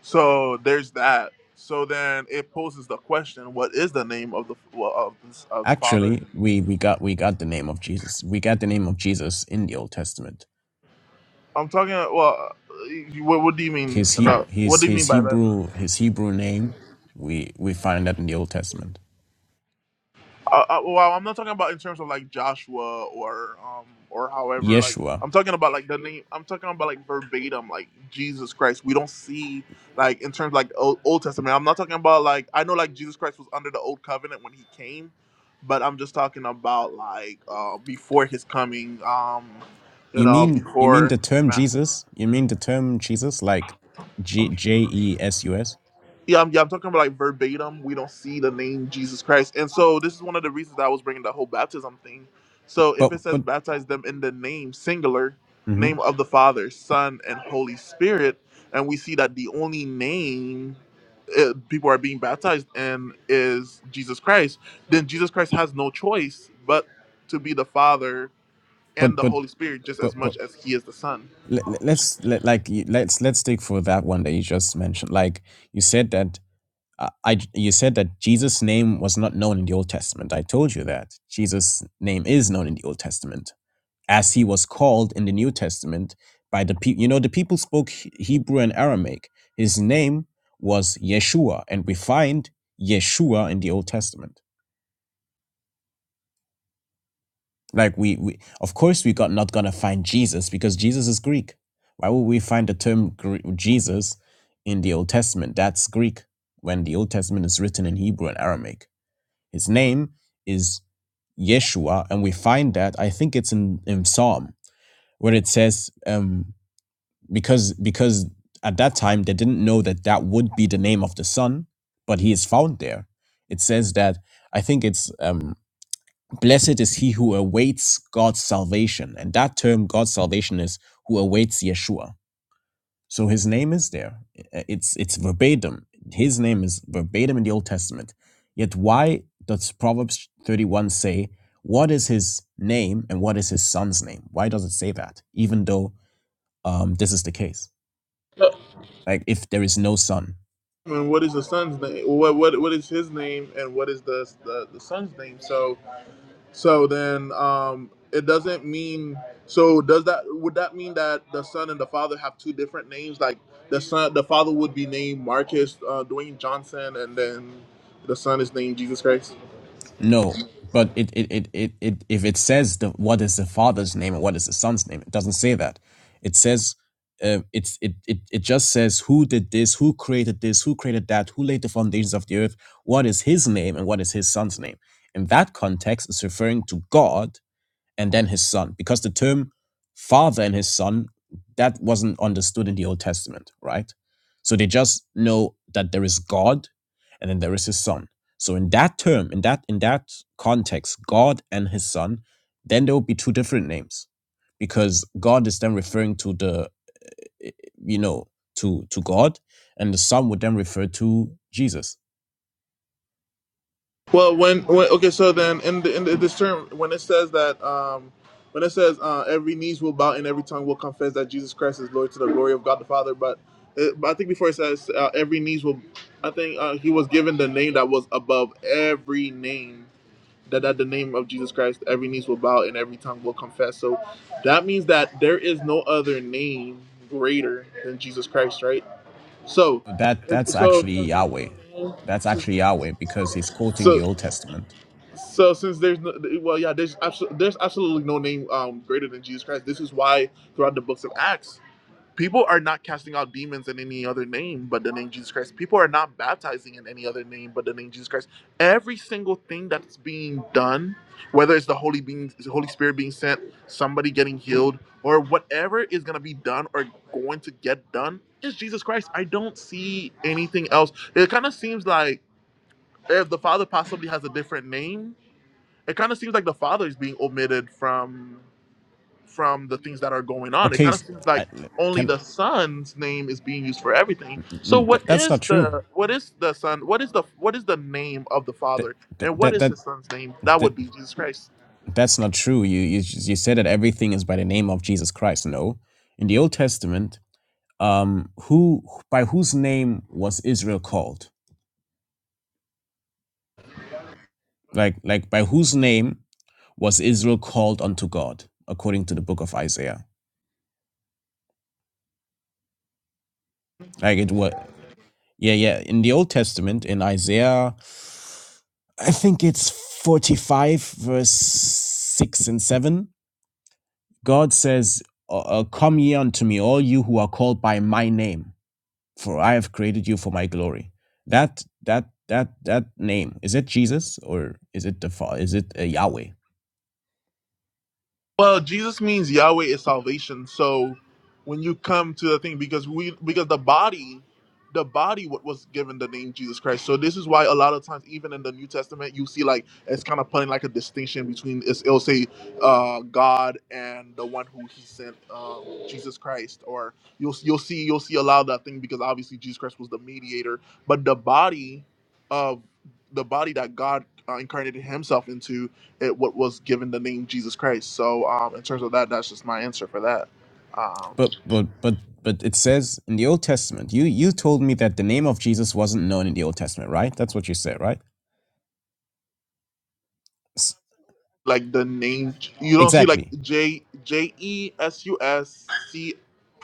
Speaker 2: So there's that. So then it poses the question, "What is the name of the well, of, this, of the Father?"
Speaker 7: actually we we got we got the name of jesus we got the name of jesus in the old testament
Speaker 2: I'm talking. Well, you- what, what do you mean?
Speaker 7: his he
Speaker 2: About, what
Speaker 7: his
Speaker 2: do you mean
Speaker 7: his
Speaker 2: by that?
Speaker 7: hebrew his hebrew name we we find that in the old testament
Speaker 2: Uh, uh, well, I'm not talking about in terms of like Joshua or um or however. Like
Speaker 7: yeshua
Speaker 2: I'm talking about like the name. I'm talking about like verbatim, like Jesus Christ. We don't see like in terms like Old, Old Testament. I'm not talking about like I know like Jesus Christ was under the old covenant when he came, but I'm just talking about like uh before his coming. Um, you
Speaker 7: You
Speaker 2: know,
Speaker 7: mean you mean the
Speaker 2: before.
Speaker 7: term
Speaker 2: Ma-
Speaker 7: Jesus? You mean the term Jesus like G
Speaker 2: I'm,
Speaker 7: J E S U S?
Speaker 2: Yeah, I'm, yeah, I'm talking about like verbatim. We don't see the name Jesus Christ, and so this is one of the reasons that I was bringing the whole baptism thing. So if
Speaker 7: But
Speaker 2: it says
Speaker 7: but
Speaker 2: baptize them in the name singular,
Speaker 7: mhm.
Speaker 2: name of the Father, Son, and Holy Spirit, and we see that the only name uh people are being baptized in is Jesus Christ, then Jesus Christ has no choice but to be the Father and
Speaker 7: but
Speaker 2: the
Speaker 7: but
Speaker 2: Holy Spirit just as
Speaker 7: but but
Speaker 2: much as He is the Son.
Speaker 7: let, let- let's let, like you- let's let's stick for that one that you just mentioned. Like you said that uh, I j- you said that Jesus' name was not known in the Old Testament. I told you that Jesus' name is known in the Old Testament. as he was called in the New Testament by the people. You know, the people spoke He- Hebrew and Aramaic. His name was Yeshua, and we find Yeshua in the Old Testament. Like we, we of course, we got not gonna find Jesus because Jesus is Greek. Why would we find the term Gr- Jesus in the Old Testament? That's Greek when the Old Testament is written in Hebrew and Aramaic. His name is Yeshua, and we find that I think it's in, in Psalm where it says, um, because because at that time they didn't know that that would be the name of the son but he is found there it says that i think it's um blessed is he who awaits god's salvation and that term god's salvation is who awaits yeshua so his name is there I- it's it's verbatim his name is verbatim in the old testament yet why does proverbs 31 say what is his name and what is his son's name why does it say that even though um, this is the case like if there is no sun
Speaker 2: and what is the son's name? What what what is his name and what is the the, the son's name? So so then um it doesn't mean so does that would that mean that the son and the father have two different names? Like the son the father would be named Marcus uh, Dwayne Johnson and then the son is named Jesus Christ.
Speaker 7: no but it it it, it, it if it says the, what is the father's name and what is the son's name it doesn't say that it says uh, it's it, it it just says who did this who created this who created that who laid the foundations of the earth what is his name and what is his son's name in that context it's referring to god and then his son because the term father and his son that wasn't understood in the old testament right so they just know that there is god and then there is his son so in that term in that in that context god and his son then there will be two different names because god is then referring to the eh, you know to to god and the son would then refer to jesus
Speaker 2: Well, when, when okay, so then in the, in the, this term, when it says that, um, when it says uh, every knees will bow and every tongue will confess that Jesus Christ is Lord to the glory of God the Father, but, it, but I think before it says uh, every knees will, I think uh, he was given the name that was above every name. That at the name of Jesus Christ, every knees will bow and every tongue will confess. So that means that there is no other name greater than Jesus Christ, right? So,
Speaker 7: But that that's
Speaker 2: so
Speaker 7: actually
Speaker 2: since there's
Speaker 7: yahweh
Speaker 2: no
Speaker 7: that's
Speaker 2: name,
Speaker 7: actually yahweh because he's quoting
Speaker 2: so,
Speaker 7: the old testament
Speaker 2: so since there's no, well, yeah, there's absolutely there's absolutely no name um, greater than Jesus Christ. This is why throughout the books of Acts, people are not casting out demons in any other name but the name Jesus Christ. People are not baptizing in any other name but the name Jesus Christ. Every single thing that's being done, whether it's the Holy being, the Holy Spirit being sent, somebody getting healed, or whatever is gonna be done or going to get done, is Jesus Christ. I don't see anything else. It kind of seems like if the Father possibly has a different name it kind of seems like the father is being omitted from from the things that are going on it
Speaker 7: Okay,
Speaker 2: kind of
Speaker 7: s-
Speaker 2: seems like
Speaker 7: I,
Speaker 2: only
Speaker 7: can
Speaker 2: the son's name is being used for everything so
Speaker 7: mm,
Speaker 2: what
Speaker 7: that, that's not
Speaker 2: is
Speaker 7: true.
Speaker 2: the what is the son what is the what is the name of the
Speaker 7: That,
Speaker 2: father and what
Speaker 7: that
Speaker 2: is
Speaker 7: that
Speaker 2: the son's name that
Speaker 7: that
Speaker 2: would be jesus christ
Speaker 7: that's not true. You you you said that everything is by the name of Jesus Christ. No, in the Old Testament, um, who by whose name was Israel called? Like like by whose name was Israel called unto God according to the book of Isaiah? Like it was yeah yeah in the Old Testament in Isaiah, I think it's forty five verse six and seven God says, uh, uh, Come ye unto me, all you who are called by my name, for I have created you for my glory. That that that that name is it Jesus or is it the Fa- is it uh, Yahweh?
Speaker 2: Well, Jesus means Yahweh is salvation. So when you come to the thing, because we because the body, the body what was given the name Jesus Christ. So this is why a lot of times, even in the New Testament, you see like it's kind of putting like a distinction between it's, it'll say uh, God and the one who He sent, um, Jesus Christ. Or you'll you'll see you'll see a lot of that thing because obviously Jesus Christ was the mediator, but the body of the body that God uh, incarnated Himself into it what was given the name Jesus Christ. So um, in terms of that, that's just my answer for that. Um,
Speaker 7: But but but but it says in the Old Testament. You you told me that the name of Jesus wasn't known in the Old Testament, right? That's what you said, right? S-
Speaker 2: like the name, you don't see like
Speaker 7: Exactly.
Speaker 2: J J E S U S C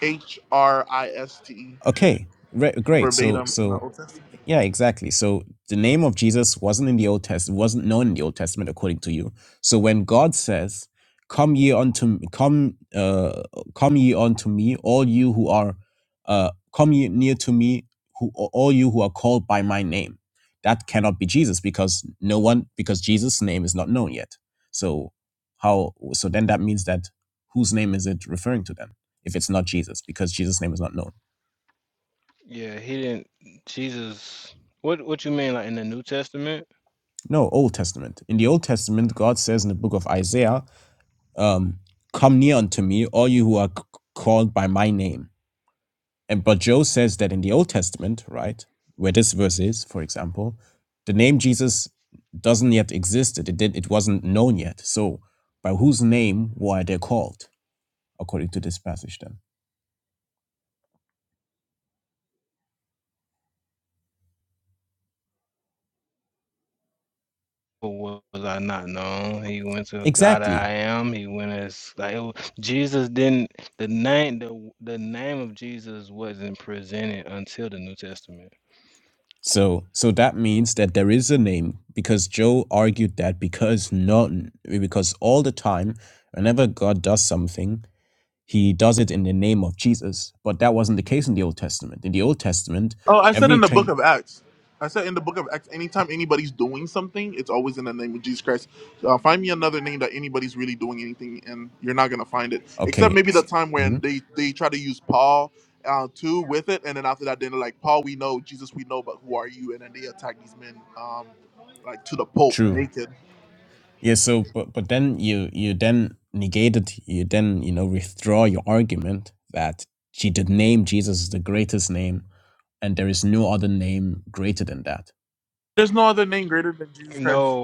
Speaker 2: H R I S T
Speaker 7: Okay. Re- great. So
Speaker 2: verbatim in the
Speaker 7: so
Speaker 2: Old Testament.
Speaker 7: Yeah, exactly. So the name of Jesus wasn't in the Old Testament, wasn't known in the Old Testament according to you. So when God says, "Come ye unto come, uh, come ye unto me, all you who are, uh, come ye near to me, who all you who are called by my name," that cannot be Jesus because no one because Jesus' name is not known yet. So how? So then that means that whose name is it referring to then? If it's not Jesus, because Jesus' name is not known. No, Old Testament. In the Old Testament, God says in the book of Isaiah, um, "Come near unto me, all you who are c- called by my name." And but Joe says that in the Old Testament, right, where this verse is, for example, the name Jesus doesn't yet exist. It did. It wasn't known yet. So, by whose name were they called, according to this passage? Then exactly. So, so that means that there is a name because Joe argued that because none, because all the time, whenever God does something, he does it in the name of Jesus. But that wasn't the case in the Old Testament. In the Old Testament,
Speaker 2: Oh, I said in the book
Speaker 7: everything,
Speaker 2: of Acts. I said in the book of Acts, anytime anybody's doing something, it's always in the name of Jesus Christ. Uh, find me another name that anybody's really doing anything, and you're not gonna find it, except
Speaker 7: okay,
Speaker 2: maybe the
Speaker 7: s-
Speaker 2: time when
Speaker 7: mhm,
Speaker 2: they they try to use Paul uh, too with it, and then after that, then they're like, Paul, we know Jesus, we know, but who are you? And then they attack these men um, like to the Pope
Speaker 7: true.
Speaker 2: naked.
Speaker 7: Yeah, so, but, but then you, you then negated, you then, you know, withdraw your argument that G, the name Jesus is the greatest name and there is no other name greater than that.
Speaker 2: There's no other name greater than Jesus Christ.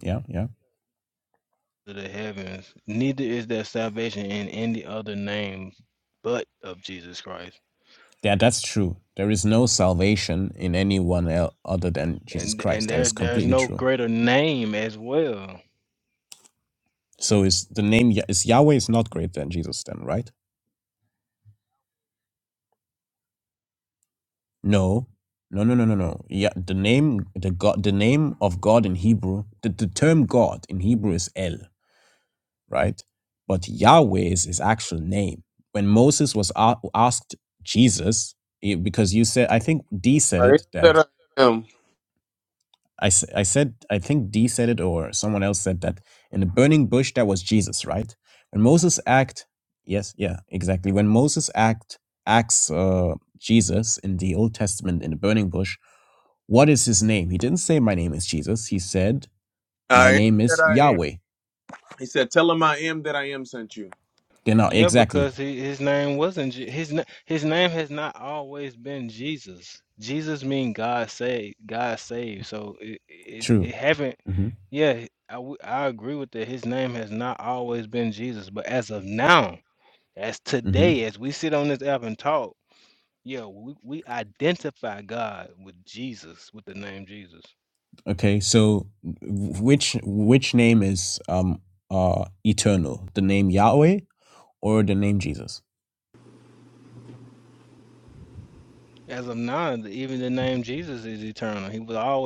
Speaker 7: Yeah, yeah. Yeah, that's true. There is no salvation in anyone el- other than Jesus Christ. That is completely true. So is the name Ya- is Yahweh is not greater than Jesus then, right? No. No, no, no, no, no. Yeah, the name the God the name of God in Hebrew, the, the term God in Hebrew is El, right? But Yahweh is his actual name. When Moses was a- asked Jesus, eh, because you said I think D said
Speaker 6: I am
Speaker 7: it that
Speaker 6: that I am.
Speaker 7: I, s- I said, I think D said it or someone else said that in the burning bush, that was Jesus, right? When Moses act, yes, yeah, exactly. When Moses act acts uh, Jesus in the Old Testament in the burning bush, what is his name? He didn't say, my name is Jesus. He said,
Speaker 6: I
Speaker 7: my
Speaker 6: am
Speaker 7: name
Speaker 6: that
Speaker 7: is
Speaker 6: I am.
Speaker 7: Yahweh.
Speaker 6: He said, "Tell him I am that I am sent you."
Speaker 7: Genau, exactly. True. hmm hmm Okay, so w- which which name is um uh eternal? The name Yahweh or the name Jesus?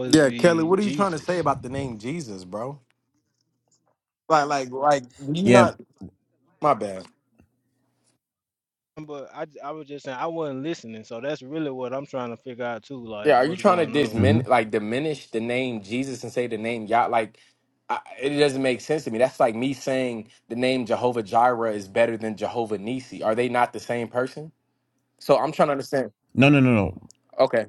Speaker 1: Yeah, Kelly, what are you trying to say about the name Jesus, bro? Like, like, like you
Speaker 7: Yeah.
Speaker 1: not my bad. Yeah, are you trying to
Speaker 7: mm-hmm.
Speaker 1: dismin like diminish the name Jesus and say the name Yah? Like, I, it doesn't make sense to me. That's like me saying the name Jehovah Jireh is better than Jehovah Nisi. Are they not the same person? So I'm trying to understand.
Speaker 7: No, no, no, no.
Speaker 1: Okay.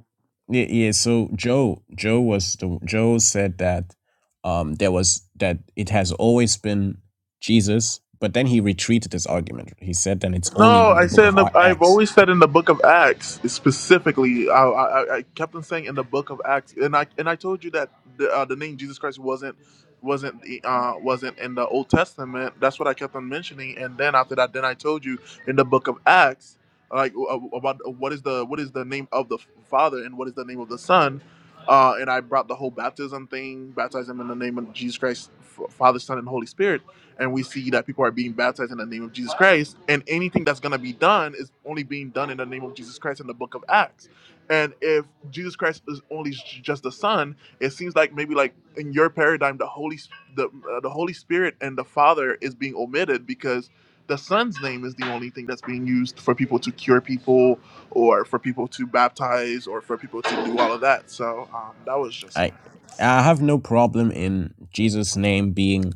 Speaker 7: Yeah, yeah. So Joe, Joe was the Joe said that um, there was that it has always been Jesus, but then he retreated this argument. He said that it's only
Speaker 2: No,
Speaker 7: in the
Speaker 2: I
Speaker 7: book
Speaker 2: said in
Speaker 7: of
Speaker 2: the,
Speaker 7: Ar-
Speaker 2: I've
Speaker 7: Acts.
Speaker 2: always said in the Book of Acts specifically. I, I, I kept on saying in the Book of Acts, and I and I told you that the, uh, the name Jesus Christ wasn't wasn't uh, wasn't in the Old Testament. That's what I kept on mentioning, and then after that, then I told you in the Book of Acts, like uh, about what is the what is the name of the Father and what is the name of the Son, uh, and I brought the whole baptism thing, baptize them in the name of Jesus Christ, F- Father, Son, and Holy Spirit and we see that people are being baptized in the name of Jesus Christ, and anything that's going to be done is only being done in the name of Jesus Christ in the book of Acts. And if Jesus Christ is only j- just the Son, it seems like maybe like in your paradigm, the Holy Sp- the uh, the Holy Spirit and the Father is being omitted because the Son's name is the only thing that's being used for people to cure people or for people to baptize or for people to do all of that. So um, that was just
Speaker 7: I I have no problem in Jesus' name being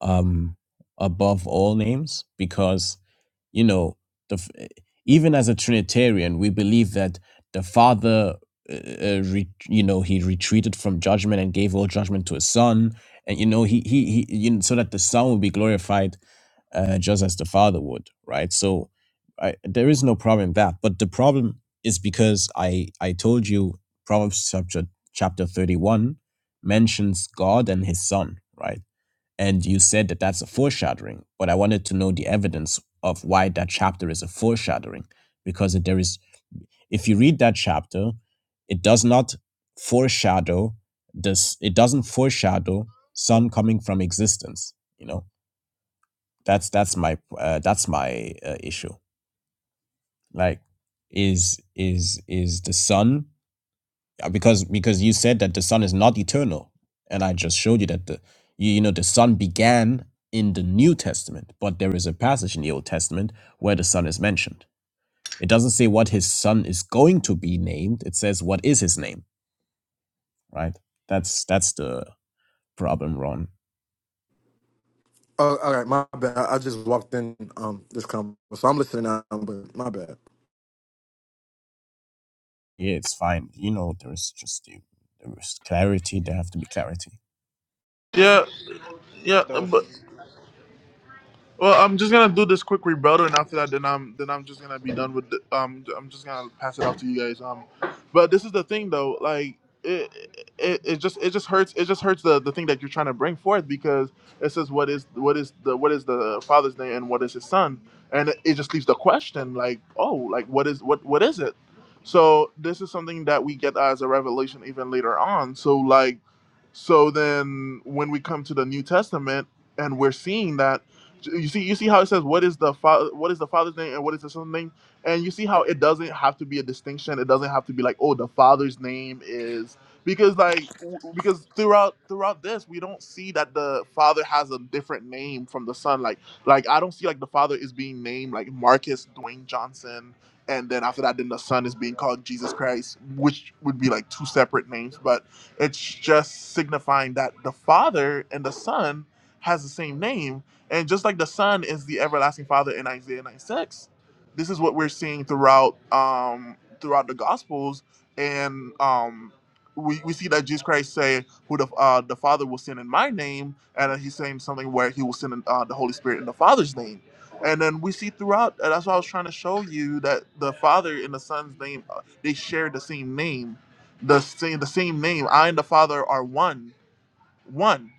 Speaker 7: um above all names because you know the f- even as a Trinitarian we believe that the Father uh, uh, re, you know he retreated from judgment and gave all judgment to his Son and you know he he, he you know, so that the Son will be glorified uh, just as the father would, right? So I, there is no problem in that. But the problem is because I I told you Proverbs chapter chapter thirty one mentions God and His Son, right? And you said that that's a foreshadowing, but I wanted to know the evidence of why that chapter is a foreshadowing, because it- there is if you read that chapter, it does not foreshadow this. It doesn't foreshadow Son coming from existence, you know that's that's my uh, that's my uh, issue like is is is the sun uh, because because you said that the sun is not eternal and i just showed you that the you, you know the sun began in the new testament but there is a passage in the old testament where the sun is mentioned it doesn't say what his son is going to be named it says what is his name right that's that's the problem ron
Speaker 1: Oh, all right, my bad. I just walked in um this convo, so I'm listening now. But my bad.
Speaker 7: yeah it's fine you know there's just the- there is clarity there have to be clarity
Speaker 2: yeah, yeah, but Well, I'm just gonna do this quick rebuttal, and after that, then I'm then I'm just gonna be done with. The, um, I'm just gonna pass it off to you guys. Um, but this is the thing, though. Like, it it, it just it just hurts. It just hurts the, the thing that you're trying to bring forth because it says what is what is the what is the father's name and what is his son, and it, it just leaves the question like, oh, like what is what what is it? So this is something that we get as a revelation even later on. So like, so then when we come to the New Testament and we're seeing that. You see, you see how it says what is the father, what is the father's name, and what is the son's name, and you see how it doesn't have to be a distinction. It doesn't have to be like, oh, the father's name is because like w- because throughout throughout this we don't see that the father has a different name from the son. Like like I don't see like the father is being named like Marcus Dwayne Johnson, and then after that, then the son is being called Jesus Christ, which would be like two separate names, but it's just signifying that the father and the son has the same name and just like the Son is the everlasting Father in Isaiah 9 6, this is what we're seeing throughout um, throughout the Gospels. And um, we, we see that Jesus Christ say, "Who the uh, the Father will send in my name," and then he's saying something where he will send in, uh, the Holy Spirit in the Father's name. And then we see throughout. And that's why I was trying to show you that the Father and the Son's name uh, they share the same name, the same the same name. I and the Father are one, one.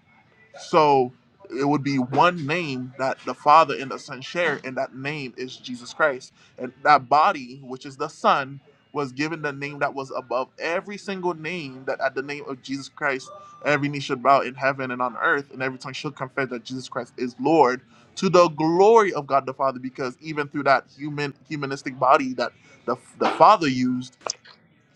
Speaker 2: So it would be one name that the Father and the Son share, and that name is Jesus Christ. And that body, which is the Son, was given the name that was above every single name that at the name of Jesus Christ, every knee should bow in heaven and on earth, and every tongue should confess that Jesus Christ is Lord to the glory of God the Father, because even through that human humanistic body that the, the Father used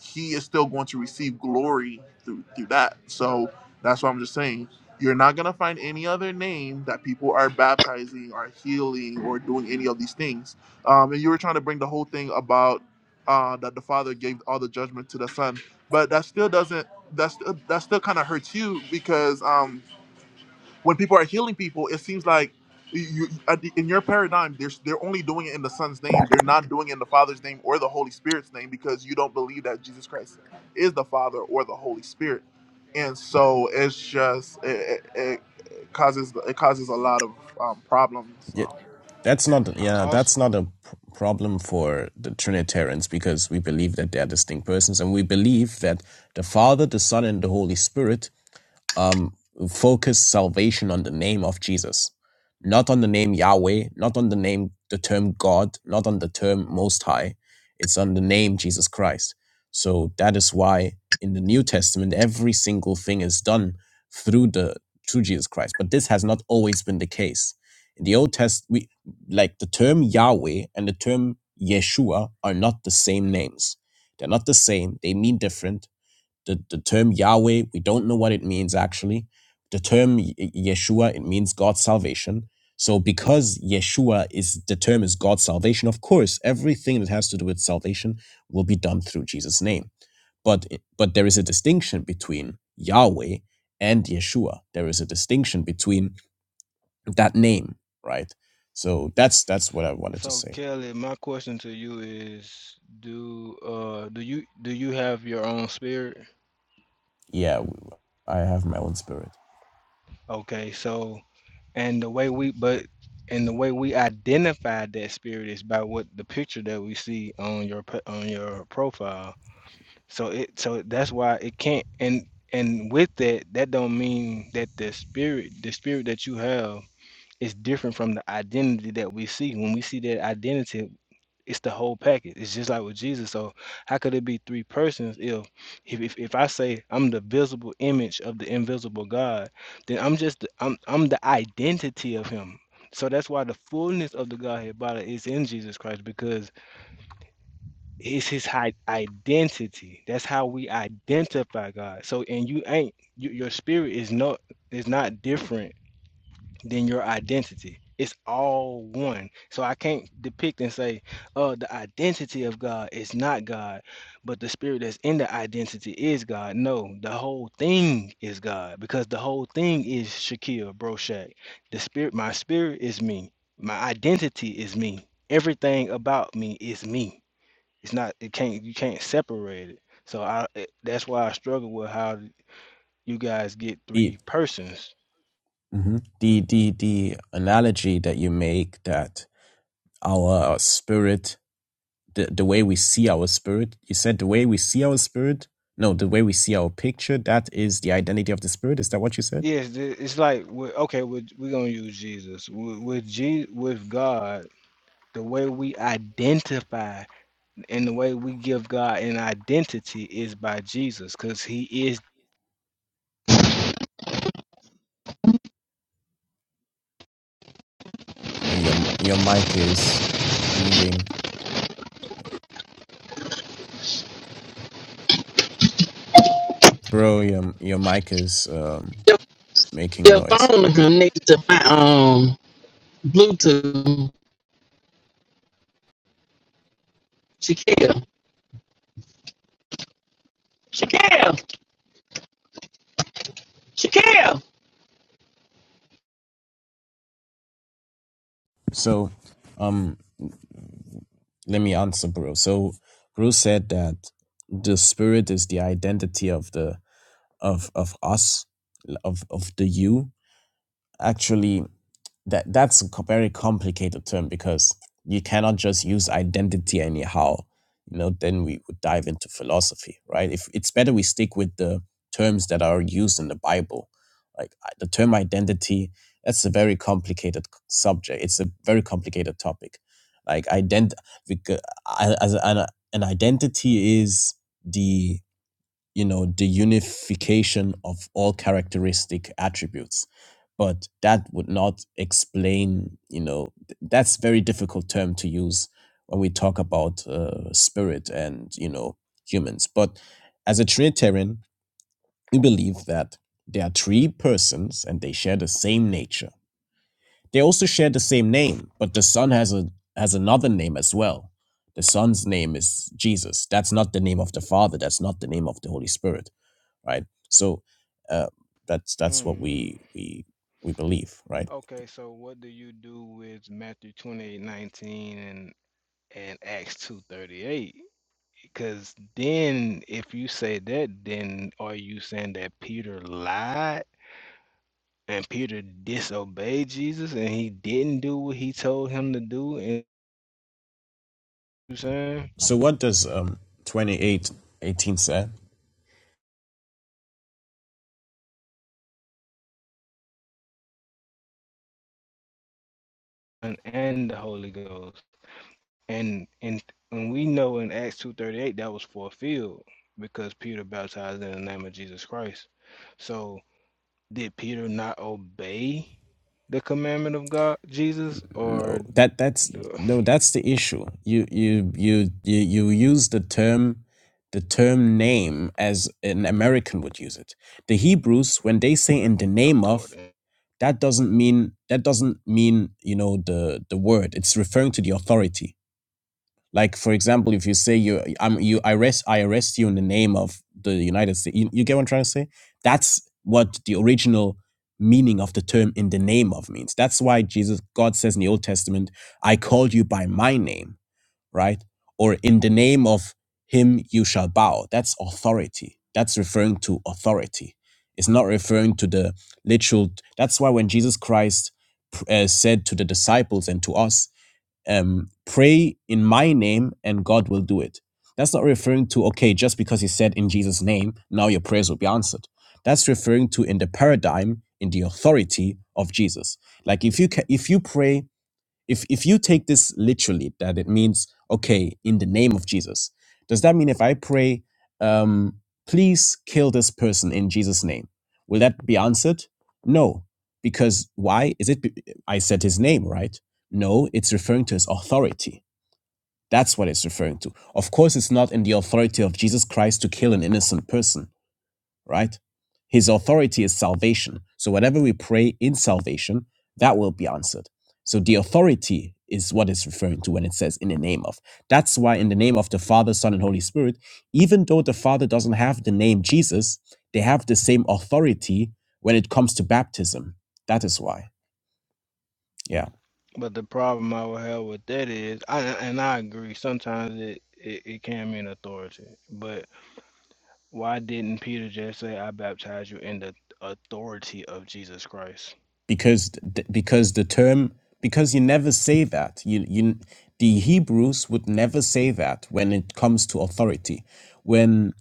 Speaker 2: he is still going to receive glory through through that. So that's what I'm just saying you're not gonna find any other name that people are baptizing or healing or doing any of these things. Um, and you were trying to bring the whole thing about uh, that the father gave all the judgment to the son, but that still doesn't. That's that still kind of hurts you because um, when people are healing people, it seems like you, at the- in your paradigm, they're, they're only doing it in the Son's name. They're not doing it in the Father's name or the Holy Spirit's name because you don't believe that Jesus Christ is the Father or the Holy Spirit. And so it's just it, it, it it causes it causes a lot of um, problems.
Speaker 7: Yeah,
Speaker 2: Um,
Speaker 7: That's not yeah, that's not a pr- problem for the Trinitarians because we believe that they are distinct persons and we believe that the Father, the Son and the Holy Spirit um, focus salvation on the name of Jesus, not on the name Yahweh, not on the name, the term God, not on the term Most High. It's on the name Jesus Christ. So that is why in the New Testament, every single thing is done through the through Jesus Christ. But this has not always been the case. In the Old Test, we like the term Yahweh and the term Yeshua are not the same names. They're not the same. They mean different the, the term Yahweh, we don't know what it means actually. The term Yeshua, it means God's salvation. So because Yeshua is the term is God's salvation, of course, everything that has to do with salvation will be done through Jesus' name. But but there is a distinction between Yahweh and Yeshua. There is a distinction between that name, right? So that's that's what I wanted to say. Yeah, I have my own spirit. It, Mhm. The the the analogy that you make that our our spirit, the, the way we see our spirit, you said the way we see our spirit, no, the way we see our picture, that is the identity of the spirit. Is that what you said? Oh, Your your mic is moving, bro. Your your mic is um,
Speaker 8: Your,
Speaker 7: making
Speaker 8: your
Speaker 7: noise.
Speaker 8: phone connected to my um Bluetooth. Shaquille. Shaquille. Shaquille.
Speaker 7: So, um, let me answer, bro. So, bro said that the spirit is the identity of the of of us of of the you actually that that's a co- very complicated term because you cannot just use identity anyhow you know then we would dive into philosophy right if it's better we stick with the terms that are used in the bible like I- the term identity that's a very complicated c- subject it's a very complicated topic like ident because as an, an identity is the you know the unification of all characteristic attributes but that would not explain you know th- that's very difficult term to use when we talk about uh, spirit and you know humans but as a trinitarian we believe that there are three persons and they share the same nature they also share the same name but the son has a has another name as well the son's name is jesus that's not the name of the father that's not the name of the holy spirit right? So uh, that's that's what we we we believe, right? So what does um, twenty eight eighteen say? No, that that's no, that's the issue. You you you you you use the term the term name as an American would use it. The Hebrews, when they say in the name of, that doesn't mean that doesn't mean you know the the word. It's referring to the authority Like for example, if you say you I'm you I arrest I arrest you in the name of the United States, you, you get what I'm trying to say? That's what the original meaning of the term "in the name of" means. That's why Jesus God says in the Old Testament, "I called you by my name," right? Or "in the name of him you shall bow." That's authority. That's referring to authority. It's not referring to the literal. That's why when Jesus Christ uh, said to the disciples and to us um, pray in my name and God will do it. That's not referring to, okay, just because he said in Jesus' name, now your prayers will be answered. That's referring to in the paradigm, in the authority of Jesus. Like if you ca- if you pray if if you take this literally, that it means okay, in the name of Jesus, does that mean if I pray, um, please kill this person in Jesus' name, will that be answered? No, because why is it? be- I said his name, right? No, it's referring to his authority. That's what it's referring to. Of course, it's not in the authority of Jesus Christ to kill an innocent person right? His authority is salvation. So whatever we pray in salvation, that will be answered. So the authority is what it's referring to when it says in the name of. That's why in the name of the Father, Son, and Holy Spirit, even though the Father doesn't have the name Jesus, they have the same authority when it comes to baptism. That is why. Yeah. because th- because the term because you never say that you you the Hebrews would never say that when it comes to authority when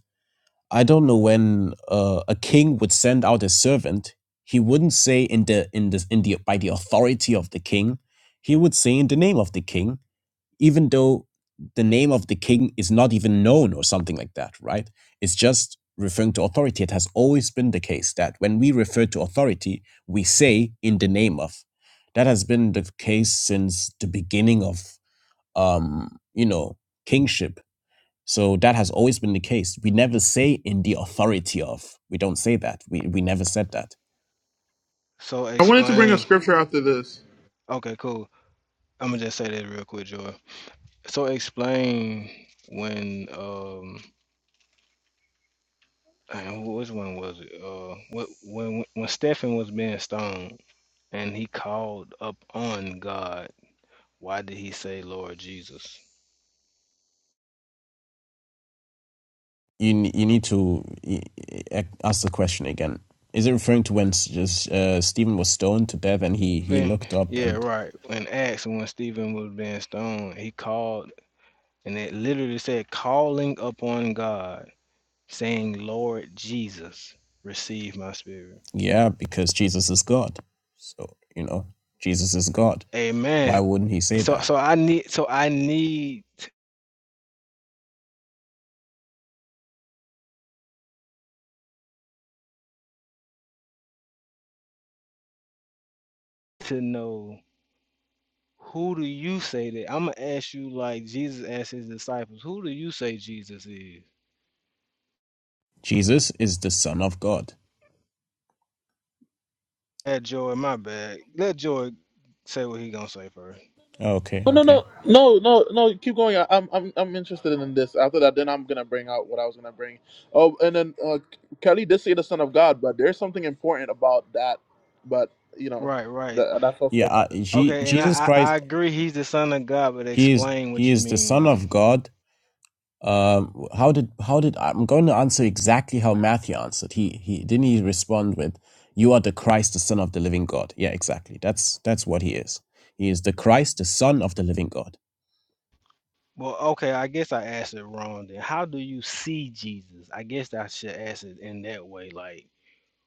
Speaker 7: I don't know when uh, a king would send out a servant he wouldn't say in the in the in the by the authority of the king he would say in the name of the king even though the name of the king is not even known or something like that, right? It's just referring to authority. It has always been the case that when we refer to authority, we say in the name of. That has been the case since the beginning of, um, you know, kingship so that has always been the case. We never say in the authority of. We don't say that. We, we never said that.
Speaker 2: I wanted to bring a scripture after this.
Speaker 7: You, n- you need to y- y- ask the question again. Is it referring to when s- just, uh, Stephen was stoned to death and he, he looked up and Yeah, because Jesus is God. So, you know, Jesus is God. Why wouldn't he say that? Jesus is the Son of God. Okay,
Speaker 2: No, no,
Speaker 7: okay.
Speaker 2: no, no, no, no. Keep going. I, I'm, I'm, I'm interested in this. After that, then I'm gonna bring out what I was gonna bring. Oh, and then uh, Kelly did say the Son of God, but there's something important about that. But you know, that, that's
Speaker 7: Yeah,
Speaker 2: also
Speaker 7: uh,
Speaker 2: another.
Speaker 7: Je- Jesus Christ, he is he is the Son of God um, how did how did I'm going to answer exactly how Matthew answered. He he didn't he respond with, "You are the Christ, the Son of the Living God." Yeah, exactly. That's that's what he is. He is the Christ, the Son of the Living God.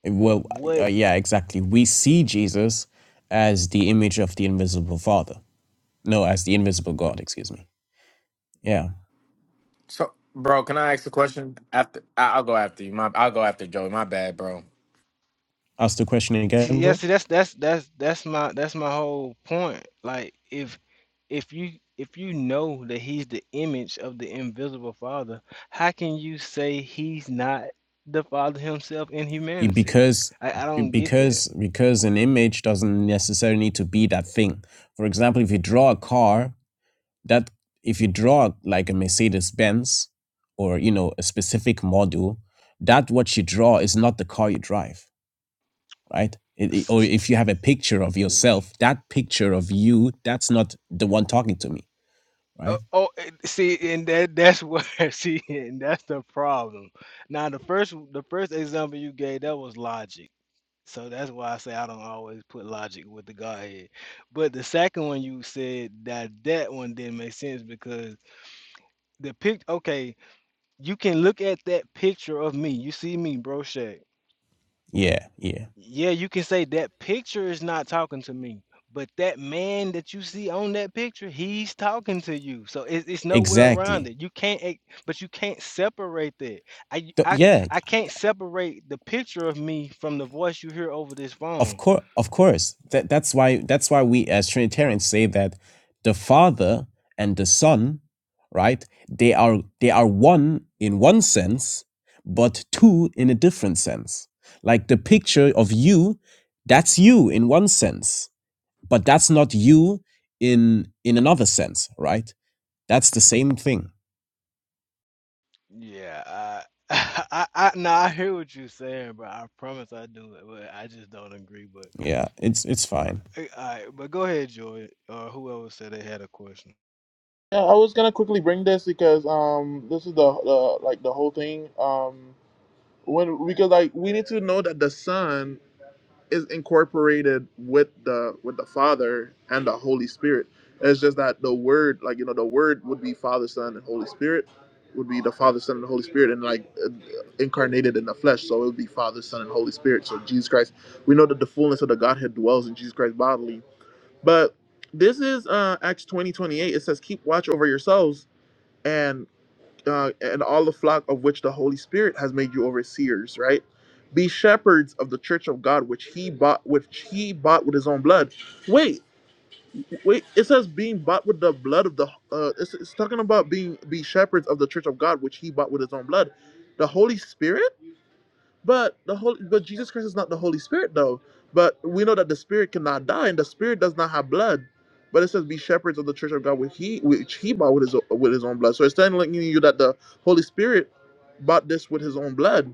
Speaker 7: Well, uh, uh, yeah, exactly. We see Jesus as the image of the invisible Father. No, as the invisible God. Excuse me. Yeah.
Speaker 1: So, bro, can I ask a question? After I- I'll go after you. My, I'll go after Joey. My bad, bro.
Speaker 7: Ask the question again, bro. You- Because because because an image doesn't necessarily need to be that thing. For example, if you draw a car that if you draw like a Mercedes Benz or you know a specific model, that what you draw is not the car you drive, right? It, it- or if you have a picture of yourself, that picture of you, that's not the one talking to me, right? Yeah, yeah, exactly. Th- yeah, Of course, of course. That that's why that's why we as Trinitarians say that the Father and the Son, right? They are they are one in one sense, but two in a different sense. Like the picture of you, that's you in one sense, but that's not you in in another sense, right? That's the same thing. Yeah, it's it's fine.
Speaker 2: Yeah, I was gonna quickly bring this because um, this is the, the like the whole thing um when because like we need to know that the Son is incorporated with the with the Father and the Holy Spirit. It's just that the Word, like you know, the Word would be Father, Son, and Holy Spirit, would be the Father, Son, and the Holy Spirit, and like uh, incarnated in the flesh. So it would be Father, Son, and Holy Spirit. So Jesus Christ, we know that the fullness of the Godhead dwells in Jesus Christ bodily. But this is uh Acts twenty twenty eight. It says, "Keep watch over yourselves." and uh, and all the flock of which the Holy Spirit has made you overseers, right? Be shepherds of the church of God, which he bought, which he bought with his own blood. Wait, wait. It says being bought with the blood of the. Uh, it's, it's talking about being be shepherds of the church of God, which he bought with his own blood. The Holy Spirit but the Holy, but Jesus Christ is not the Holy Spirit though. But we know that the Spirit cannot die, and the Spirit does not have blood. But it says, "Be shepherds of the Church of God, which he which he bought with his with his own blood." So it's telling you that the Holy Spirit bought this with his own blood.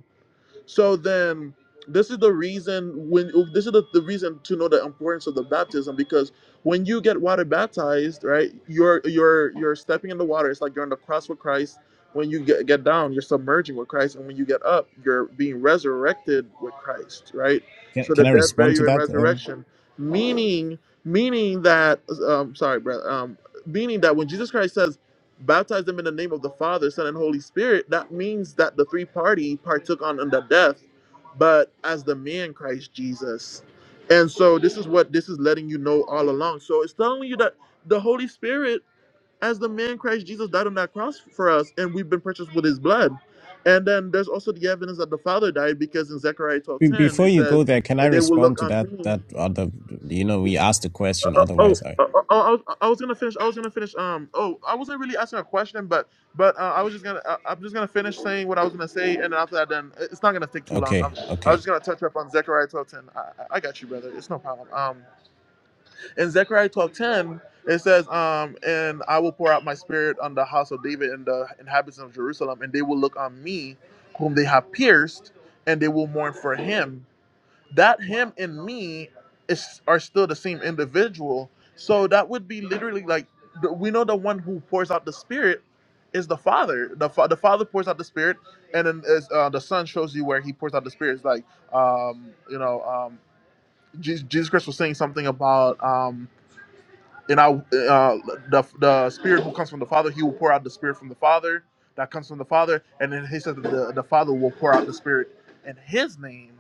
Speaker 2: So then, this is the reason when this is the, the reason to know the importance of the baptism because when you get water baptized, right, you're you're you're stepping in the water. It's like you're on the cross with Christ. When you get, get down, you're submerging with Christ, and when you get up, you're being resurrected with Christ, right?
Speaker 7: Can,
Speaker 2: So
Speaker 7: can
Speaker 2: the
Speaker 7: I
Speaker 2: death,
Speaker 7: respond to
Speaker 2: burial, and
Speaker 7: that? Um,
Speaker 2: resurrection, meaning meaning that um sorry, brother, um meaning that when Jesus Christ says baptize them in the name of the Father, Son, and Holy Spirit, that means that the three party partook on, on the death, but as the man Christ Jesus. And so this is what this is letting you know all along. So it's telling you that the Holy Spirit, as the man Christ Jesus, died on that cross for us, and we've been purchased with his blood. And then there's also the evidence that the Father died, because in Zechariah
Speaker 7: Be-
Speaker 2: 12:10
Speaker 7: Before
Speaker 2: it
Speaker 7: you
Speaker 2: says,
Speaker 7: go there, can I
Speaker 2: and they will
Speaker 7: respond
Speaker 2: look
Speaker 7: to
Speaker 2: on
Speaker 7: that?
Speaker 2: me.
Speaker 7: That other, you know, we asked the question.
Speaker 2: Uh, oh,
Speaker 7: Otherwise, I
Speaker 2: uh, oh, oh, I was, I was gonna finish. I was gonna finish. Um, oh, I wasn't really asking a question, but but uh, I was just gonna. Uh, I'm just gonna finish saying what I was gonna say, and then after that, then it's not gonna take too long. I'm,
Speaker 7: okay,
Speaker 2: I
Speaker 7: okay.
Speaker 2: was just gonna touch up on Zechariah 12:10. I, I I got you, brother. It's no problem. Um, in Zechariah 12:10, it says, um, and I will pour out my spirit on the house of David and the inhabitants of Jerusalem, and they will look on me, whom they have pierced, and they will mourn for him that him and me is are still the same individual. So that would be literally like the- we know the one who pours out the spirit is the father. The fa- the father pours out the spirit, and then is, uh, the son shows you where he pours out the spirit. It's like um, you know um, Jesus, Jesus Christ was saying something about um, and I uh, the the spirit who comes from the father, he will pour out the spirit from the father that comes from the father, and then he says that the the father will pour out the spirit in his name.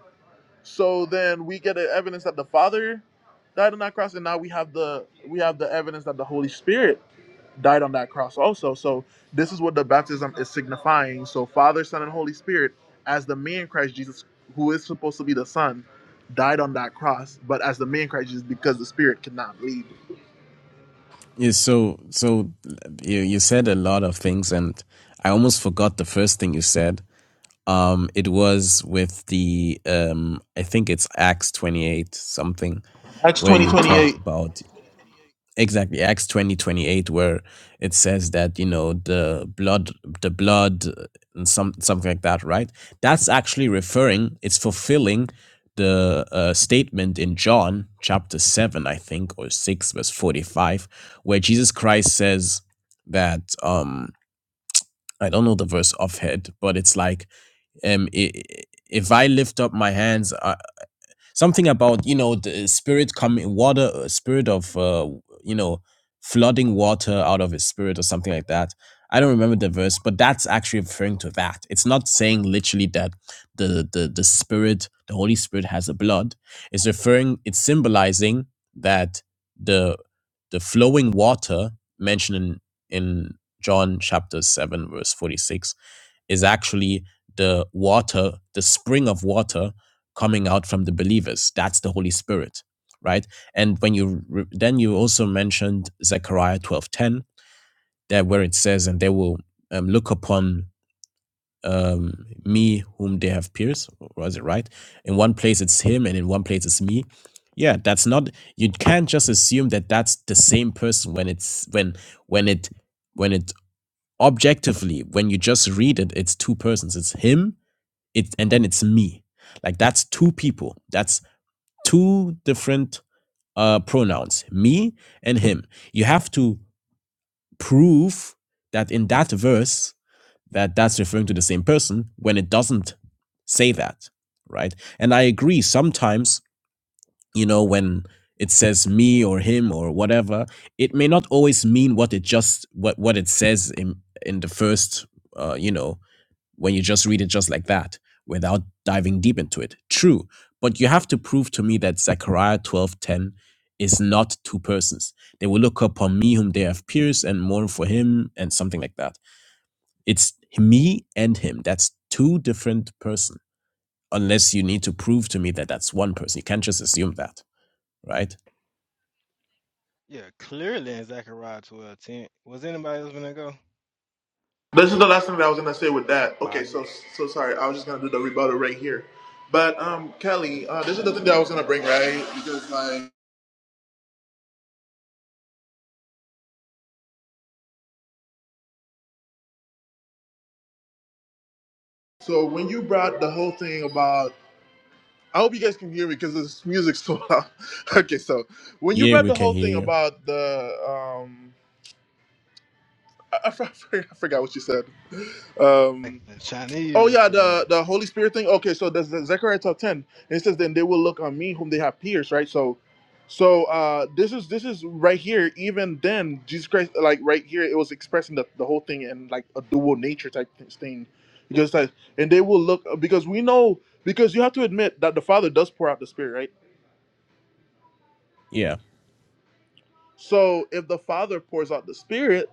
Speaker 2: So then we get the evidence that the Father died on that cross, and now we have the we have the evidence that the Holy Spirit died on that cross also. So this is what the baptism is signifying. So Father, Son, and Holy Spirit, as the man Christ Jesus, who is supposed to be the Son, died on that cross, but as the man Christ Jesus, because the Spirit could not bleed.
Speaker 7: Yeah, so, so you you said a lot of things, and I almost forgot the first thing you said. Um, it was with the um, I think it's Acts twenty eight something,
Speaker 2: Acts
Speaker 7: where
Speaker 2: twenty
Speaker 7: you
Speaker 2: twenty
Speaker 7: talked
Speaker 2: eight.
Speaker 7: about exactly acts 20 28, where it says that you know the blood the blood uh, and some something like that right that's actually referring it's fulfilling the uh, statement in john chapter 7 i think or 6 verse 45 where jesus christ says that um i don't know the verse offhead but it's like um i- i- if i lift up my hands I, something about you know the spirit coming water uh, spirit of uh, you know flooding water out of his spirit or something like that i don't remember the verse but that's actually referring to that it's not saying literally that the the, the spirit the holy spirit has a blood it's referring it's symbolizing that the the flowing water mentioned in in john chapter 7 verse 46 is actually the water, the spring of water coming out from the believers. That's the Holy Spirit, right? And when you re- then you also mentioned Zechariah twelve ten there, where it says, "And they will um, look upon um, me whom they have pierced." Was it right? In one place it's him, and in one place it's me. Yeah, that's not. You can't just assume that that's the same person when it's when when it when it objectively when you just read it, it's two persons. It's him it and then it's me. Like that's two people. That's two different uh pronouns, me and him. You have to prove that in that verse that that's referring to the same person when it doesn't say that, right? And I agree sometimes, you know, when it says me or him or whatever, it may not always mean what it just what what it says in in the first uh, you know when you just read it just like that without diving deep into it. True, but you have to prove to me that Zechariah 12:10 is not two persons. They will look upon me whom they have pierced and mourn for him and something like that. It's me and him. That's two different person. Unless you need to prove to me that that's one person. You can't just assume that, right?
Speaker 2: This is the last thing that I was gonna say with that. Okay, so so sorry. I was just gonna do the rebuttal right here. But um, Kelly, uh, this is the thing that I was gonna bring, right? because like. So when you brought the whole thing about, I hope you guys can hear me because this music's so loud. okay, so when you
Speaker 7: Yeah,
Speaker 2: brought
Speaker 7: we
Speaker 2: the
Speaker 7: can
Speaker 2: whole
Speaker 7: hear
Speaker 2: thing
Speaker 7: you.
Speaker 2: about the, um, I, I, for- I forgot what you said. Um, Oh yeah, the the Holy Spirit thing. Okay, so that's that's Zechariah top ten. And it says, "Then they will look on me, whom they have pierced." Right. So, so uh, this is this is right here. Even then, Jesus Christ, like right here, it was expressing the, the whole thing in like a dual nature type th- thing, because like, and they will look because we know because you have to admit that the Father does pour out the Spirit, right?
Speaker 7: Yeah.
Speaker 2: So if the Father pours out the Spirit,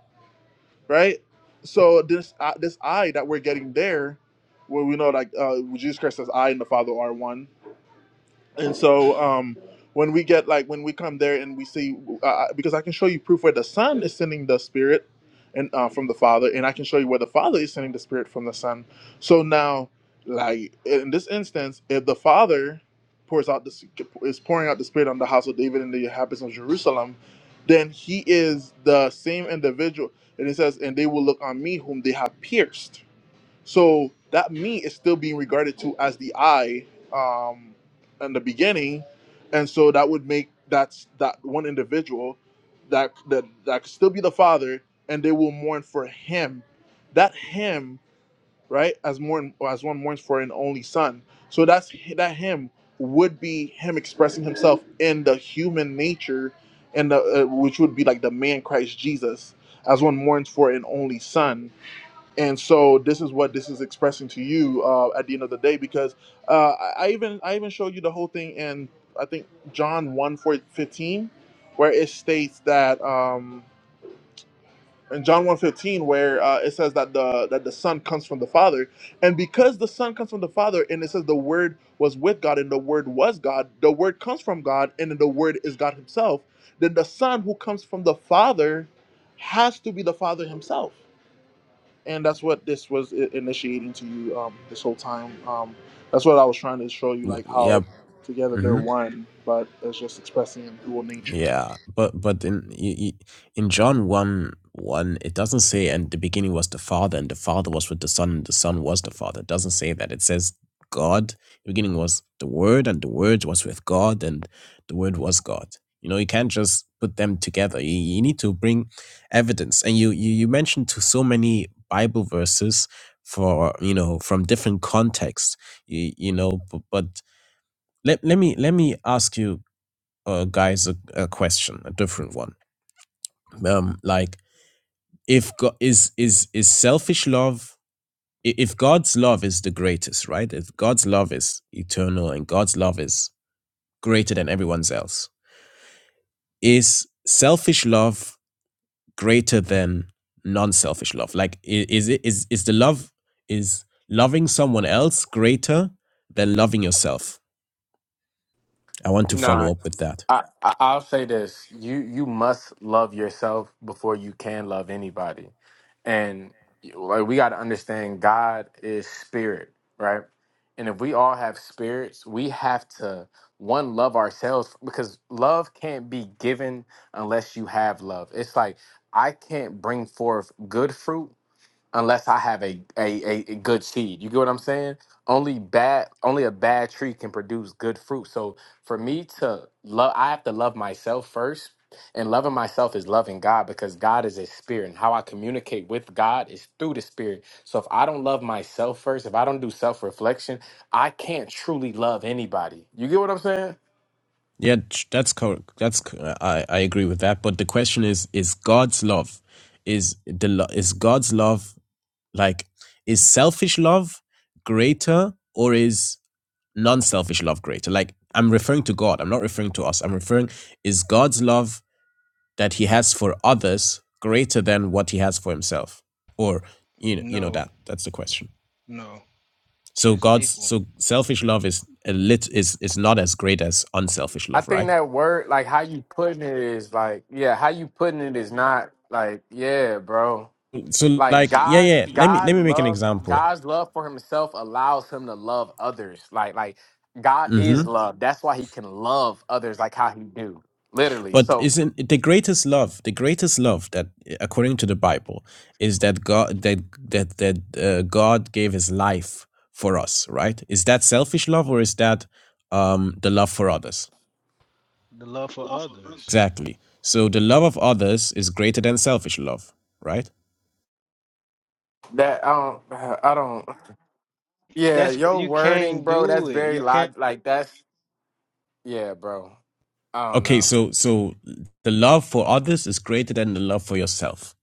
Speaker 2: right? So this uh, this I that we're getting there, where we know like uh, Jesus Christ says, "I and the Father are one." and so um, when we get like when we come there and we see uh, uh, because i can show you proof where the son is sending the spirit and uh, from the father and i can show you where the father is sending the spirit from the son so now like in this instance if the father pours out this is pouring out the spirit on the house of david and the inhabitants of jerusalem then he is the same individual and it says and they will look on me whom they have pierced so that me is still being regarded to as the I um, in the beginning, and so that would make that's that one individual that that that could still be the father, and they will mourn for him. That him, right, as mourn as one mourns for an only son. So that's that him would be him expressing himself in the human nature, and the uh, which would be like the man Christ Jesus, as one mourns for an only son and so this is what this is expressing to you uh, at the end of the day because uh, I, I even i even showed you the whole thing in i think john 1 fifteen, where it states that um, in john one 15, where uh, it says that the that the son comes from the father and because the son comes from the father and it says the word was with god and the word was god the word comes from god and then the word is god himself then the son who comes from the father has to be the father himself and that's what this was initiating to you um, this whole time. Um, that's what I was trying to show you,
Speaker 7: W-
Speaker 2: like
Speaker 7: Yeah.
Speaker 2: how together they're
Speaker 7: hmm
Speaker 2: one, but it's just expressing in dual nature.
Speaker 7: Yeah, but but in y- y- in John 1, 1, it doesn't say and the beginning was the Father and the Father was with the Son and the Son was the Father. It doesn't say that. It says God, the beginning was the Word and the Word was with God and the Word was God. You know, you can't just put them together. You, you need to bring evidence. And you, you you mentioned to so many Bible verses for, you know, from different contexts. You, you know, but, but let let me let me ask you uh, guys a, a question, a different one. Um, like if God is is is selfish love. i- If God's love is the greatest, right? If God's love is eternal and God's love is greater than everyone's else, is selfish love greater than non-selfish love? Like, i- is it is is the love is loving someone else greater than loving yourself? I want to
Speaker 1: Nah.
Speaker 7: follow up with that.
Speaker 1: I, I I'll say this: you you must love yourself before you can love anybody, and like we got to understand, God is spirit, right? And if we all have spirits, we have to one love ourselves because love can't be given unless you have love. It's like I can't bring forth good fruit unless I have a, a, a, a good seed. You get what I'm saying? Only bad only a bad tree can produce good fruit. So for me to love I have to love myself first. And loving myself is loving God because God is a spirit. And how I communicate with God is through the spirit. So if I don't love myself first, if I don't do self-reflection, I can't truly love anybody. You get what I'm saying?
Speaker 7: Yeah, that's correct. that's co- I I agree with that. But the question is: Is God's love is the lo- is God's love like is selfish love greater or is non-selfish love greater? Like I'm referring to God. I'm not referring to us. I'm referring is God's love that He has for others greater than what He has for Himself, or you know you know that that's the question. So God's so selfish love is a lit is is not as great as unselfish
Speaker 1: I
Speaker 7: love,
Speaker 1: think
Speaker 7: right?
Speaker 1: that word, like how you putting it is like, yeah, how you putting it is not like, yeah, bro.
Speaker 7: So
Speaker 1: Like
Speaker 7: like yeah
Speaker 1: God,
Speaker 7: yeah let me let
Speaker 1: God
Speaker 7: me make an
Speaker 1: loves
Speaker 7: example.
Speaker 1: God's love for Himself allows Him to love others. Like like God
Speaker 7: hmm
Speaker 1: is love. That's why He can love others like how He do. Literally.
Speaker 7: But
Speaker 1: So
Speaker 7: isn't it the greatest love the greatest love that uh, according to the Bible is that God that that that uh, God gave His life for us, right? Is that selfish love or is that um, the love for others? Exactly. So the love of others is greater than selfish love, right?
Speaker 1: that I don't I don't. Yeah, your wording, bro. That's very log. Like that's yeah, bro. I don't
Speaker 7: Okay,
Speaker 1: know.
Speaker 7: so so the love for others is greater than the love for yourself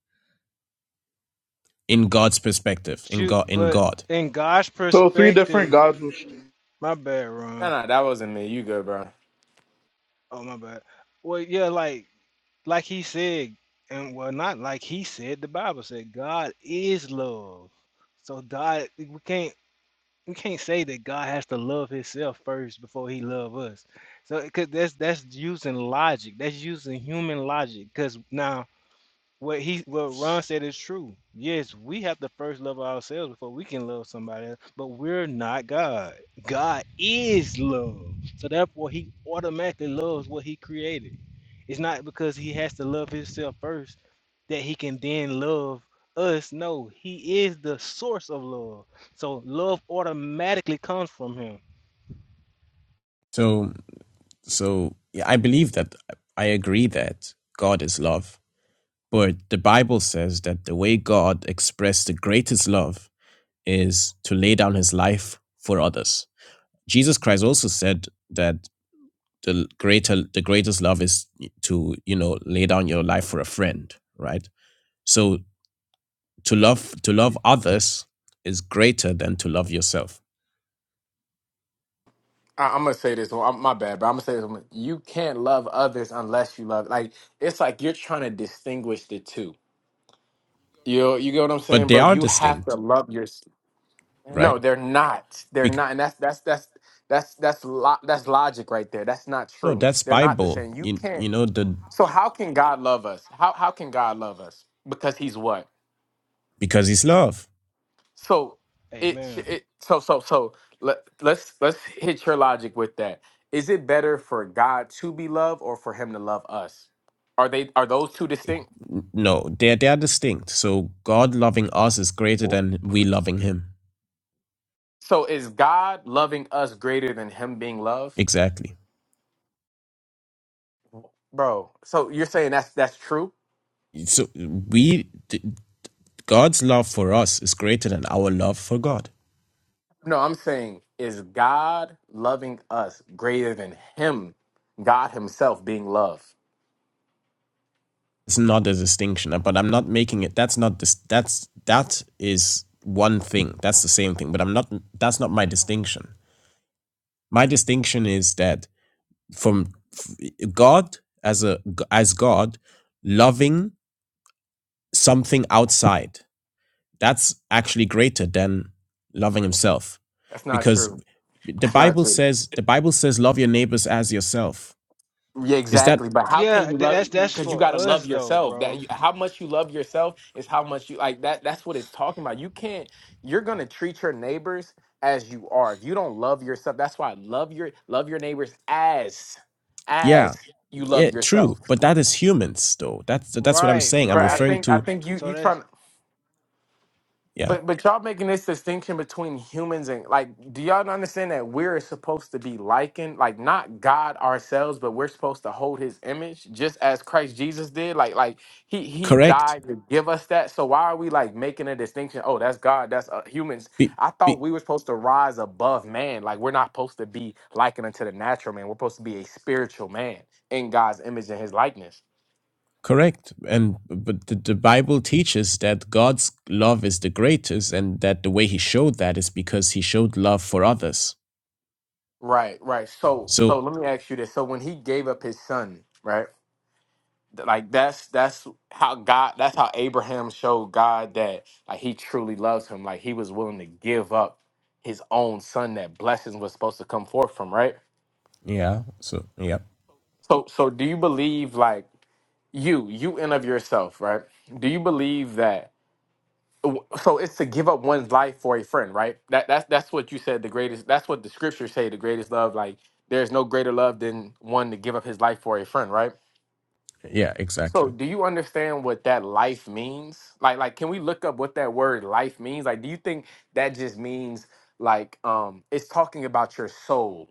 Speaker 7: in God's perspective, in God in God.
Speaker 2: So three different gods. Was,
Speaker 1: No, no, that wasn't me. You good, bro?
Speaker 7: So So yeah, I believe that I agree that God is love, but the Bible says that the way God expressed the greatest love is to lay down his life for others. Jesus Christ also said that the greater the greatest love is to, you know, lay down your life for a friend, right? So to love to love others is greater than to love yourself.
Speaker 1: I, I'm gonna say this one. I'm, my bad, bro. I'm gonna say this one. You can't love others unless you love. Like it's like you're trying to distinguish the two You you get what I'm
Speaker 7: But
Speaker 1: saying,
Speaker 7: they
Speaker 1: bro?
Speaker 7: are
Speaker 1: You have to
Speaker 7: distinct,
Speaker 1: love your.
Speaker 7: right?
Speaker 1: No, they're not. They're
Speaker 7: Bec-
Speaker 1: not, and that's that's that's that's that's lo- that's logic right there. That's not
Speaker 7: no,
Speaker 1: true.
Speaker 7: that's
Speaker 1: They're not the
Speaker 7: Bible.
Speaker 1: same. You
Speaker 7: You,
Speaker 1: can't.
Speaker 7: you know the
Speaker 1: So how can God love us? How how can God love us? Because He's what?
Speaker 7: because it's love.
Speaker 1: So it sh- it so so so let let's let's hit your logic with that. Is it better for God to be loved or for Him to love us? Are they are those two distinct?
Speaker 7: No, they're they're distinct. So God loving us is greater than we loving Him.
Speaker 1: So is God loving us greater than Him being loved?
Speaker 7: Exactly.
Speaker 1: Bro, so you're saying that's that's true?
Speaker 7: So we th- God's love for us is greater than our love for God.
Speaker 1: No, I'm saying is God loving us greater than him, God himself being love?
Speaker 7: It's not a distinction, but I'm not making it. That's not this. That's that is one thing. That's the same thing. But I'm not. That's not my distinction. My distinction is that from f- God as a as God loving something outside. that's actually greater than loving himself
Speaker 1: That's not
Speaker 7: because
Speaker 1: true.
Speaker 7: the
Speaker 1: That's not
Speaker 7: bible
Speaker 1: true.
Speaker 7: says the bible says love your neighbors as yourself
Speaker 1: Yeah,
Speaker 7: is that
Speaker 1: exactly. But how can you love because you got to love yourself. That you, how much you love yourself is how much you like that that's what it's talking about. You can't you're going to treat your neighbors as you are. If you don't love yourself, that's why love your love your neighbors as
Speaker 7: yeah
Speaker 1: as you love
Speaker 7: yeah true
Speaker 1: yourself.
Speaker 7: but that is humans though that's that's what i'm saying i'm
Speaker 1: Bro, I
Speaker 7: referring
Speaker 1: think I
Speaker 7: to
Speaker 1: think you you trying
Speaker 7: yeah
Speaker 1: But but y'all making this distinction between humans and like, do y'all not understand that we're supposed to be likened, like not God ourselves, but we're supposed to hold His image, just as Christ Jesus did. Like like He He
Speaker 7: correct
Speaker 1: died to give us that. So why are we like making a distinction? Oh, that's God. That's uh, humans.
Speaker 7: be,
Speaker 1: I thought
Speaker 7: be
Speaker 1: we were supposed to rise above man. Like we're not supposed to be likened unto the natural man. We're supposed to be a spiritual man in God's image and His likeness.
Speaker 7: correct and but the, the bible teaches that god's love is the greatest and that the way he showed that is because he showed love for others
Speaker 1: Right, right. So so
Speaker 7: so
Speaker 1: let me ask you this. So when He gave up His Son, right? like that's that's how God that's how Abraham showed God that like he truly loves him. Like he was willing to give up his own son that blessings was supposed to come forth from, right?
Speaker 7: yeah so yeah
Speaker 1: So so do you believe like you, you in of yourself, right? Do you believe that so it's to give up one's life for a friend, right? That that's that's what you said the greatest that's what the scriptures say the greatest love, like there's no greater love than one to give up his life for a friend, right?
Speaker 7: yeah
Speaker 1: So,
Speaker 7: exactly
Speaker 1: do you understand what that life means? Like, like, can we look up what that word life means? Like, do you think that just means like um it's talking about your soul?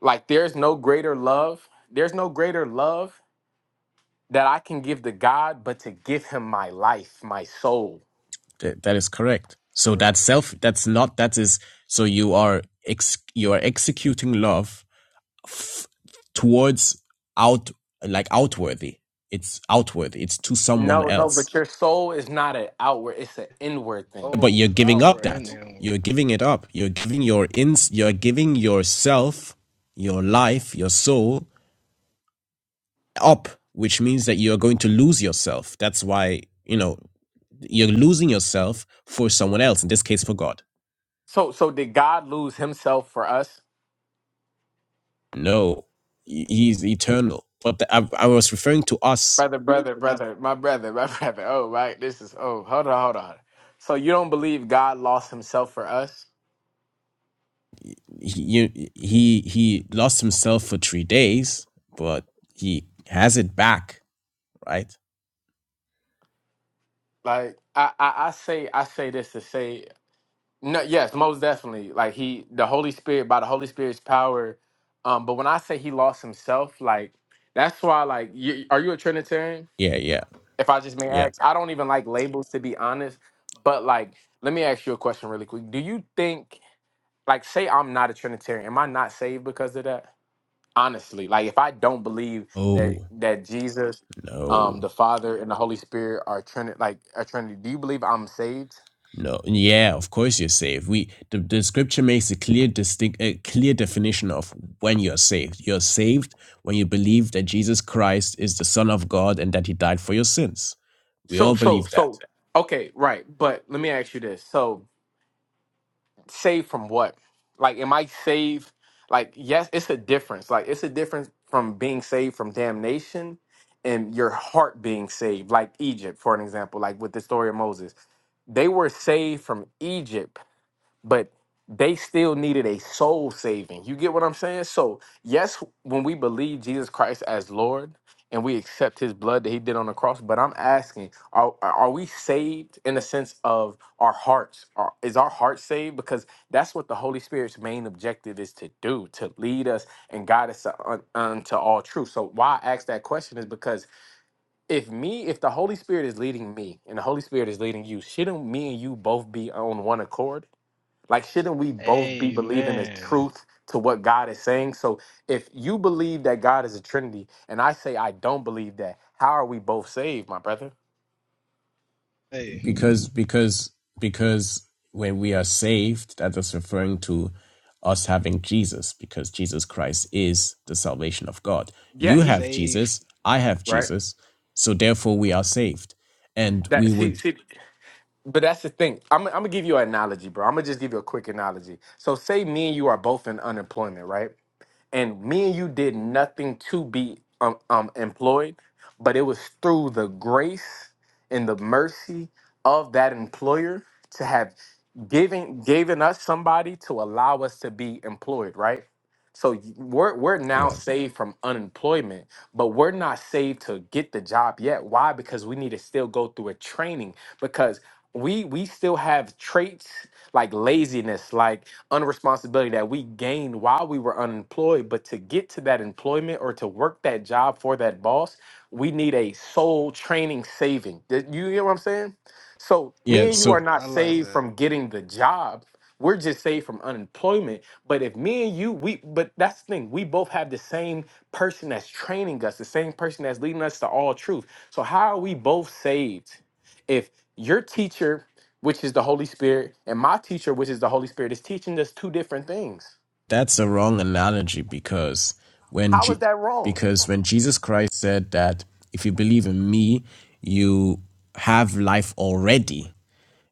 Speaker 1: Like, there's no greater love. There's no greater love that I can give to God, but to give Him my life, my soul.
Speaker 7: that is correct. So that's self. That's not. That is. So you are ex. You are executing love f- towards out like outworthy. It's outward. It's to someone
Speaker 1: No, no,
Speaker 7: else.
Speaker 1: but your soul is not an outward; it's an inward thing.
Speaker 7: But you're giving up that. You're giving it up. You're giving your ins. You're giving yourself, your life, your soul up, which means that you're going to lose yourself. That's why you know you're losing yourself for someone else. In this case, for God.
Speaker 1: So, so did God lose Himself for us?
Speaker 7: No, he- he's eternal. But the, I, I was referring to us.
Speaker 1: Brother, brother, brother, my brother, my brother. Oh, right. This is oh, hold on, hold on. So you don't believe God lost himself for us?
Speaker 7: He, you- he he lost himself for three days, but he has it back, right?
Speaker 1: Like I, I, I say I say this to say no, yes, most definitely. Like he the Holy Spirit by the Holy Spirit's power. Um, but when I say he lost himself, like that's why like you, are you a Trinitarian?
Speaker 7: Yeah, yeah,
Speaker 1: If I just may
Speaker 7: yeah.
Speaker 1: ask, I don't even like labels to be honest. But like, let me ask you a question really quick. Do you think like say I'm not a Trinitarian, am I not saved because of that? honestly like if i don't believe that
Speaker 7: Oh
Speaker 1: that jesus um
Speaker 7: no.
Speaker 1: the father and the holy spirit are trinity like a trinity do you believe i'm saved
Speaker 7: No, yeah, of course you're saved. We the, the scripture makes a clear distinct a clear definition of when you're saved. You're saved when you believe that Jesus Christ is the Son of God and that he died for your sins. We
Speaker 1: so
Speaker 7: all
Speaker 1: so
Speaker 7: believe
Speaker 1: so
Speaker 7: that.
Speaker 1: okay right but let me ask you this so saved from what like am i saved like yes it's a difference like it's a difference from being saved from damnation and your heart being saved like egypt for an example like with the story of moses they were saved from egypt but they still needed a soul saving. You get what I'm saying? So, yes, when we believe Jesus Christ as Lord and we accept his blood that he did on the cross, but I'm asking, are, are we saved in the sense of our hearts? Are, is our heart saved? Because that's what the Holy Spirit's main objective is to do, to lead us and guide us to- un- unto all truth. So, why I ask that question is because if me, if the Holy Spirit is leading me and the Holy Spirit is leading you, shouldn't me and you both be on one accord? Like, shouldn't we both be believing the truth to what God is saying? So, if you believe that God is a Trinity, and I say I don't believe that, how are we both saved, my brother?
Speaker 7: because because because when we are saved that is referring to us having jesus because jesus christ is the salvation of god
Speaker 1: Yeah,
Speaker 7: you
Speaker 1: he
Speaker 7: have jesus i have
Speaker 1: right.
Speaker 7: jesus so therefore we are saved and
Speaker 1: That
Speaker 7: we
Speaker 1: see
Speaker 7: would
Speaker 1: see, but that's the thing. I'm I'm gonna give you an analogy, bro. I'm gonna just give you a quick analogy. So, say me and you are both in unemployment, right? and me and you did nothing to be um, um employed, but it was through the grace and the mercy of that employer to have given given us somebody to allow us to be employed, right? So y- we're we're now
Speaker 7: yeah
Speaker 1: saved from unemployment, but we're not saved to get the job yet. Why? Because we need to still go through a training because we we still have traits like laziness, like unresponsibility that we gained while we were unemployed. But to get to that employment or to work that job for that boss, we need a soul training saving. Did You hear what I'm saying? So
Speaker 7: yeah
Speaker 1: me and you
Speaker 7: so
Speaker 1: are not saved from getting the job. We're just saved from unemployment. But if me and you, we but that's the thing, we both have the same person that's training us, the same person that's leading us to all truth. So how are we both saved? If your teacher which is the Holy Spirit, and my teacher, which is the Holy Spirit, is teaching us two different things.
Speaker 7: that's a wrong analogy because when
Speaker 1: How is
Speaker 7: G-
Speaker 1: that wrong?
Speaker 7: because when jesus christ said that if you believe in me you have life already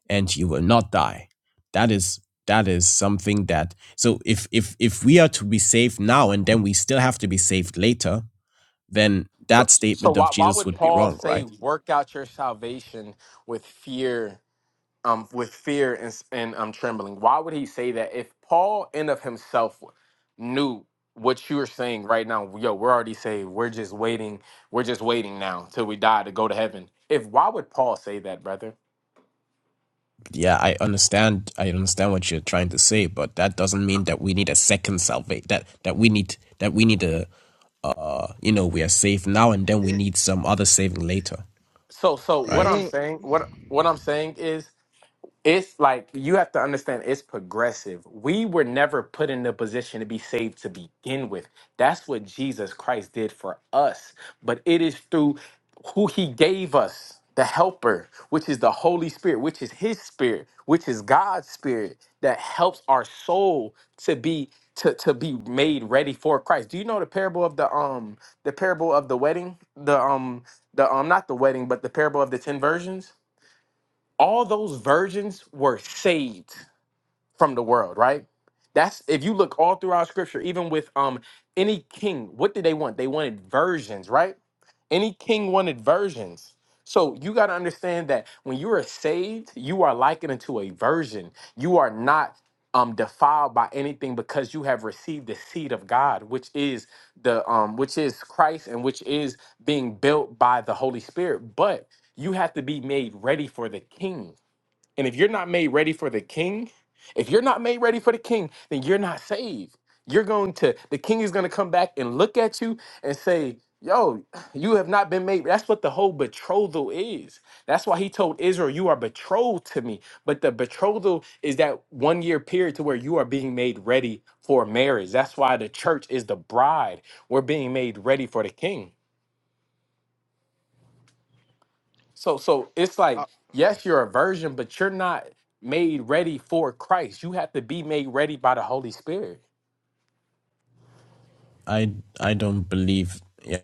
Speaker 7: and you will not die that is that is something that so if if if we are to be saved now and then we still have to be saved later then that
Speaker 1: So, so
Speaker 7: statement of
Speaker 1: why, why
Speaker 7: jesus
Speaker 1: would
Speaker 7: would be
Speaker 1: Paul
Speaker 7: wrong
Speaker 1: say,
Speaker 7: right
Speaker 1: "Work out your salvation with fear, um, with fear and s- and um, trembling"? Why would he say that if Paul in of himself knew what you are saying right now? Yo, we're already saved. We're just waiting. We're just waiting now till we die to go to heaven. If why would Paul say that, brother?
Speaker 7: yeah i understand i understand what you're trying to say but that doesn't mean that we need a second salvation that that we need that we need a uh you know we are saved now and then we need some other saving later
Speaker 1: So, so what
Speaker 7: right
Speaker 1: I'm saying, what what I'm saying is it's like you have to understand it's progressive. We were never put in the position to be saved to begin with. That's what Jesus Christ did for us. But it is through who he gave us, the helper, which is the Holy Spirit, which is his spirit, which is God's spirit that helps our soul to be to, to be made ready for Christ. Do you know the parable of the um the parable of the wedding? The um the um not the wedding, but the parable of the 10 virgins? all those virgins were saved from the world, right? That's if you look all throughout scripture, even with um any king, what did they want? They wanted virgins, right? Any king wanted virgins. So you got to understand that when you are saved, you are likened unto a virgin. You are not um defiled by anything because you have received the seed of God, which is the um which is Christ and which is being built by the Holy Spirit. But you have to be made ready for the king and if you're not made ready for the king, if you're not made ready for the king, then you're not saved. You're going to, the king is going to come back and look at you and say, Yo, you have not been made. That's what the whole betrothal is. That's why he told Israel, You are betrothed to me. But the betrothal is that one year period to where you are being made ready for marriage. That's why the church is the bride. We're being made ready for the king. So so it's like yes, you're a virgin, but you're not made ready for Christ. You have to be made ready by the Holy Spirit.
Speaker 7: i i don't believe yeah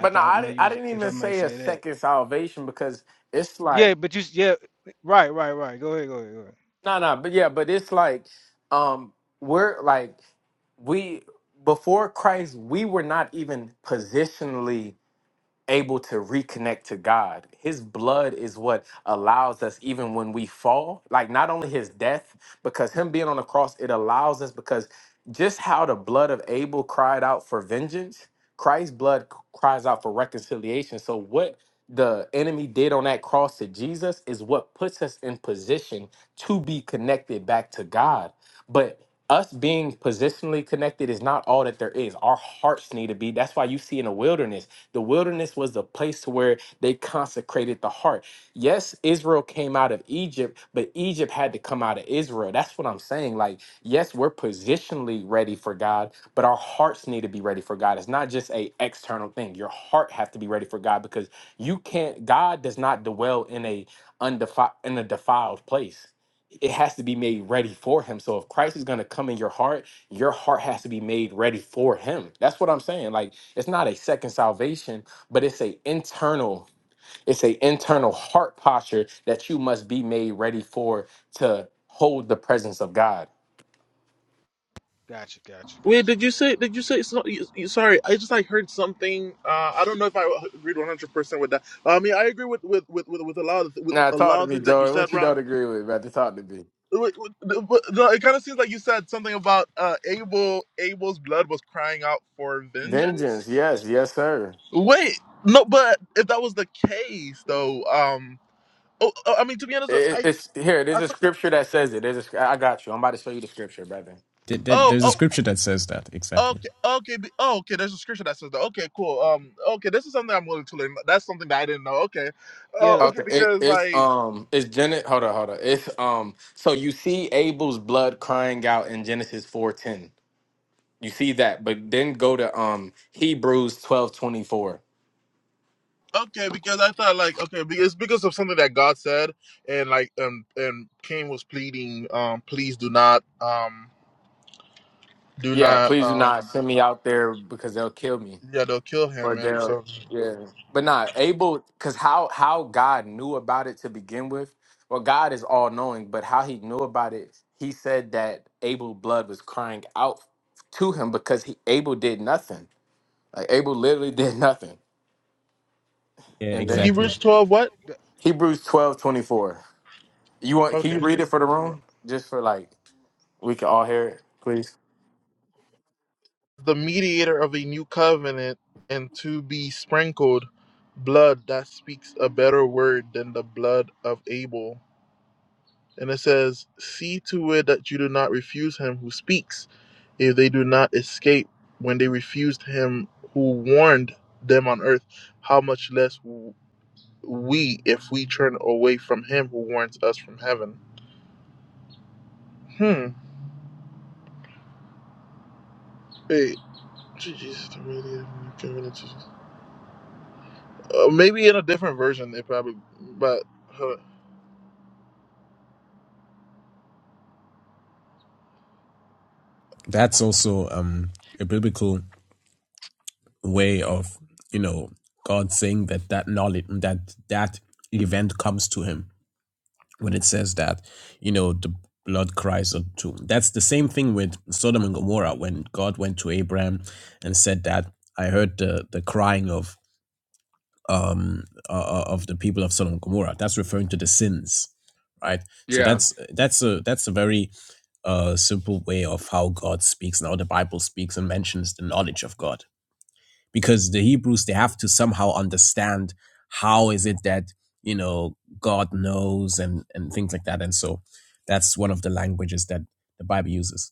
Speaker 1: But no, I didn't, I didn't even say a second salvation because it's like no no, but yeah, but it's like um we're like we before Christ we were not even positionally able to reconnect to God. His blood is what allows us, even when we fall, like not only his death, because him being on the cross, it allows us because just how the blood of Abel cried out for vengeance, Christ's blood c- cries out for reconciliation. So, what the enemy did on that cross to Jesus is what puts us in position to be connected back to God. But us being positionally connected is not all that there is. Our hearts need to be. That's why you see in the wilderness the wilderness was the place to where they consecrated the heart. Yes, Israel came out of Egypt, but Egypt had to come out of Israel. That's what I'm saying. Like, yes, we're positionally ready for God, but our hearts need to be ready for God. It's not just a external thing. Your heart has to be ready for God because you can't. God does not dwell in a undefi- in a defiled place it has to be made ready for him. So if Christ is going to come in your heart, your heart has to be made ready for him. That's what I'm saying. Like it's not a second salvation, but it's a internal it's a internal heart posture that you must be made ready for to hold the presence of God.
Speaker 2: Wait, did you say? Did you say? It's not, you, you- sorry, I just like heard something. Uh, I don't know if I agreed one hundred percent with that. Uh, I mean, I agree with with, with, with with a lot of with
Speaker 1: Now
Speaker 2: a
Speaker 1: talk
Speaker 2: lot
Speaker 1: to
Speaker 2: of
Speaker 1: me,
Speaker 2: things that you
Speaker 1: Joey.
Speaker 2: said,
Speaker 1: What you
Speaker 2: Ron.
Speaker 1: don't agree with, brother? Talk to me.
Speaker 2: but- no, It kind of seems like you said something about uh, Abel. Abel's blood was crying out for vengeance
Speaker 1: Vengeance, yes, yes, sir.
Speaker 2: Wait, no, but if that was the case, though, um, oh, oh, I mean, to be honest,
Speaker 1: It,
Speaker 2: I,
Speaker 1: it's here. There's
Speaker 2: I,
Speaker 1: a
Speaker 2: for-
Speaker 1: scripture that says it. There's a, I got you. I'm about to show you the scripture, brother.
Speaker 7: There- there-
Speaker 2: oh,
Speaker 7: there's a
Speaker 2: oh.
Speaker 7: scripture that says that exactly
Speaker 2: Okay, okay, be- oh, okay. There's a scripture that says that. Okay, cool. Um, okay, this is something I'm willing to learn. That's something that I didn't know. Okay, uh, okay,
Speaker 1: Okay, it,
Speaker 2: because
Speaker 1: it's
Speaker 2: like,
Speaker 1: um, it's Genesis. Hold on, hold on. It's um, so you see Abel's blood crying out in Genesis four ten. You see that, but then go to um Hebrews twelve twenty four.
Speaker 2: okay, because I thought like, okay, be- it's because of something that God said, and like, um, and Cain was pleading, um, please do not, um, do
Speaker 1: Yeah,
Speaker 2: not,
Speaker 1: please do not
Speaker 2: um,
Speaker 1: send me out there because they'll kill me
Speaker 2: yeah, they'll kill him,
Speaker 1: or
Speaker 2: and
Speaker 1: they'll.
Speaker 2: so
Speaker 1: But not Abel, because how how God knew about it to begin with. Well, God is all knowing, but how He knew about it, He said that Abel's blood was crying out to Him because he Abel did nothing. Like Abel literally did nothing.
Speaker 7: Yeah,
Speaker 1: And then
Speaker 7: exactly.
Speaker 2: Hebrews twelve, what?
Speaker 1: Hebrews twelve twenty four. You want? Can
Speaker 2: Okay.
Speaker 1: you read it for the room, just for like we can all hear it, please?
Speaker 2: the mediator of a new covenant and to be sprinkled blood that speaks a better word than the blood of Abel. And it says, See to it that you do not refuse him who speaks, if they do not escape when they refused him who warned them on earth, how much less w- we if we turn away from him who warns us from heaven. Hmm. Wait. Jesus, the mediator of a new covenant. Uh, maybe in a different version, they probably, but. Hold on.
Speaker 7: That's also um, a biblical way of, you know, God saying that that knowledge, that that event comes to him when it says that, you know, the blood cries out to. That's the same thing with Sodom and Gomorrah when God went to Abraham and said that I heard the the crying of uh, uh, of the people of Sodom and Gomorrah. That's referring to the sins, right? So
Speaker 1: Yeah.
Speaker 7: that's that's a that's a very uh, simple way of how God speaks and how the Bible speaks and mentions the knowledge of God. Because the Hebrews they have to somehow understand how is it that you know God knows and and things like that. And so that's one of the languages that the Bible uses.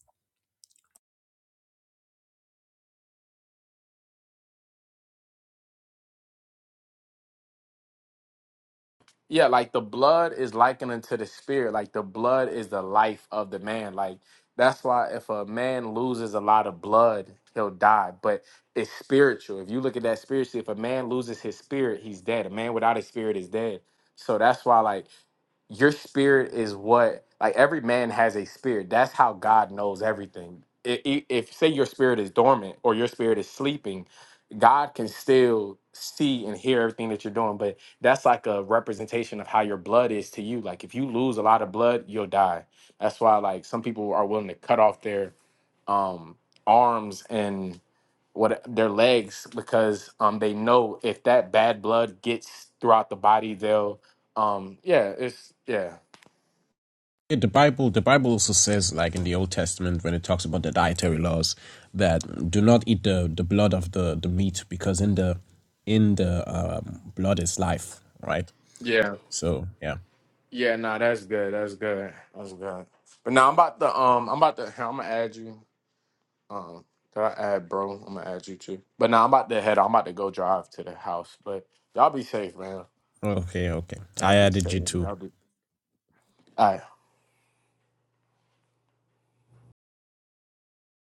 Speaker 1: Yeah, like the blood is likened unto the spirit. Like the blood is the life of the man. Like that's why if a man loses a lot of blood, he'll die. But it's spiritual. If you look at that spiritually, if a man loses his spirit, he's dead. A man without his spirit is dead. So that's why like your spirit is what like every man has a spirit that's how god knows everything I- i- if say your spirit is dormant or your spirit is sleeping god can still see and hear everything that you're doing but that's like a representation of how your blood is to you like if you lose a lot of blood you'll die that's why like some people are willing to cut off their um arms and what their legs because um they know if that bad blood gets throughout the body they'll um yeah it's yeah
Speaker 7: Yeah, the Bible, the Bible also says, like in the Old Testament, when it talks about the dietary laws, that do not eat the, the blood of the, the meat because in the in the um, blood is life, right?
Speaker 1: Yeah.
Speaker 7: So yeah,
Speaker 1: Yeah, nah, that's good. That's good. That's good. But now I'm about to um I'm about to I'm gonna add you. Um can I add bro? I'm gonna add you too. But now I'm about to head I'm about to go drive to the house. But y'all be safe, man.
Speaker 7: okay, okay.
Speaker 1: Y'all
Speaker 7: I
Speaker 1: be
Speaker 7: added you
Speaker 1: safe.
Speaker 7: to
Speaker 1: Y'all be all right.